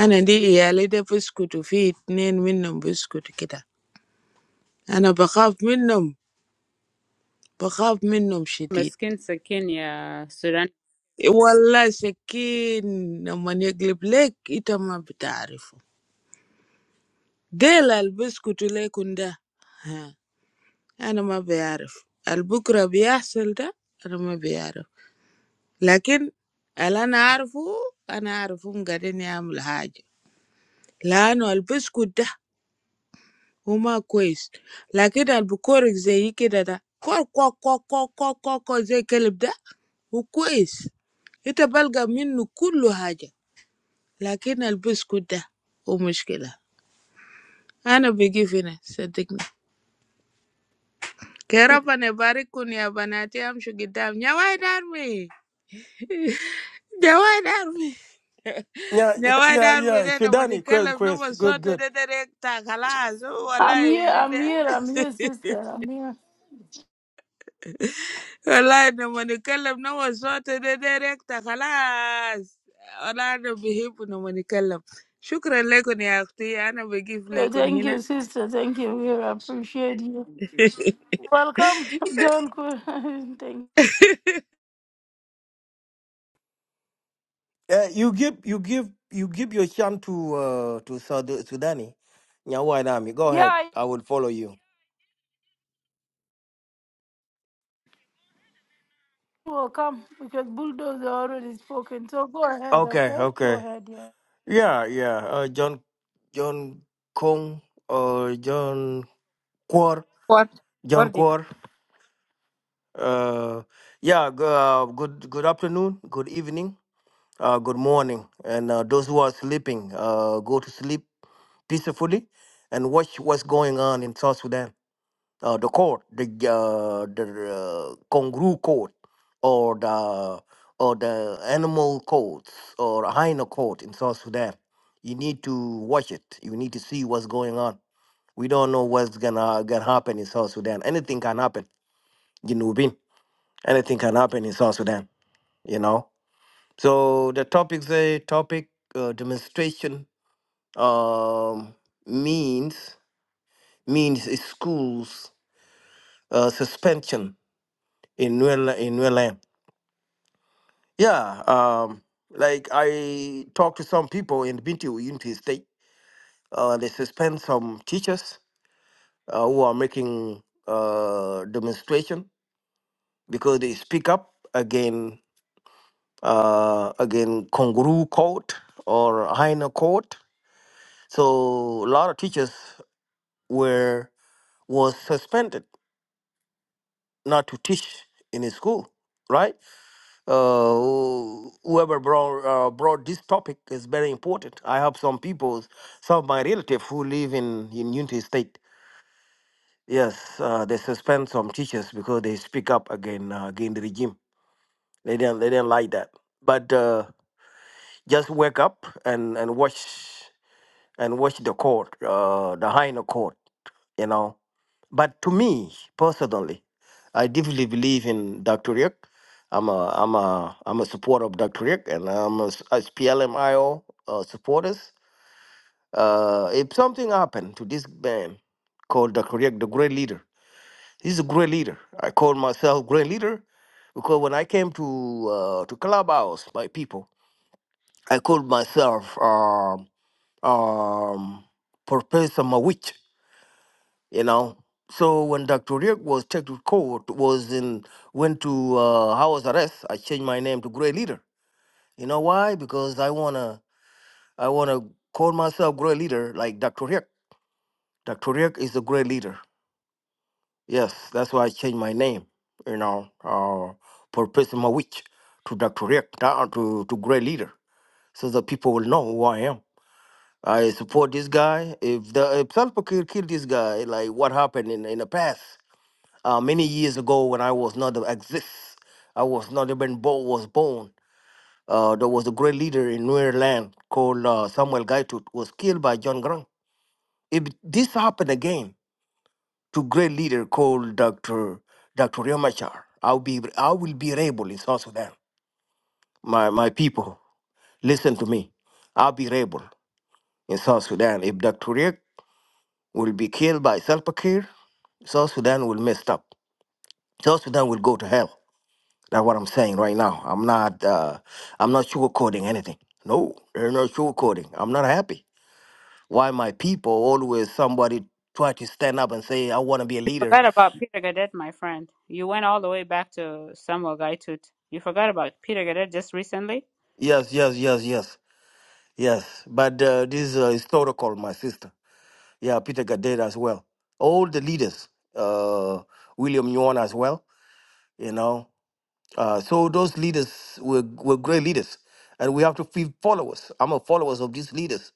Anendi iyalide buskuta fitne inom buskuta kita. أنا بخاف منهم بخاف منهم شديد Maskin Sakin, yeah, Sudani. والله سكين لما يقلب لك أنت ما بتعرفه ديل البسكوت ليكن ده ها أنا ما بيعرف البكرة بيحصل ده أنا ما بيعرف لكن اللي أنا أعرفه أنا أعرفهم قاعدين يعملوا حاجة لأنه البسكوت ده Omo kois. Like that, bukor izayi ke dada ko ko ko ko ko ko ko ko zekelipa. O kois. Ita balga minu kuluhaja. Like na albus kuda o mushkela. Ana bigi fena sadekne. Kerapa nebari kuni abanati amshugidam. Njawaidar mi. Njawaidar mi. Yeah, yeah, Njawaidar mi. yeah. Nene mo ni Sudani, kela. quiz, Nene quiz. mo Good, sawte. good. Nene mo rekta. Galas. O Allah I'm here. I'm bidem. here. I'm here, sister. I'm here. Khalas, na mani kalem na waswatu de directa. Khalas, khalas, na bihi pumani kalem. Shukrilaiko ni axti, anawe give Yeah, like oni Thank na. you, sister. Thank you. We appreciate you. Welcome, John. Qu- [LAUGHS] Thank. Uh, you give, you give, you give your chant to uh to Sud- Sudani. Yeah, why not? Go ahead. Yeah, I will follow you. you will come because bulldozer already spoken. So go ahead. Okay, Okay, go okay. ahead. Yeah. Yeah, yeah. Uh, John, John Kong, or John Quor, John What? Quor. Uh, yeah. Go, uh, good, good afternoon. Good evening. Uh, good morning. And uh, those who are sleeping, uh, go to sleep peacefully and watch what's going on in South Sudan. Uh, the court, the uh, the uh, kangaroo court, or the or the animal courts or hyena court in South Sudan. You need to watch it. You need to see what's going on. We don't know what's gonna gonna happen in South Sudan. Anything can happen. You know, Bin. anything can happen in South Sudan. You know. So the topic say topic uh, demonstration um, means means is schools uh, suspension in Nuel in Nuelam. Yeah, um, like I talked to some people in Binti Unity State. Uh, they suspend some teachers uh, who are making uh, demonstration because they speak up again uh, again Konguru Court or Haina Court. So a lot of teachers were was suspended not to teach in his school right uh who- whoever brought uh, brought this topic is very important i have some people some of my relatives who live in in unity state yes uh, they suspend some teachers because they speak up again uh, against the regime they didn't they didn't like that but uh just wake up and and watch and watch the court, uh, the higher court, you know. But to me personally, I deeply believe in Dr. Rick. I'm a I'm a I'm a supporter of Dr. Rick, and I'm a, s- as PLMIO uh, supporters. Uh, if something happened to this man called Dr. Rick, the great leader, he's a great leader. I call myself great leader because when I came to uh, to Clubhouse, my people, I called myself um, um, Professor Mawich you know. So when Dr. Riek was taken to court, was in went to uh, house arrest. I changed my name to Great Leader. You know why? Because I wanna I wanna call myself Great Leader like Dr. Riek. Dr. Riek is a Great Leader. Yes, that's why I changed my name. You know, uh, for Prism Witch to Dr. Riek uh, to to Great Leader, so that people will know who I am. I support this guy. If the if Salva Kiir killed this guy, like what happened in in the past? Uh, many years ago, when I was not exist, I was not even born. Was born. Uh, there was a great leader in Nuer land called uh, Samuel Gaitut was killed by John Grant. If this happened again to great leader called Dr. Dr. Riamachar, I'll be I will be rebel in South Sudan. My my people, listen to me. I'll be rebel in South Sudan. If Dr. Riek will be killed by Salva Kiir, South Sudan will mess up. South Sudan will go to hell. That's what I'm saying right now. I'm not uh I'm not sugarcoating anything. No, there's no sugarcoating. I'm not happy. Why my people always somebody try to stand up and say, I wanna be a You leader. forgot about Peter Gadet, my friend. You went all the way back to Samuel Gaitut. You forgot about Peter Gadet just recently. Yes, yes, yes, yes, yes. But uh, this is uh, historical, my sister. Yeah, Peter Gadet as well. All the leaders, uh William Yuan as well, you know. Uh, so those leaders were were great leaders. And we have to be followers. I'm a followers of these leaders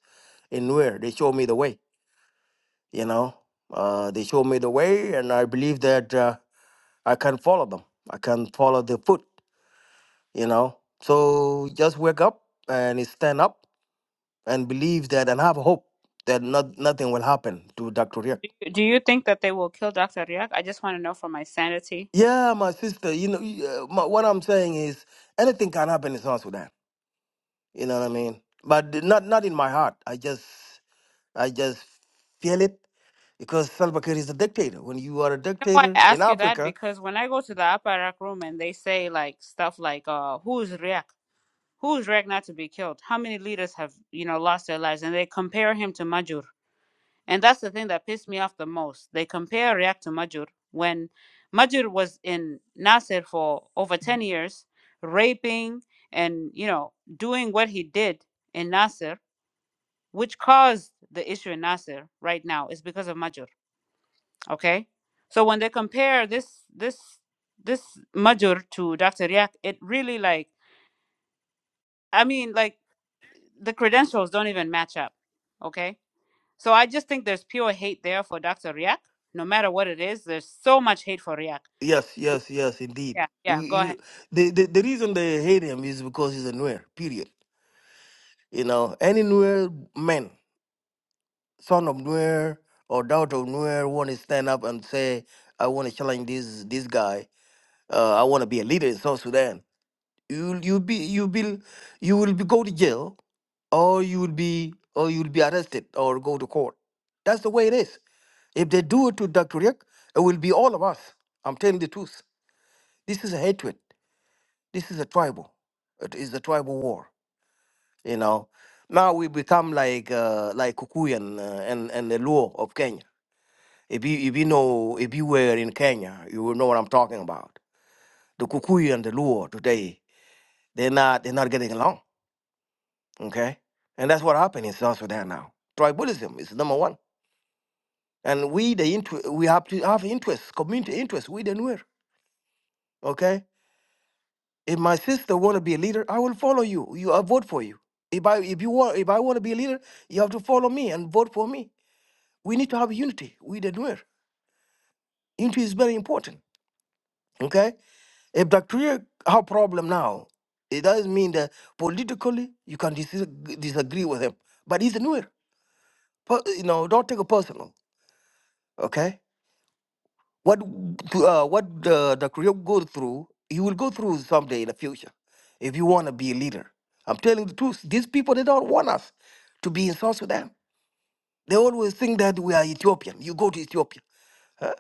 in where they show me the way. you know uh, they show me the way and i believe that uh, i can follow them i can follow the foot you know so just wake up and stand up and believe that and have hope that not, nothing will happen to dr riek Do you think that they will kill Dr. Riak? I just want to know for my sanity. yeah my sister you know y- uh, my, what i'm saying is anything can happen in south sudan you know what i mean but th- not not in my heart i just i just feel it because Salva Kiir is a dictator. When you are a You know why I dictator in ask you that? Africa, Because when I go to the Aparak room and they say like stuff like, uh, who's Riak? Who's Riak not to be killed? How many leaders have, you know, lost their lives? And they compare him to Majur. And that's the thing that pissed me off the most. They compare React to Majur when Majur was in Nasser for over 10 years, raping and, you know, doing what he did in Nasser, which caused the issue in Nasser right now is because of Majur, okay? So when they compare this this this Majur to Dr. Riak, it really like I mean like the credentials don't even match up, okay? So I just think there's pure hate there for Dr. Riak. No matter what it is, there's so much hate for Riak. Yes, Be- yes, yes, indeed. Yeah, yeah, We, go ahead. you, the, the the reason they hate him is because he's a Nuer. Period. You know, any Nuer man, son of Nuer or daughter of Nuer, want to stand up and say, "I want to challenge this this guy. Uh, I want to be a leader in South Sudan." You you be you be you will be go to jail or you will be or you will be arrested or go to court. That's the way it is. If they do it to Dr. Rick, it will be all of us. I'm telling the truth. This is hatred. This is a tribal. It is a tribal war. You know. Now we become like uh, like Kikuyu and, uh, and and the Luo of Kenya. If you if you know if you were in Kenya, you will know what I'm talking about. The Kikuyu and the Luo today, they're not they're not getting along. Okay, and that's what happened in South Sudan now. Tribalism is number one, and we the inter- we have to have interests, community interests. We the Nuer. Okay, If my sister want to be a leader, I will follow you. You I vote for you. If I if you want if I want to be a leader, you have to follow me and vote for me. We need to have unity. We the doer. Unity is very important. Okay. If the career have problem now, it doesn't mean that politically you can dis- disagree with him. But he's a newer. You know, don't take it personal. Okay What uh, what uh, Dr. Yoke go through, he will go through someday in the future. If you want to be a leader, I'm telling the truth. These people they don't want us to be in South Sudan. They always think that we are Ethiopian. You go to Ethiopia. Huh?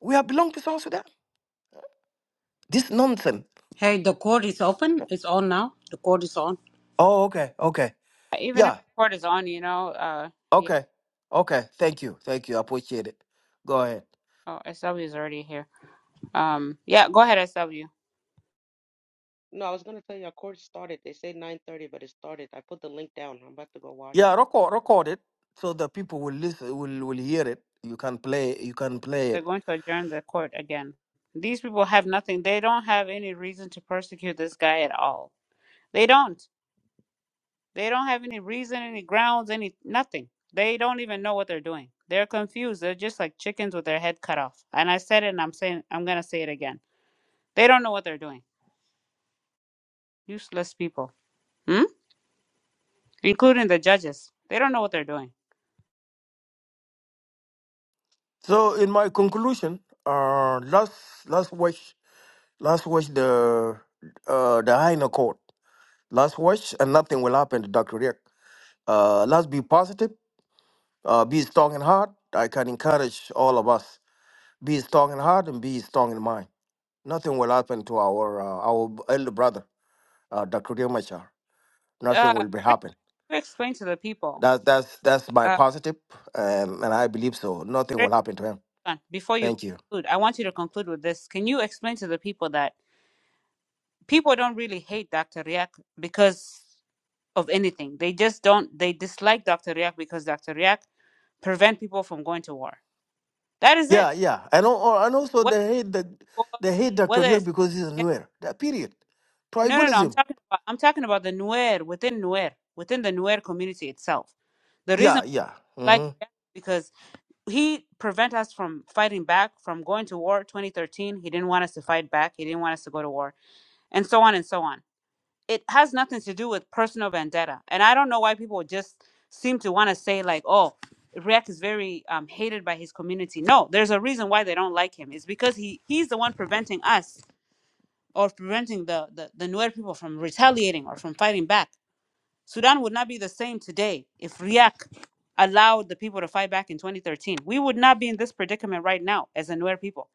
We are belong to South Sudan. This nonsense. hey the court is open it's on now the court is on Oh, okay, okay, Even if yeah, the court is on, you know, uh, yeah, okay, okay. Thank you, thank you. I appreciate it. Go ahead. oh, SW is already here. Um, yeah, go ahead, SW. No, I was gonna tell you our course started. They say nine thirty, but it started. I put the link down. I'm about to go wash it. Yeah, record record it so the people will listen, will will hear it. You can play, you can play They're it. going to adjourn the court again. These people have nothing. They don't have any reason to persecute this guy at all. They don't. They don't have any reason, any grounds, any nothing. They don't even know what they're doing. They're confused. They're just like chickens with their head cut off. And I said it and I'm saying I'm gonna say it again They don't know what they're doing. Useless people, hmm? including the judges. They don't know what they're doing. So in my conclusion, uh, let's let's watch let's watch the uh, the Higher Court. Let's watch, and nothing will happen to Dr. Rick. Uh, let's be positive, uh, be strong in heart. I can encourage all of us: be strong in heart and be strong in mind. Nothing will happen to our uh, our elder brother, uh, Dr. Riek Machar. Uh, Nothing will be Greg, happen. you explain to the people. That's that's that's my Uh, positive, um, and I believe so. Nothing Greg, will happen to him. hold on. before you Thank you. conclude, I want you to conclude with this. Can you explain to the people that people don't really hate Dr. Riak because of anything? They just don't. They dislike Dr. Riak because Dr. Riak prevent people from going to war. That is it. Yeah, yeah. And, al- and also they Whether hate the they hate Dr. whether Young it's because he's Nuer. That period. no, no, no. I'm Tribalism. talking about. I'm talking about the Nuer within Nuer within the Nuer community itself. The reason. Yeah, yeah. like hmm because he prevent us from fighting back from going to war 2013 he didn't want us to fight back he didn't want us to go to war and so on and so on it has nothing to do with personal vendetta and i don't know why people just seem to want to say like oh react is very um, hated by his community no there's a reason why they don't like him it's because he he's the one preventing us or preventing the the, the Nuer people from retaliating or from fighting back Sudan would not be the same today if Riek allowed the people to fight back in 2013. We would not be in this predicament right now as Anwer people.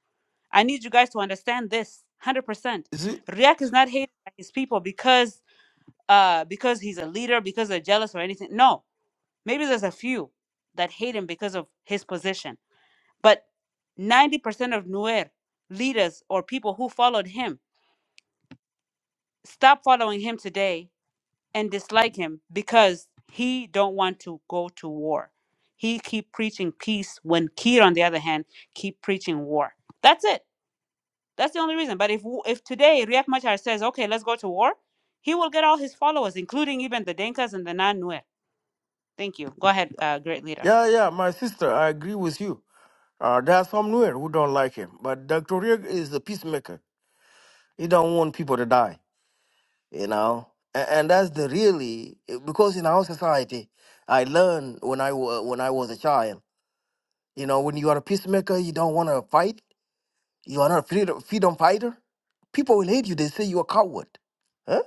I need you guys to understand this 100%. Is it? Riek is not hated by his people because uh, because he's a leader, because they're jealous or anything. No, maybe there's a few that hate him because of his position. But 90% of Nuer leaders or people who followed him stop following him today and dislike him because he don't want to go to war. He keep preaching peace when Kiir, on the other hand, keep preaching war. That's it. That's the only reason. But if w- if today Riek Machar says, "Okay, let's go to war," he will get all his followers, including even the Denkas and the Nan-Nuer. Thank you. Go ahead, uh, great leader. Yeah, yeah. My sister, I agree with you. Uh, there are some Nuer who don't like him, but Dr. Young is a peacemaker. He don't want people to die. You know, and, and that's the really eh, because in our society, I learned when I wa- when I was a child. You know, when you are a peacemaker, you don't want to fight. You are not a freedom, freedom fighter. People will hate you. They say you're a coward. Huh?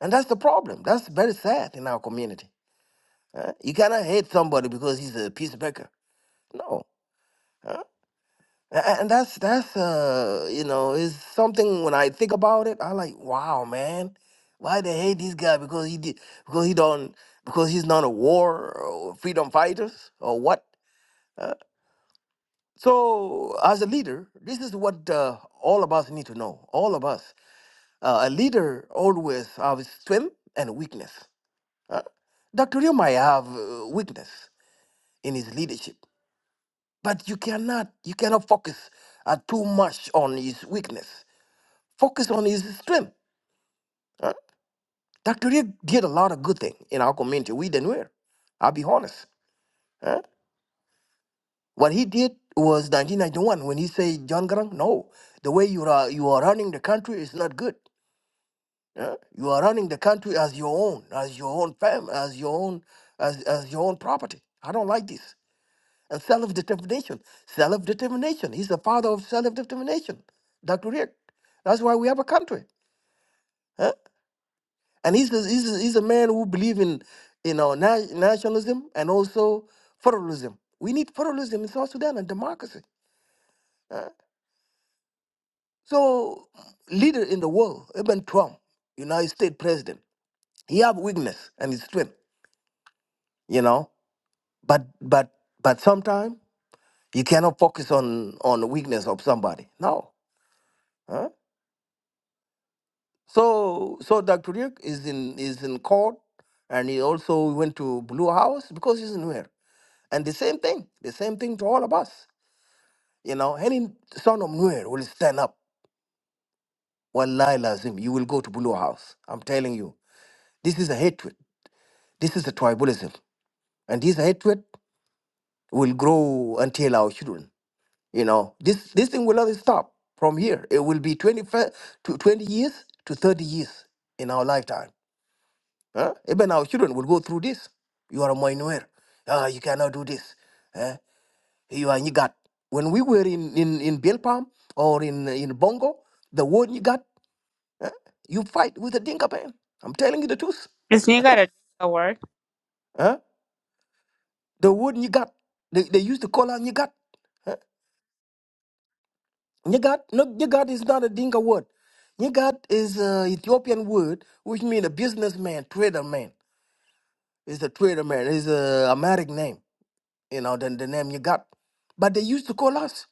And that's the problem. That's very sad in our community. huh? You cannot hate somebody because he's a peacemaker. No. huh? A- And that's that's uh you know is something when I think about it I like wow man why they hate this guy because he did because he don't because he's not a war or freedom fighters or what huh? so as a leader this is what uh, all of us need to know all of us Uh, a leader always have strength and weakness. huh? Dr. Rio might have uh, weakness in his leadership, but you cannot you cannot focus uh, too much on his weakness. Focus on his strength. huh? Dr. Rio did a lot of good thing in our community. We didn't wear. I'll be honest. huh? What he did was 1991 when he said, John Grant, no, the way you are you are running the country is not good. Yeah? You are running the country as your own, as your own fam, as your own, as, as your own property. I don't like this. And self-determination, self-determination. He's the father of self-determination, Dr. Rick. That's why we have a country. huh? And he's a, he's a, he's a man who believes in, you know, na- nationalism and also federalism. We need federalism in South Sudan and democracy. huh? So, leader in the world, even Trump, United States president, he have weakness and his strength. You know, But but but sometimes you cannot focus on on the weakness of somebody. No. huh? So so Dr. Rick is in is in court and he also went to Blue House because he's in Nuer. And the same thing, the same thing to all of us. You know, any son of Nuer will stand up. Wallahi lazim, you will go to Blue House. I'm telling you. This is a hatred. This is a tribalism. And this hatred will grow until our children. You know, this this thing will not stop from here. It will be 20, fe- to 20 years to 30 years in our lifetime. Huh? Even our children will go through this. You are a Moinuer. Ah, you cannot do this. Eh? You are Nyigat. When we were in, in, in Bill Palm or in, in Bongo, the word Nyigat, eh? you fight with the Dinka man. I'm telling you the truth. Is you got a Dinka word? Huh? The word Nyigat, they, they used to call her Nyigat. eh? Nyagat, no, Nyagat is not a Dinka word. Nyagat is an Ethiopian word, which means a businessman, trader man. It's a trader man. It's a American name, you know, than the name Nyagat. But they used to call us.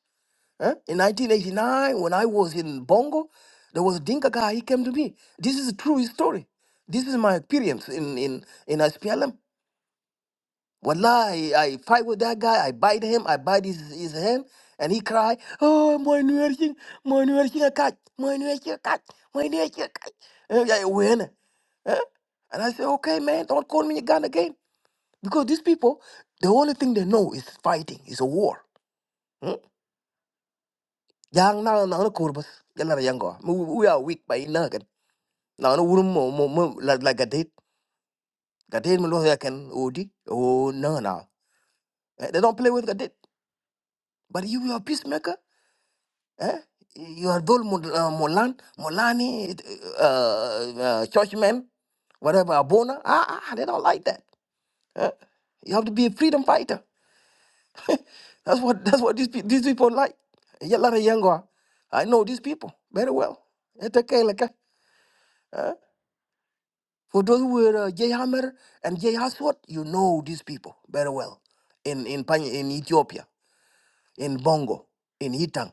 huh? In 1989, when I was in Bongo, there was a Dinka guy. He came to me. This is a true story. This is my experience in in in SPLM. Wallahi, I, fight with that guy. I bite him. I bite his, his hand, and he cry, "Oh, my nursing, my nursing a cat, my nursing a cat, my nursing a cat." And I win, huh? and I say, "Okay, man, don't call me a gun again," because these people, the only thing they know is fighting, is a war. Hmm? Yang na na na kurbas, yang na yang go. We we are weak by na kan. Na na urum mo mo mo like like a date, a date mo lo ya kan odi. Oh no no, Eh, they don't play with a date. But you are a peacemaker. Eh? Your Dol Mul- uh, Mulan, Mulani, uh, uh, churchmen, whatever, Abona. Ah, ah, ah, they don't like that. Eh? You have to be a freedom fighter. [LAUGHS] that's what that's what these, pe- these people like. A lot of young are. I know these people very well. It's okay, like, eh? For those who were uh, J Hammer and J Haswat, you know these people very well. In in Pan- in Ethiopia, in Bongo, in Itang,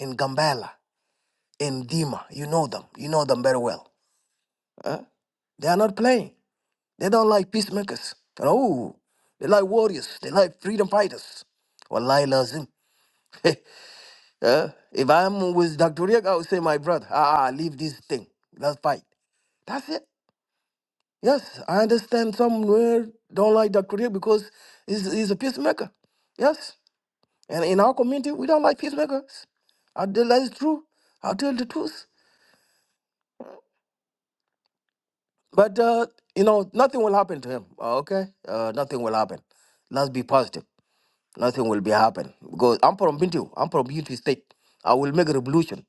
in Gambela, in Dima, you know them. You know them very well. Huh? They are not playing. They don't like peacemakers. No. They like warriors. They like freedom fighters. Wallahi lazim. [LAUGHS] Huh? if I'm with Dr. Riek, I would say, my brother, ah, ah, leave this thing. Let's fight. That's it. Yes, I understand somewhere don't like Dr. Riek because he's, he's a peacemaker. Yes. And in our community, we don't like peacemakers. I tell that is true. I'll tell the truth. But uh, you know, nothing will happen to him. uh, Okay, uh, nothing will happen. Let's be positive. Nothing will be happen because I'm from Bintu. I'm from Bintu State. I will make a revolution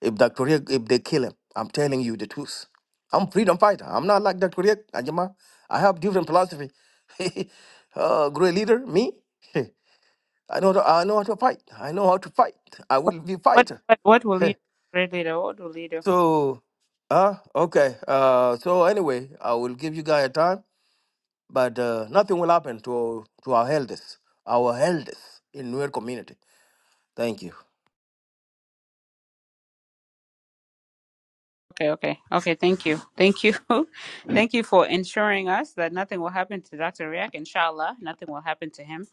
if Dr. Riek, if they kill him. I'm telling you the truth. I'm freedom fighter. I'm not like Dr. Riek, Ajima. I have different philosophy. [LAUGHS] uh, great leader, me. [LAUGHS] I know. I know how to fight. I know how to fight. I What will be what fighter. what what will [LAUGHS] you, great leader? What will you do? so, uh, okay. Uh, so anyway, I will give you guys a time. But uh, nothing will happen to to our elders, our elders in Nuer community. Thank you. Okay, okay, okay. Thank you, thank you, [LAUGHS] thank you for ensuring us that nothing will happen to Dr. Riak. Inshallah, nothing will happen to him.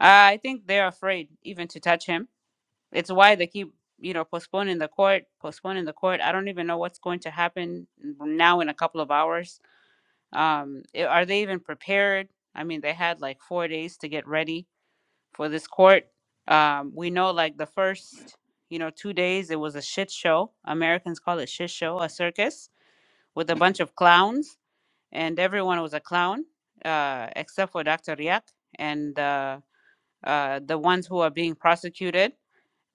Uh, I think they're afraid even to touch him. It's why they keep, you know, postponing the court, postponing the court. I don't even know what's going to happen now in a couple of hours. Um, i- are they even prepared? I mean, they had like four days to get ready for this court. Um, we know like the first, you know, two days it was a shit show. Americans call it shit show, a circus with a bunch of clowns, and everyone was a clown uh, except for Dr. Riak and uh, uh, the ones who are being prosecuted.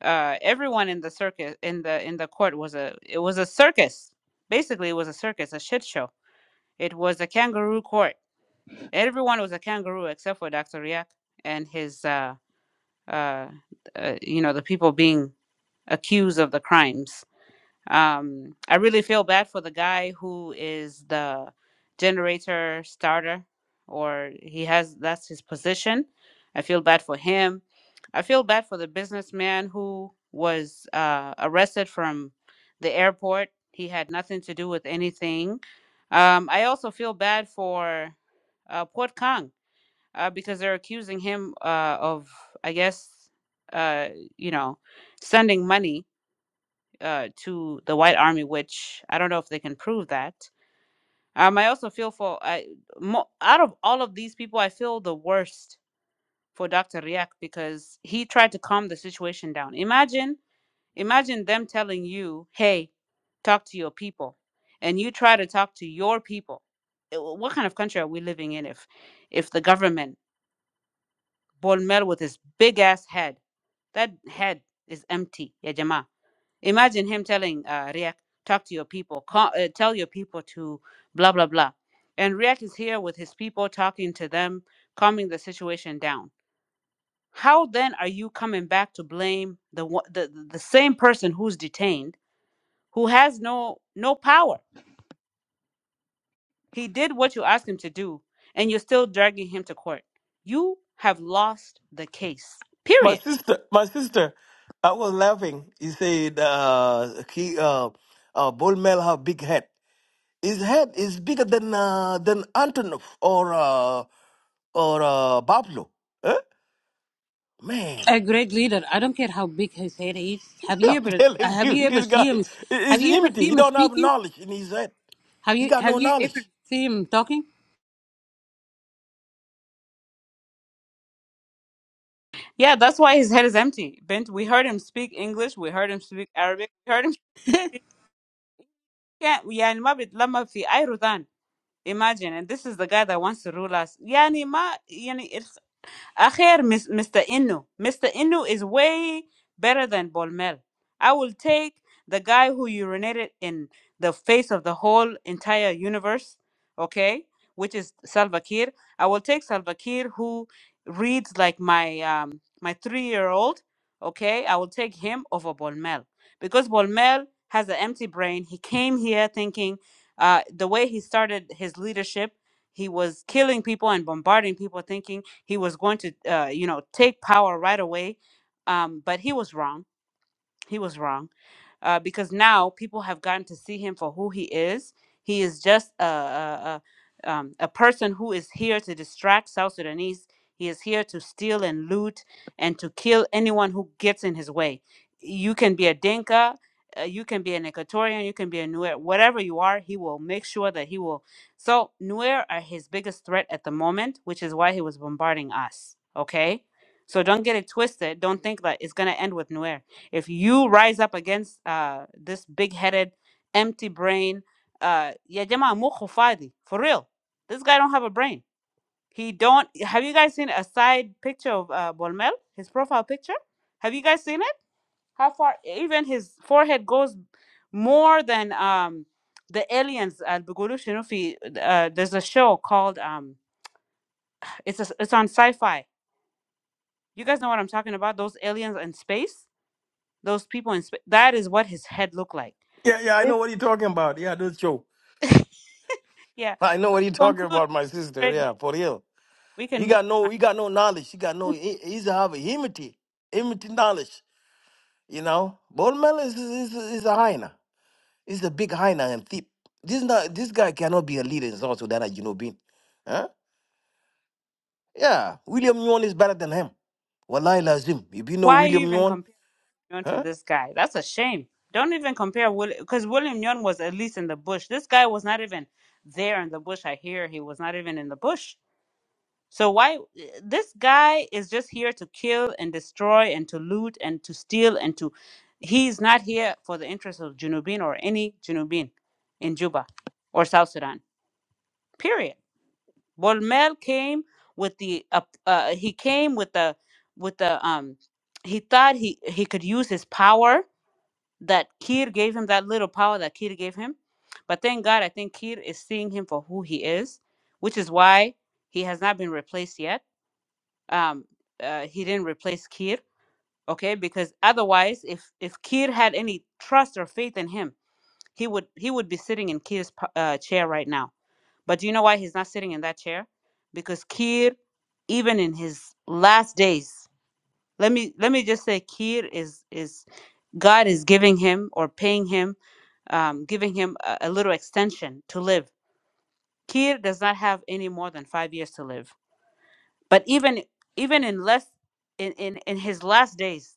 Uh, everyone in the circus in the in the court was a it was a circus. Basically, it was a circus, a shit show. It was a kangaroo court. Everyone was a kangaroo except for Dr. Riak and his uh, uh, uh, you know the people being accused of the crimes. Um, I really feel bad for the guy who is the generator starter, or he has that's his position. I feel bad for him. I feel bad for the businessman who was uh, arrested from the airport. He had nothing to do with anything. Um, I also feel bad for uh, Port Kang uh, because they're accusing him uh, of, I guess, uh, you know, sending money uh, to the white army, which I don't know if they can prove that. Um, I also feel for I mo- out of all of these people, I feel the worst for Dr. Riak because he tried to calm the situation down. Imagine, imagine them telling you, "Hey, talk to your people," and you try to talk to your people. Eh, wh- What kind of country are we living in if, if the government, Bonmel with his big ass head, that head is empty, ya Imagine him telling uh, Riek, talk to your people, call, uh, tell your people to blah, blah, blah. And Riek is here with his people, talking to them, calming the situation down. How then are you coming back to blame the, one- the, the the same person who's detained, who has no, no power? He did what you asked him to do, and you're still dragging him to court. You have lost the case, My period. sister, my sister, I was laughing. He said, uh, he, uh, uh, Bull Mel have big head. His head is bigger than, uh, than Antonov or, uh, or, uh, Pablo. Huh? Man, a great leader i don't care how big his head is have [LAUGHS] you I'm ever uh, telling have you, you ever this seen guy him have is you ever empty. He seen him don't have speaking knowledge in his head. have He you got no have you ever knowledge. seen him talking Yeah, that's why his head is empty. Bent, we heard him speak English, we heard him speak Arabic, we heard him [LAUGHS] Yeah, yani ma bitlama fi Irudan. Imagine, and this is the guy that wants to rule us. Yani ma, yani Akher, Mis- Mr. Inu. Mr. Inu is way better than Bolmel. I will take the guy who urinated in the face of the whole entire universe, okay, which is Salva Kiir. I will take Salva Kiir who reads like my um, my three-year-old, okay. I will take him over Bolmel because Bolmel has an empty brain. He came here thinking uh, the way he started his leadership, he was killing people and bombarding people, thinking he was going to uh, you know take power right away um, but he was wrong he was wrong uh, because now people have gotten to see him for who he is. He is just a, a, a, um, a person who is here to distract South Sudanese. He is here to steal and loot and to kill anyone who gets in his way. You can be a Dinka, uh, you can be an Equatorian, you can be a Nuer, whatever you are, he will make sure that he will. So, Nuer are his biggest threat at the moment, which is why he was bombarding us. Okay? So, don't get it twisted. Don't think that it's going to end with Nuer if you rise up against uh, this big headed, empty brain, uh, yeah, Jama mukhu fadi, for real. This guy don't have a brain. He don't. Have you guys seen a side picture of uh, Bolmel? His profile picture. Have you guys seen it? How far? e, Even his forehead goes more than um the aliens. Uh, بيقولوا uh, there's a show called um. It's a, it's on sci-fi. You guys know what I'm talking about? Those aliens in space. Those people in space. That is what his head looked like. Yeah, yeah, I know what you're talking about. Yeah, that's true. Yeah. I know So what you're talking conclude, about, my sister. Fred, Yeah, for real. we can You move got on. no, you got no knowledge. You got no. He, he's have humility, humility knowledge. You know, Bormel is is is a hyena. He's a big hyena and thief. This not this guy cannot be a leader in South Sudan, as you know, being. Huh? Yeah, William Nguyen is better than him. Wallahi lazim. If you know Why you William even Nguyen, compare Nyon to huh? this guy? That's a shame. Don't even compare William because William Nyon was at least in the bush. This guy was not even there in the bush. I hear he was not even in the bush. So why this guy is just here to kill and destroy and to loot and to steal and to he's not here for the interest of Junubin or any Junubin in Juba or South Sudan. Period. Well, came with the uh, uh, he came with the with the um he thought he he could use his power that Kir gave him that little power that Kir gave him, but thank God I think Kir is seeing him for who he is, which is why he has not been replaced yet. Um, uh, he didn't replace Kir, okay? Because otherwise, if if Kir had any trust or faith in him, he would he would be sitting in Kir's uh, chair right now but do you know why he's not sitting in that chair? Because Kir, even in his last days, let me let me just say, Kir is is God is giving him or paying him, um, giving him a, a little extension to live. Kir does not have any more than five years to live. But even even in less in in, in his last days,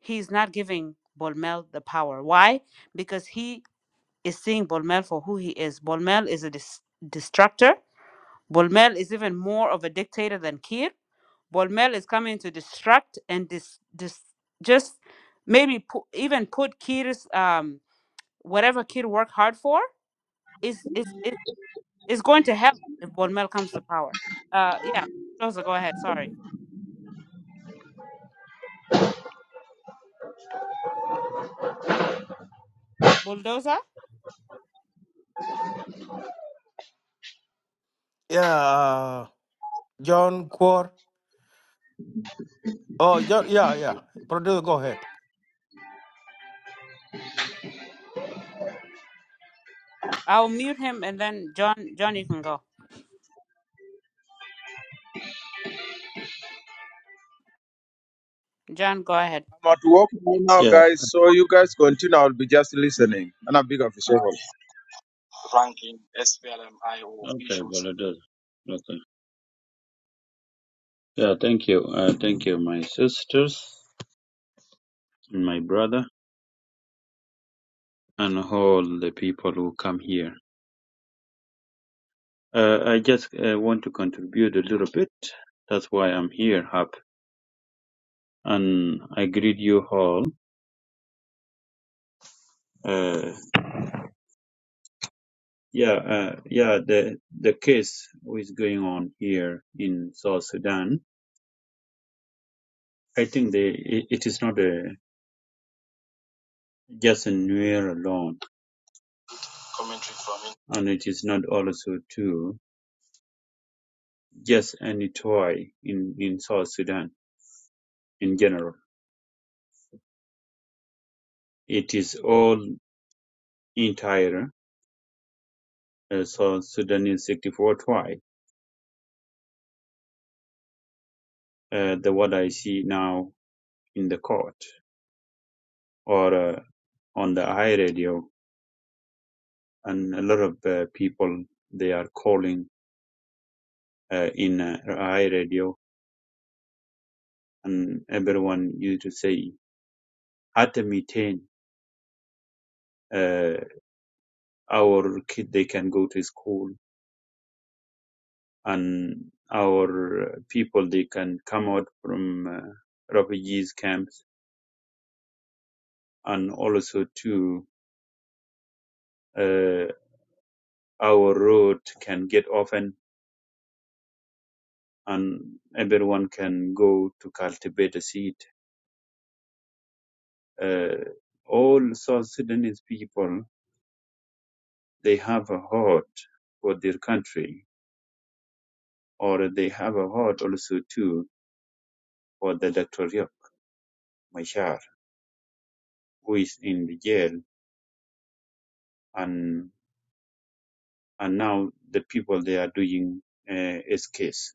he's not giving Bolmel the power. Why? Because he is seeing Bolmel for who he is. Bolmel is a dis- destructor Bolmel is even more of a dictator than Kiir. Bolmel is coming to distract and dis, dis, just maybe pu- even put Kir's um, whatever Kir worked hard for is is is, is going to help if Bolmel comes to power. Uh, yeah, bulldozer, go ahead. Sorry, bulldozer. Yeah, uh, John Quor. Oh, John. Yeah, yeah. Brother, go ahead. I'll mute him and then John. John, you can go. John, go ahead. I'm at work right now, guys. So you guys continue. I'll be just listening. And I'm big official. okay, well it is. Okay. Yeah, thank you. Uh, thank you, my sisters, my brother, and all the people who come here. Uh, I just uh, want to contribute a little bit. That's why I'm here, Hap, and I greet you all. Uh, yeah, uh, yeah. The the case who is going on here in South Sudan. I think they, it, it is not a, just a Nuer alone. and it is not also to just any toy in, in South Sudan in general. It is all entire uh, South Sudanese 64 tribe, uh, the what I see now in the court or uh, on the high radio, and a lot of uh, people they are calling uh, in uh, high radio, and everyone used to say, "At the meeting, uh, our kid they can go to school." and our people they can come out from uh, refugees camps and also too uh, our road can get open and everyone can go to cultivate a seed uh, all south sudanese people they have a heart for their country or they have a heart also too for the dr Riek machar who is in the jail and. and now the people they are doing uh, is case.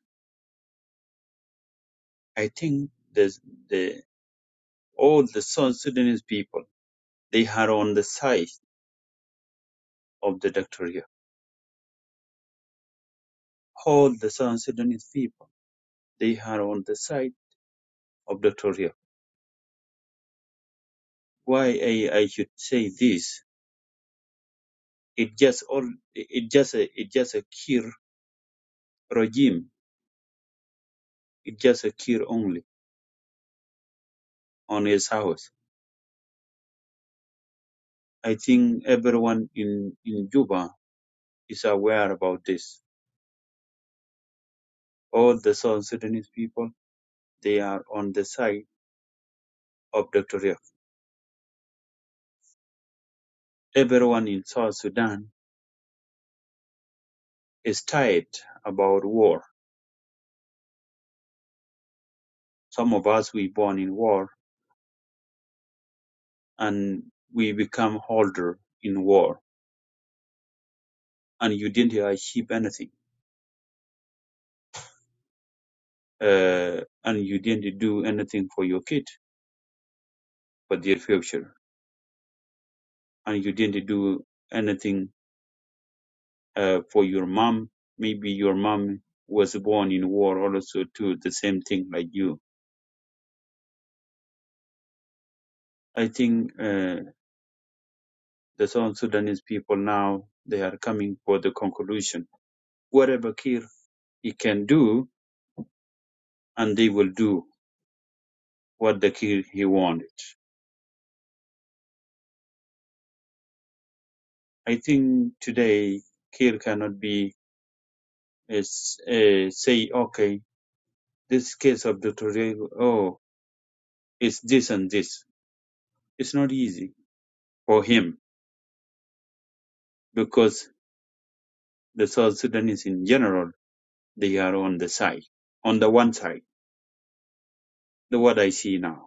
I think the the all the South Sudanese people they are on the side of the Dr. Riek. All the South Sudanese people they are on the side of Dr. Riek. Why I, I should say this? It just all it just a, it just a Kir regime. It just a Kir only on his house. I think everyone in in Juba is aware about this. All the South Sudanese people They are on the side of Dr. Riek. Everyone in South Sudan is tired about war. Some of us we born in war and we become older in war and you didn't achieve anything. Uh, and you didn't do anything for your kid for their future. And you didn't do anything uh, for your mom. Maybe your mom was born in war also too, the same thing like you. I think uh, the South Sudanese people now they are coming for the conclusion. Whatever Kir he can do, and they will do what the Kir he wanted. I think today Kir cannot be is, uh, say okay this case of the Torre, oh it's this and this. It's not easy for him because the South Sudanese in general they are on the side on the one side. The what I see now.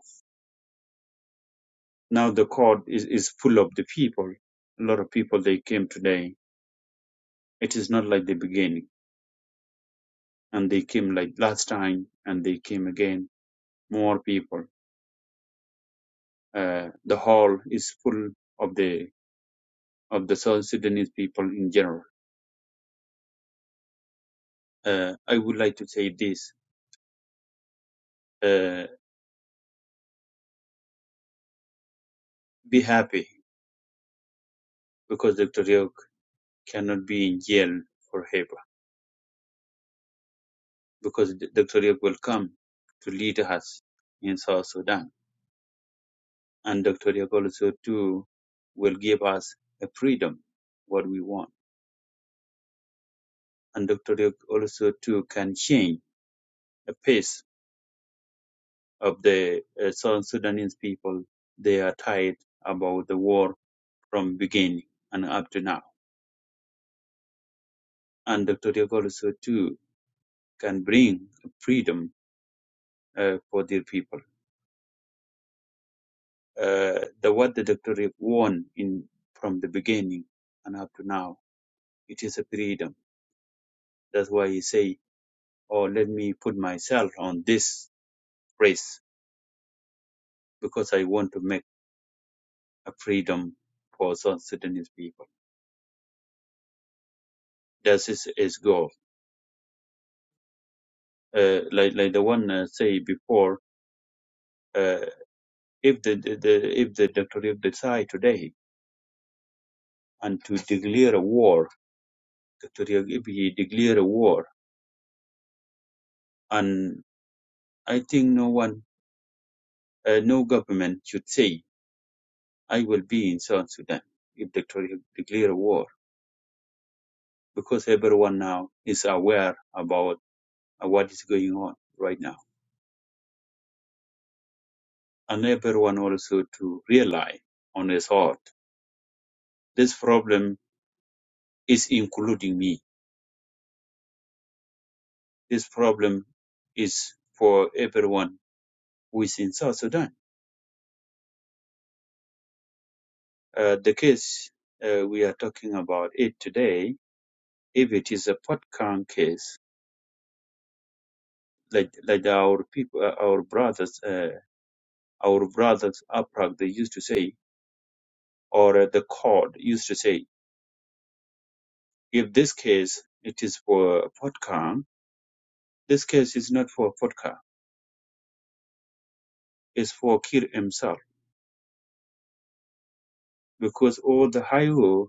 Now the court is, is full of the people. A lot of people they came today. It is not like the beginning. And they came like last time and they came again. More people. Uh, the hall is full of the of the South Sudanese people in general. Uh, I would like to say this. Uh, be happy because Dr. Ryuk cannot be in jail forever because Dr. Ryuk will come to lead us in South Sudan and Dr. also too will give us a freedom what we want. And Dr. also too can change the pace of the uh, South Sudanese people. They are tired about the war from beginning and up to now. And Dr. also too can bring freedom uh, for their people. Uh, the what the Dr. won in from the beginning and up to now, it is a freedom. That's why he say, "Oh, let me put myself on this." race because I want to make a freedom for South Sudanese people. That is his goal. Uh, like like the one uh, say before, uh, if the, the, the if the Dr. Riek decide today and to declare a war, Dr. Riek, if he declare a war, and I think no one, uh, no government should say I will be in South Sudan if Dr. Riek declare a war because everyone now is aware about uh, what is going on right now and everyone also to rely on his heart. This problem is including me. This problem is for everyone who is in South Sudan. Uh, the case uh, we are talking about it today, if it is a Potkan case, like like our people, uh, our brothers, uh, our brothers Aprag, they used to say, or uh, the court used to say, if this case it is for Potkan, this case is not for Potkan, it's for Kir himself because all the Haihu,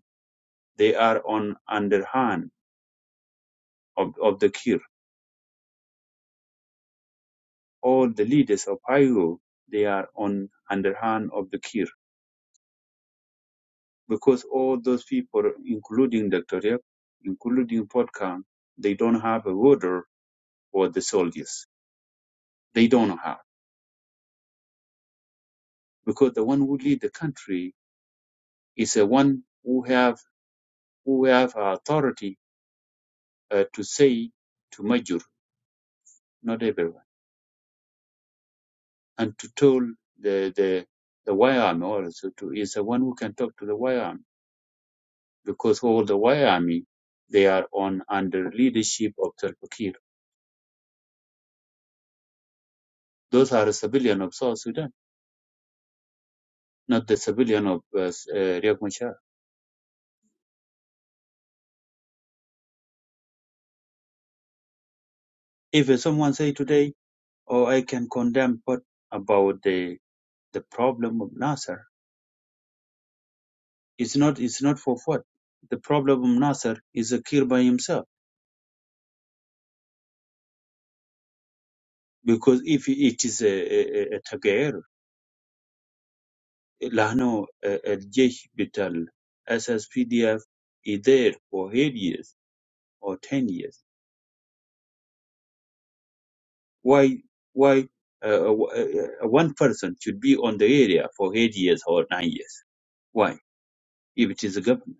they are on underhand of, of the Kir. All the leaders of Haihu, they are on underhand of the Kir. Because all those people, including Dr. Yap, including Podkan, they don't have a order for the soldiers. They don't have. Because the one who lead the country is the one who have, who have authority uh, to say to Major, not everyone. and to tell the the the YAM also to is the one who can talk to the YAM because all the YAMI they are on under leadership of Salva Kiir. Those are the civilian of South Sudan, not the civilian of uh, s- uh, Riek Machar. If someone say today, "Oh, I can condemn," what about the the problem of Nasser, it's not it's not for what the problem of Nasser is a Kiir by himself because if it is a, a, a Tagayero, لانه الجيش بتاع الاس اس بي دي is there for eight years or ten years why why uh, uh, one person should be on the area for eight years or nine years why if it is a government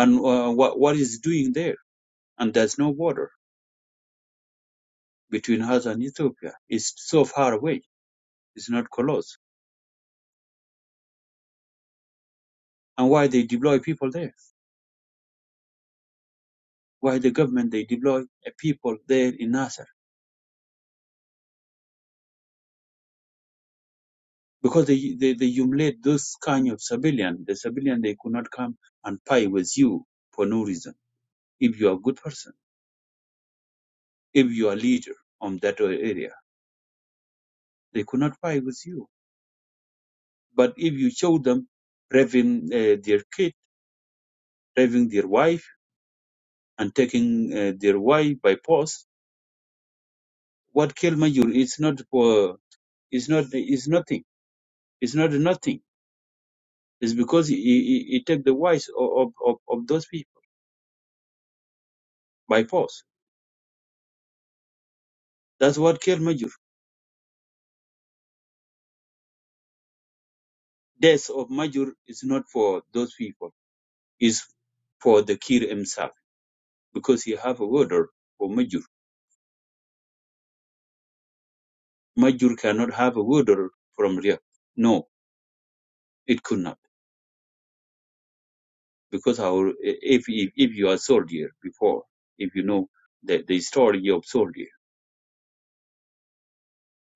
and uh, what, what is doing there and there's no border between us and ethiopia it's so far away it's not close and why they deploy people there why the government they deploy uh, people there in Nasser because they, they, they humiliate those kind of civilian. The civilian, they could not come and fight with you for no reason. If you are a good person, if you are a leader on that area, they could not fight with you. But if you show them raping uh, their kid, raping their wife, and taking uh, their wife by force, what kill Kelmayur is not for, is not, is nothing. It's not nothing. It's because he, he, he take the wives of, of, of those people by force. That's what Kelmayur. death of Majur is not for those people. It's for the Kir himself because he have a order for Majur. Majur cannot have a order from Riyak. No, it could not because our if if, if you are soldier before, if you know the, the story of soldier,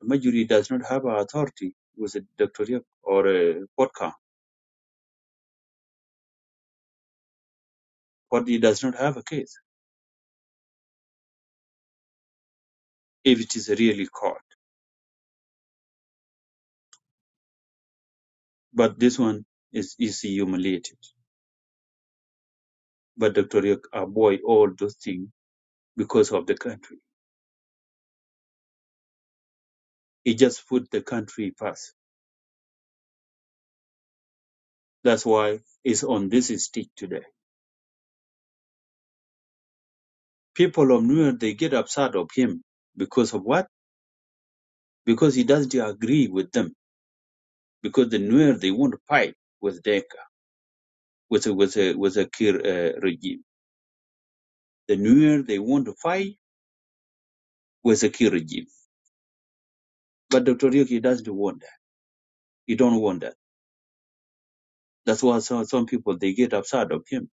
Majuri does not have a authority with a Dr. Riyak or a Potka, but he does not have a case if it is really caught. But this one is is humiliated. But Dr. Riyak avoid all those things because of the country. He just put the country first. That's why it's on this stick today. People of Nuer, they get upset of him because of what? Because he doesn't agree with them. Because the Nuer, they want to fight with Denka, with a, with a, with a Kir uh, regime. The Nuer, they want to fight with a Kir regime. But Dr. Rick, he doesn't want that. He don't want that. That's why some, some people, they get upset of him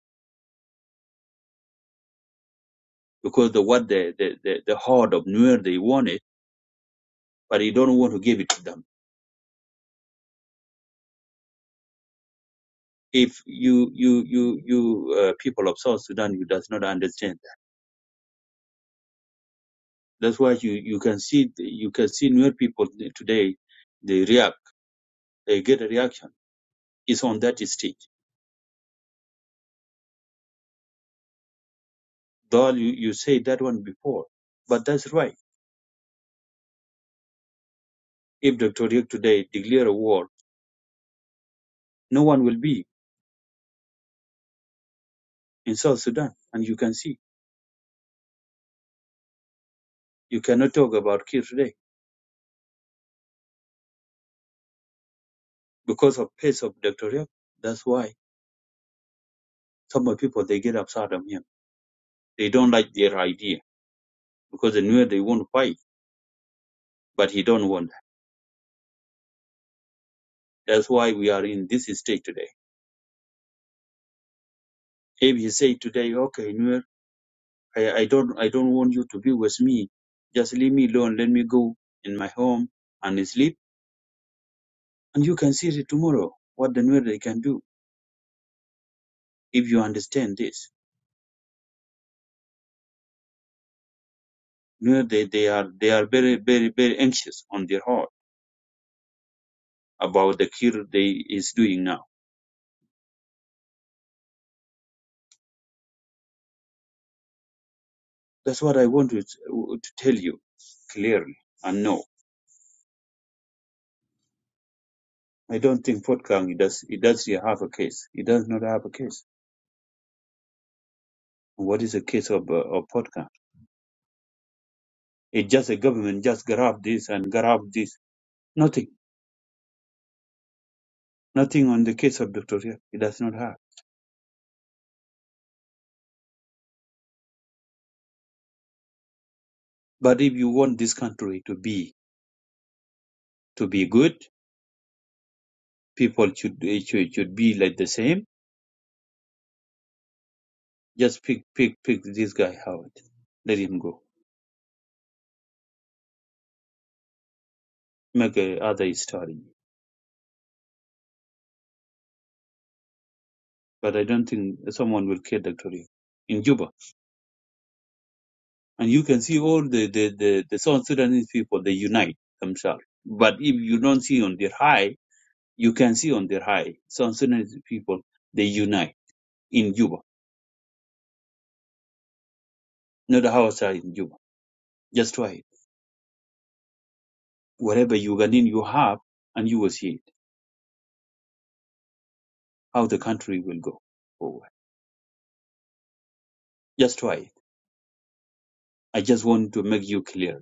because the what the, the, the, the heart of Nuer, they want it, but he don't want to give it to them if you you you you uh, people of South Sudan you does not understand that. That's why you you can see you can see new people today they react they get a reaction. It's on that stage. Though you, you say that one before, but that's right. If Dr. Riek today declare a war, no one will be in South Sudan, and you can see you cannot talk about Kir today because of pace of Dr. Riek. That's why some of people they get upset on him. They don't like their idea because they knew they won't fight, but he don't want. That's why we are in this state today. If you say today, okay, Nuer, I, I don't, I don't want you to be with me. Just leave me alone. Let me go in my home and sleep. And you can see it tomorrow what the Nuer they can do if you understand this. Nuer they, they are they are very very very anxious on their heart about the cure they is doing now. That's what I want to, to tell you clearly and no. I don't think Port Kang it does it does have a case. It does not have a case. What is the case of uh, of Port Kang? It's just a government just grab this and grab this. Nothing. Nothing on the case of Victoria. It does not have. But if you want this country to be to be good, people should it should, it should be like the same. Just pick pick pick this guy out. Let him go. Make a other story. But I don't think someone will kill Victoria in Juba. And you can see all the the the, the South Sudanese people they unite themselves. But if you don't see on their high, you can see on their high South Sudanese people they unite in Juba, not the house are in Juba. Just try it. Whatever Ugandan you have, and you will see it, how the country will go forward. Just try it. I just want to make you clear.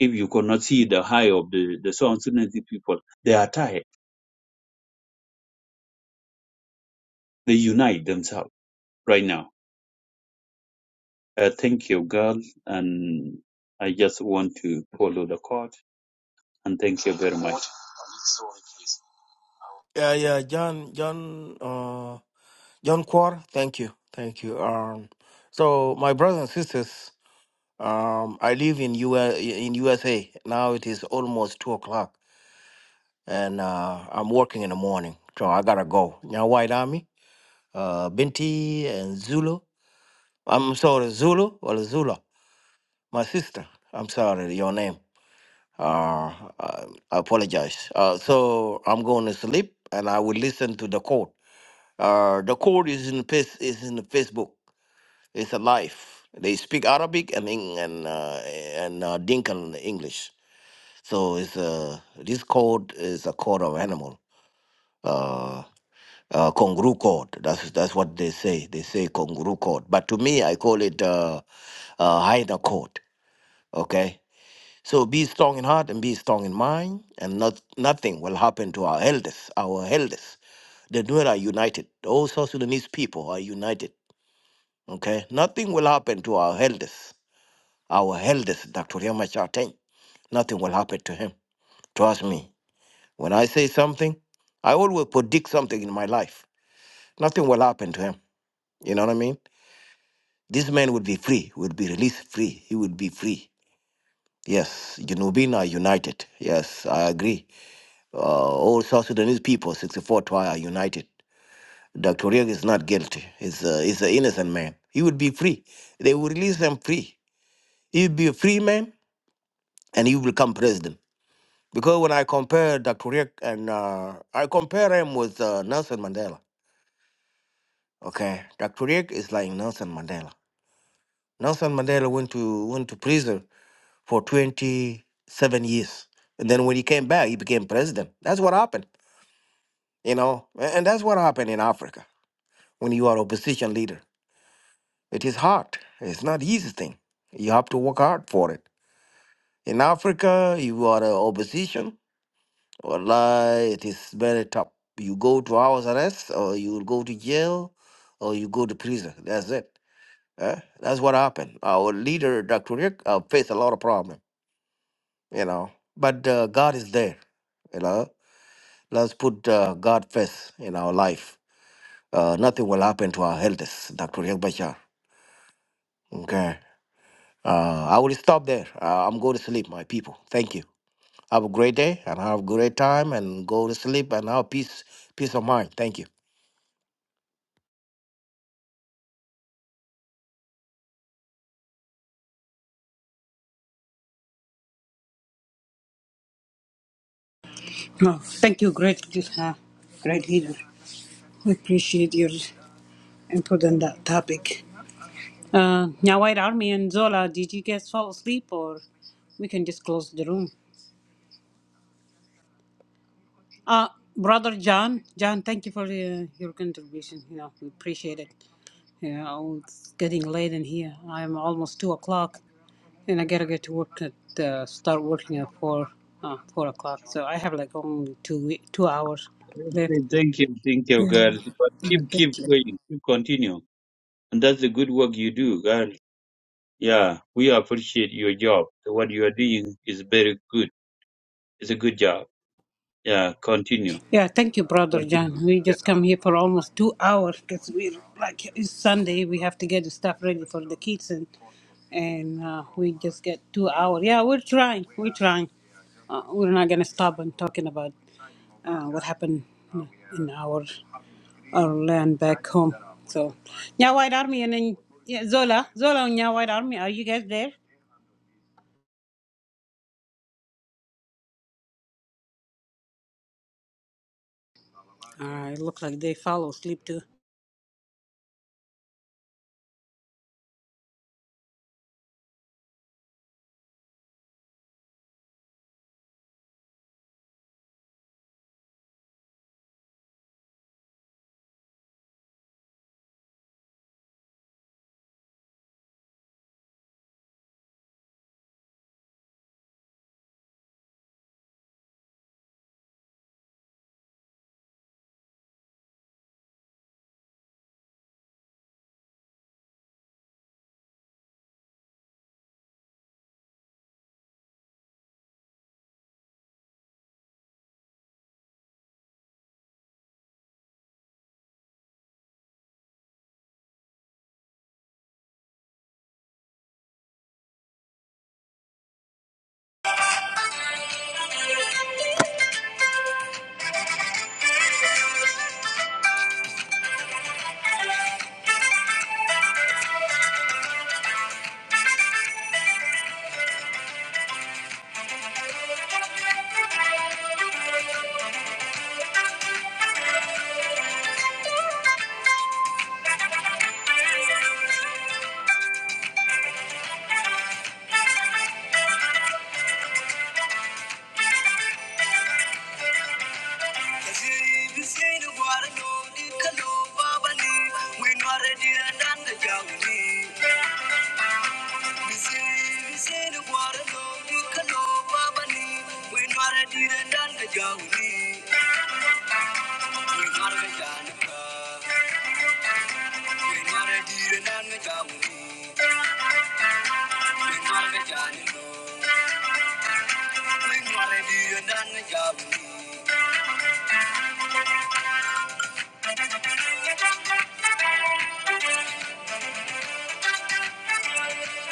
If you cannot see the high of the, the South Sudanese people, they are tired. They unite themselves right now. Uh, thank you, girl. And I just want to follow the court. And thank you very much. Yeah, yeah. John, John. John Quar, thank you, thank you. Um, so my brothers and sisters, um, I live in U S, in USA now. It is almost two o'clock, and uh, I'm working in the morning, so I gotta go. Now, White Army, uh, Binti and Zulu. I'm sorry, Zulu or Zula, my sister. I'm sorry, your name. Uh, I I apologize. Uh, so I'm going to sleep, and I will listen to the code. Uh, the code is in face is in the Facebook. It's a life. They speak Arabic and Eng- and uh, and uh, Dinkan English. So it's uh, this code is a code of animal. Uh, uh, Kongru code. That's that's what they say. They say Kongru code. But to me, I call it uh, uh, Haida code. Okay. So be strong in heart and be strong in mind, and not nothing will happen to our elders. Our elders, the Nuer are united. All South Sudanese people are united. Okay. Nothing will happen to our elders. Our eldest, Dr. Yamachar Teng, nothing will happen to him. Trust me. When I say something, I always predict something in my life. Nothing will happen to him. You know what I mean? This man will be free, will be released free. He will be free. Yes, Junubin are united. Yes, I agree. Uh, all South Sudanese people, 64 tribe are united. Dr. Riek is not guilty. He's, a, he's an innocent man. He will be free. They will release him free. He will be a free man and he will become president. Because when I compare Dr. Rick and uh, I compare him with uh, Nelson Mandela. Okay, Dr. Rick is like Nelson Mandela. Nelson Mandela went to went to prison for 27 years, and then when he came back, he became president. That's what happened, you know, A- and that's what happened in Africa when you are opposition leader. It is hard. It's not easy thing. You have to work hard for it. In Africa, you are a opposition. Wallahi, it is very tough. You go to house arrest, or you will go to jail, or you go to prison. That's it. Eh? That's what happened. Our leader, Dr. Rick, uh, faced a lot of problem, you know. But uh, God is there, you know. Let's put uh, God first in our life. Uh, nothing will happen to our elders, Dr. Rick Bashar. Okay. Uh, I will stop there. Uh, I'm going to sleep, my people. Thank you. Have a great day and have a great time and go to sleep and have peace, peace of mind. Thank you. no thank you great leader. great leader we appreciate you and put on that topic. Uh, now, White Army and Zola, did you guys fall asleep or we can just close the room? Uh, Brother John, John, thank you for uh, your contribution. You know, we appreciate it. You know, it's getting late in here. I'm almost two o'clock, and I gotta get to work at uh, start working at four uh, four o'clock. So I have like only two we- two hours left. Okay, Thank you, thank you, Yeah, girl. But yeah, keep, keep thank you. going, keep continue. And that's the good work you do, girl. Yeah, we appreciate your job. What you are doing is very good. It's a good job. Yeah, continue. Yeah, thank you, Brother John. We just come here for almost two hours because we like it's Sunday. We have to get the stuff ready for the kids, and and uh, we just get two hours. Yeah, we're trying. We're trying. Uh, we're not gonna stop on talking about uh, what happened in our our land back home. So, yeah, White Army and then yeah, Zola, Zola and yeah, White Army. Are you guys there? Uh, it looks like they fall asleep too.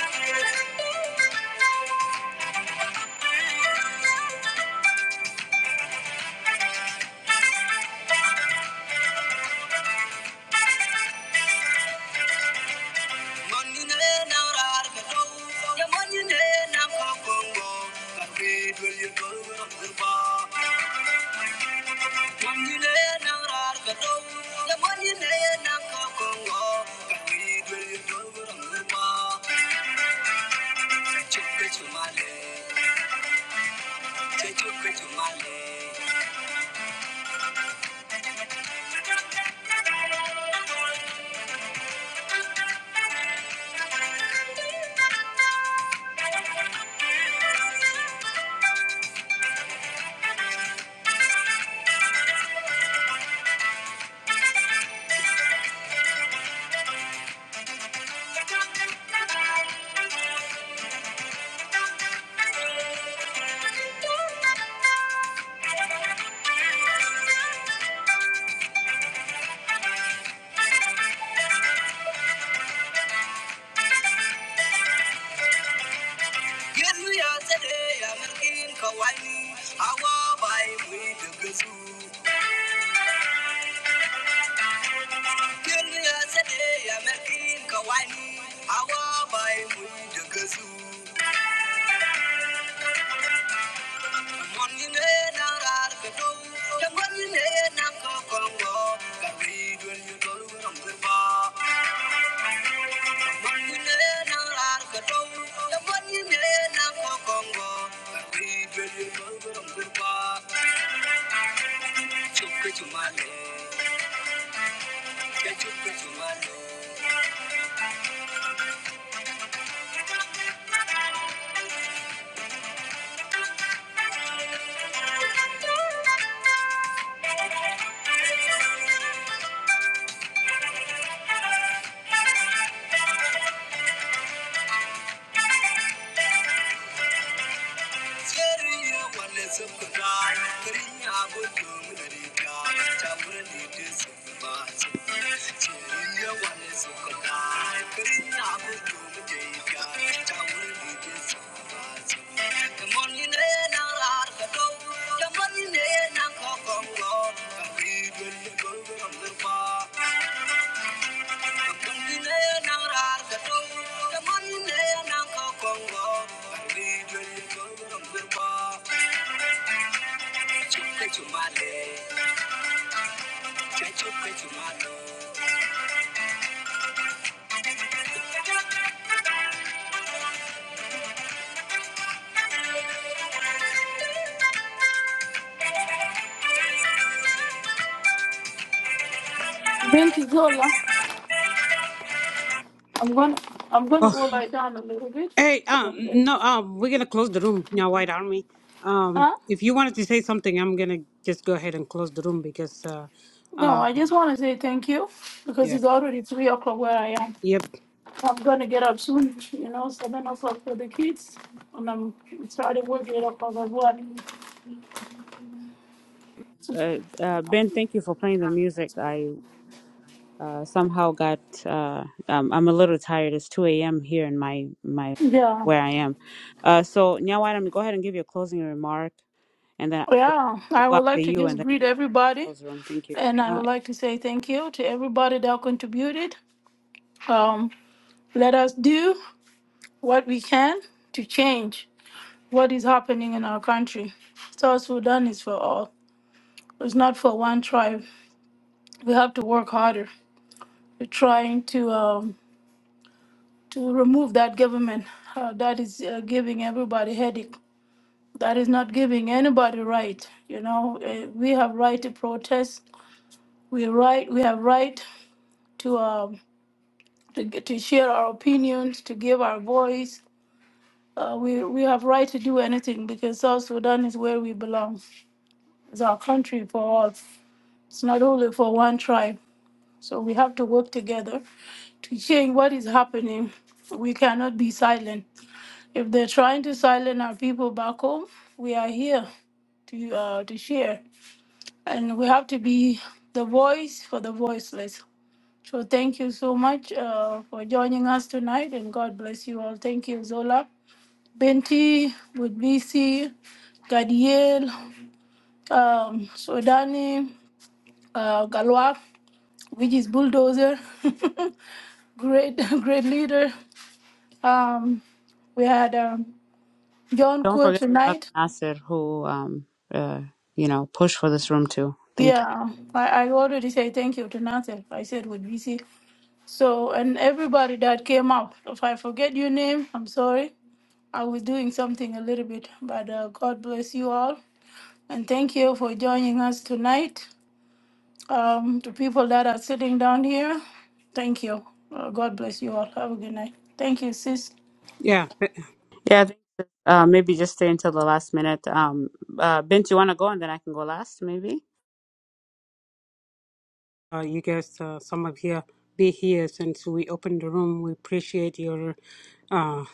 Thank you. Thank Give me a today, I'm looking for whining. I walk by with the good food. Give me a today, I'm looking for whining. I walk by with the eh, eh, Chúc cái chú mai nè, cái chú cái chú mai nè. Thank you. Binti Zola, I'm gonna I'm gonna Oh, go lie down a little bit. hey, um, no, um, we're gonna close the room now, White Army. Um, Huh? if you wanted to say something, I'm gonna just go ahead and close the room because, uh, No, I um, just want to say thank you because yeah, it's already three o'clock where I am. yep, I'm gonna get up soon, you know, seven o'clock for the kids, and I'm starting work eight o'clock as well. Uh, uh, ben, thank you for playing the music. I. uh, somehow got uh, um, I'm a little tired. It's 2 a.m. here in my my Yeah, where I am. Uh, so Nyawadam, go ahead and give you a closing remark, and then we'll yeah. we'll I go would up to like to you, and just then greet everybody, close the room. Thank you. and I Uh, would like to say thank you to everybody that contributed. Um, let us do what we can to change what is happening in our country. South Sudan is for all. It's not for one tribe. We have to work harder. We're trying to. Um, to remove that government uh, that is uh, giving everybody headache that is not giving anybody right you know Uh, we have right to protest we right we have right to um to, g- to share our opinions to give our voice uh, we we have right to do anything because south sudan is where we belong it's our country for all it's not only for one tribe so we have to work together to change what is happening we cannot be silent If they're trying to silence our people back home, we are here to uh, to share, and we have to be the voice for the voiceless. So thank you so much uh, for joining us tonight, and God bless you all. Thank you, Zola, Benti, Budbisi, Gadiel, um, Sodani, uh, Galwa, which is bulldozer, [LAUGHS] great great leader. Um, we had um, John don't Kuo forget Brother tonight. Nasser, who um, uh, you know pushed for this room too. Thank you. Yeah, I, I already say thank you to Nothing. I said with BC. So, and everybody that came up, if I forget your name, I'm sorry. I was doing something a little bit, but uh, God bless you all. And thank you for joining us tonight. Um, to people that are sitting down here, thank you. Uh, God bless you all. Have a good night. Thank you, sis. yeah. Yeah, I think, uh, maybe just stay until the last minute. Um, uh, Bint, you want to go, and then I can go last, maybe. Uh, you guys, uh, some of you be here since we opened the room. We appreciate your uh,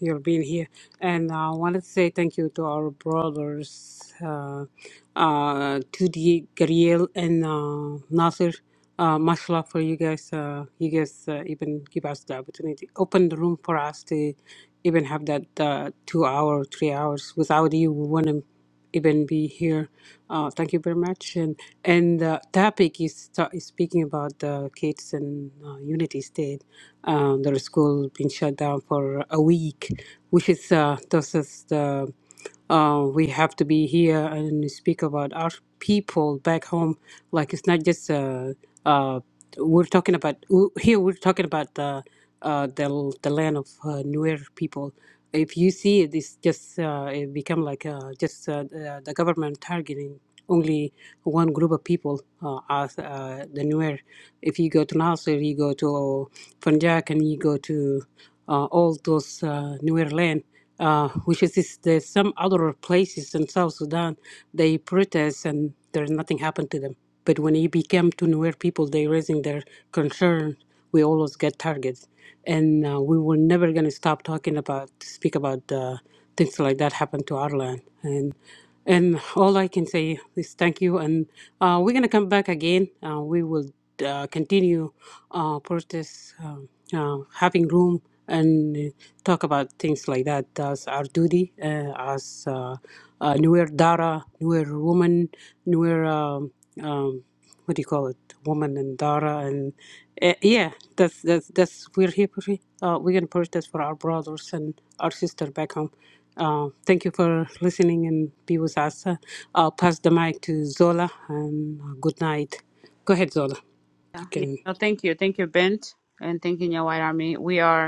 your being here, and uh, I wanted to say thank you to our brothers, uh, uh, Tudi Gariel and uh, Nasir. Uh, mashallah for you guys. Uh, you guys uh, even give us the opportunity, open the room for us to even have that uh, two hour, three hours. Without you, we wouldn't even be here. Uh, thank you very much. And and the topic is, ta- is speaking about the kids in uh, Unity State, um, their school being shut down for a week, which is uh, this is the uh, we have to be here and speak about our people back home. Like it's not just uh, uh, we're talking about w- here. We're talking about the uh, the the land of uh, Nuer people. If you see it, it's just uh, it become like uh, just uh, the, the government targeting only one group of people uh, as uh, the Nuer. If you go to Nasser, you go to Funjak, and you go to uh, all those uh, Nuer land. Uh, which is is there's some other places in South Sudan, they protest and there's nothing happened to them. But when it became to Nuer people, they raising their concern. We always get targets, and uh, we were never gonna stop talking about speak about uh, things like that happened to our land. And and all I can say is thank you. And uh, we're gonna come back again. Uh, we will uh, continue uh, protest, um uh, having room and uh, talk about things like that as our duty uh, as uh, uh, newer Dara, newer woman, newer um, um, what do you call it, woman and Dara, and uh, yeah, that's that's that's we're here. For, it. uh, we're gonna protest for our brothers and our sister back home. Uh, thank you for listening and be with us. Uh, I'll pass the mic to Zola and uh, good night. Go ahead, Zola. Yeah. You yeah. can. No, thank you, thank you, Bint, and thank you, Nya White Army. We are.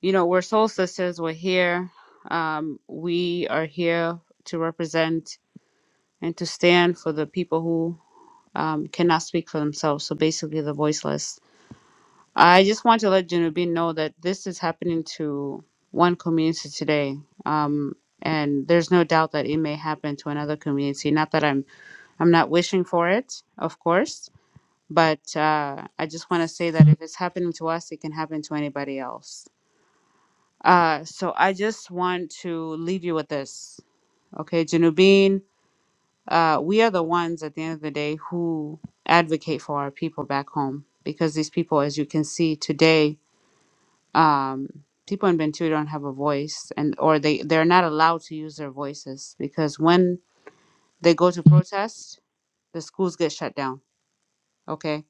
you know, we're soul sisters. We're here. Um, we are here to represent and to stand for the people who um, cannot speak for themselves. So basically, the voiceless. I just want to let Junubin know that this is happening to one community today. Um, and there's no doubt that it may happen to another community. Not that I'm I'm not wishing for it, of course, but uh, I just want to say that if it's happening to us, it can happen to anybody else Uh, so I just want to leave you with this. Okay, Janubin, uh, we are the ones at the end of the day who advocate for our people back home because these people, as you can see today, um, people in Bentu don't have a voice and or they, they're not allowed to use their voices because when they go to protest, the schools get shut down. Okay,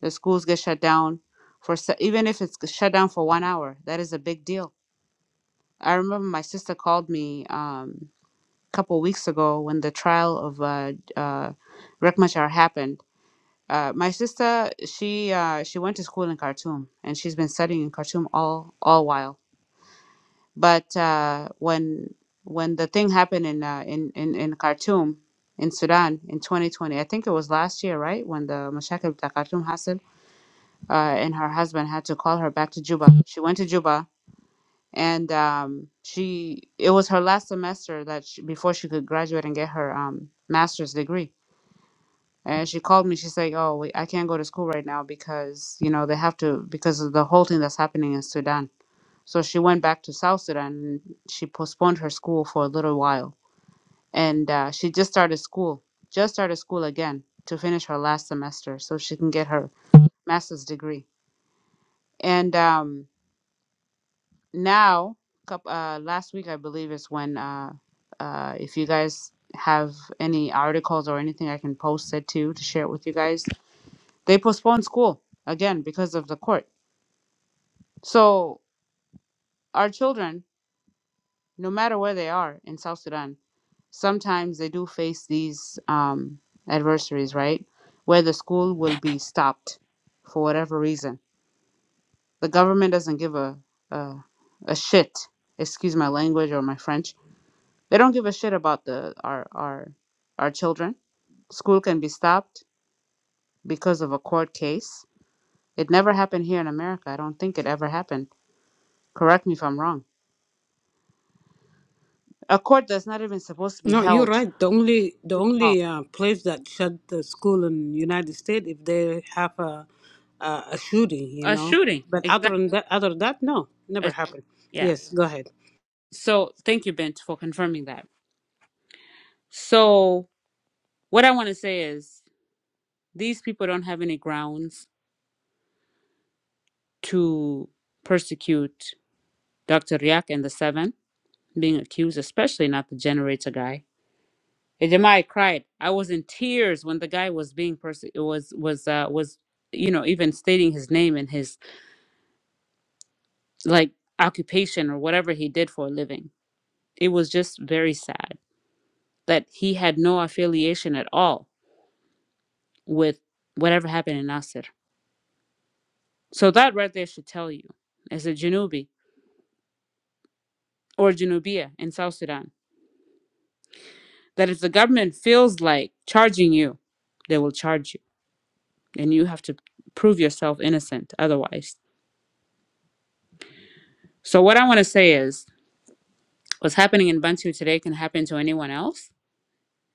the schools get shut down for se- even if it's shut down for one hour, that is a big deal. I remember my sister called me. Um, couple weeks ago when the trial of uh, uh, Riek Machar happened. Uh, my sister, she uh, she went to school in Khartoum and she's been studying in Khartoum all all while. But uh, when when the thing happened in, uh, in in in Khartoum in Sudan in 2020, I think it was last year, right? When the Mashakal Khartoum happened, uh, and her husband had to call her back to Juba. She went to Juba and um, she it was her last semester that she, before she could graduate and get her um, master's degree and she called me she's like oh we, i can't go to school right now because you know they have to because of the whole thing that's happening in sudan so she went back to south sudan and she postponed her school for a little while and uh, she just started school just started school again to finish her last semester so she can get her master's degree and um, now coup- uh last week i believe is when uh uh if you guys have any articles or anything i can post it to to share it with you guys they postponed school again because of the court so our children no matter where they are in south sudan sometimes they do face these um adversaries right where the school will be stopped for whatever reason the government doesn't give a a, a shit excuse my language or my french They don't give a shit about the our our our children. School can be stopped because of a court case. It never happened here in America. I don't think it ever happened. Correct me if I'm wrong. A court that's not even supposed to be No, you're held. right. The only the Oh, only uh, place that shut the school in United States if they have a a, a shooting, you a know. shooting. But other Exactly. than that, other than that, no, never A- happened. yeah. Yes, go ahead. So thank you, Bent, for confirming that. So what I want to say is these people don't have any grounds to persecute Dr. Riak and the seven being accused, especially not the generator guy And Jeremiah cried. I was in tears when the guy was being person was was uh was you know even stating his name and his like occupation or whatever he did for a living. It was just very sad that he had no affiliation at all with whatever happened in Nasir. So that right there should tell you, as a Janubi or Janubia in South Sudan, that if the government feels like charging you, they will charge you, and you have to prove yourself innocent otherwise. So what I want to say is what's happening in Bantu today can happen to anyone else,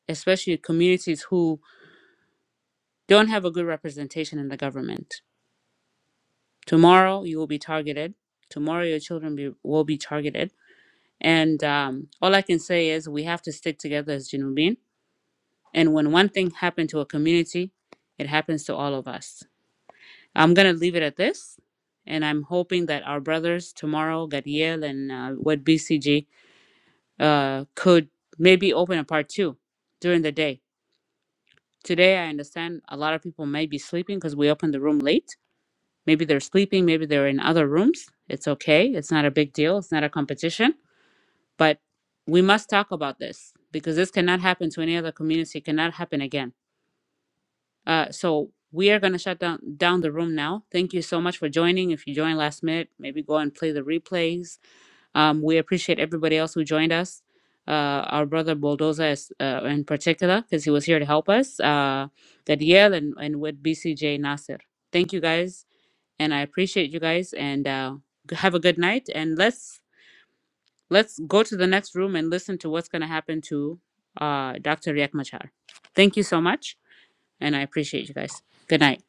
especially communities who don't have a good representation in the government. Tomorrow you will be targeted. Tomorrow your children be, will be targeted. And um, all I can say is we have to stick together as Junubin. And when one thing happened to a community, it happens to all of us. I'm going to leave it at this. And I'm hoping that our brothers tomorrow, Gadiel and uh, what BCG, uh, could maybe open a part two during the day Today, I understand a lot of people may be sleeping because we opened the room late. Maybe they're sleeping, maybe they're in other rooms. It's okay. It's not a big deal. It's not a competition. But we must talk about this because this cannot happen to any other community. It cannot happen again. Uh, so we are going to shut down, down the room now. Thank you so much for joining. If you joined last minute, maybe go and play the replays um, we appreciate everybody else who joined us. Uh, our brother Bulldozer is, uh, in particular, because he was here to help us, uh, Danielle and, and with BCJ Nasser. Thank you guys, and I appreciate you guys, and uh, g- have a good night. And let's let's go to the next room and listen to what's going to happen to uh, Dr. Riek Machar. Thank you so much, and I appreciate you guys. Good night.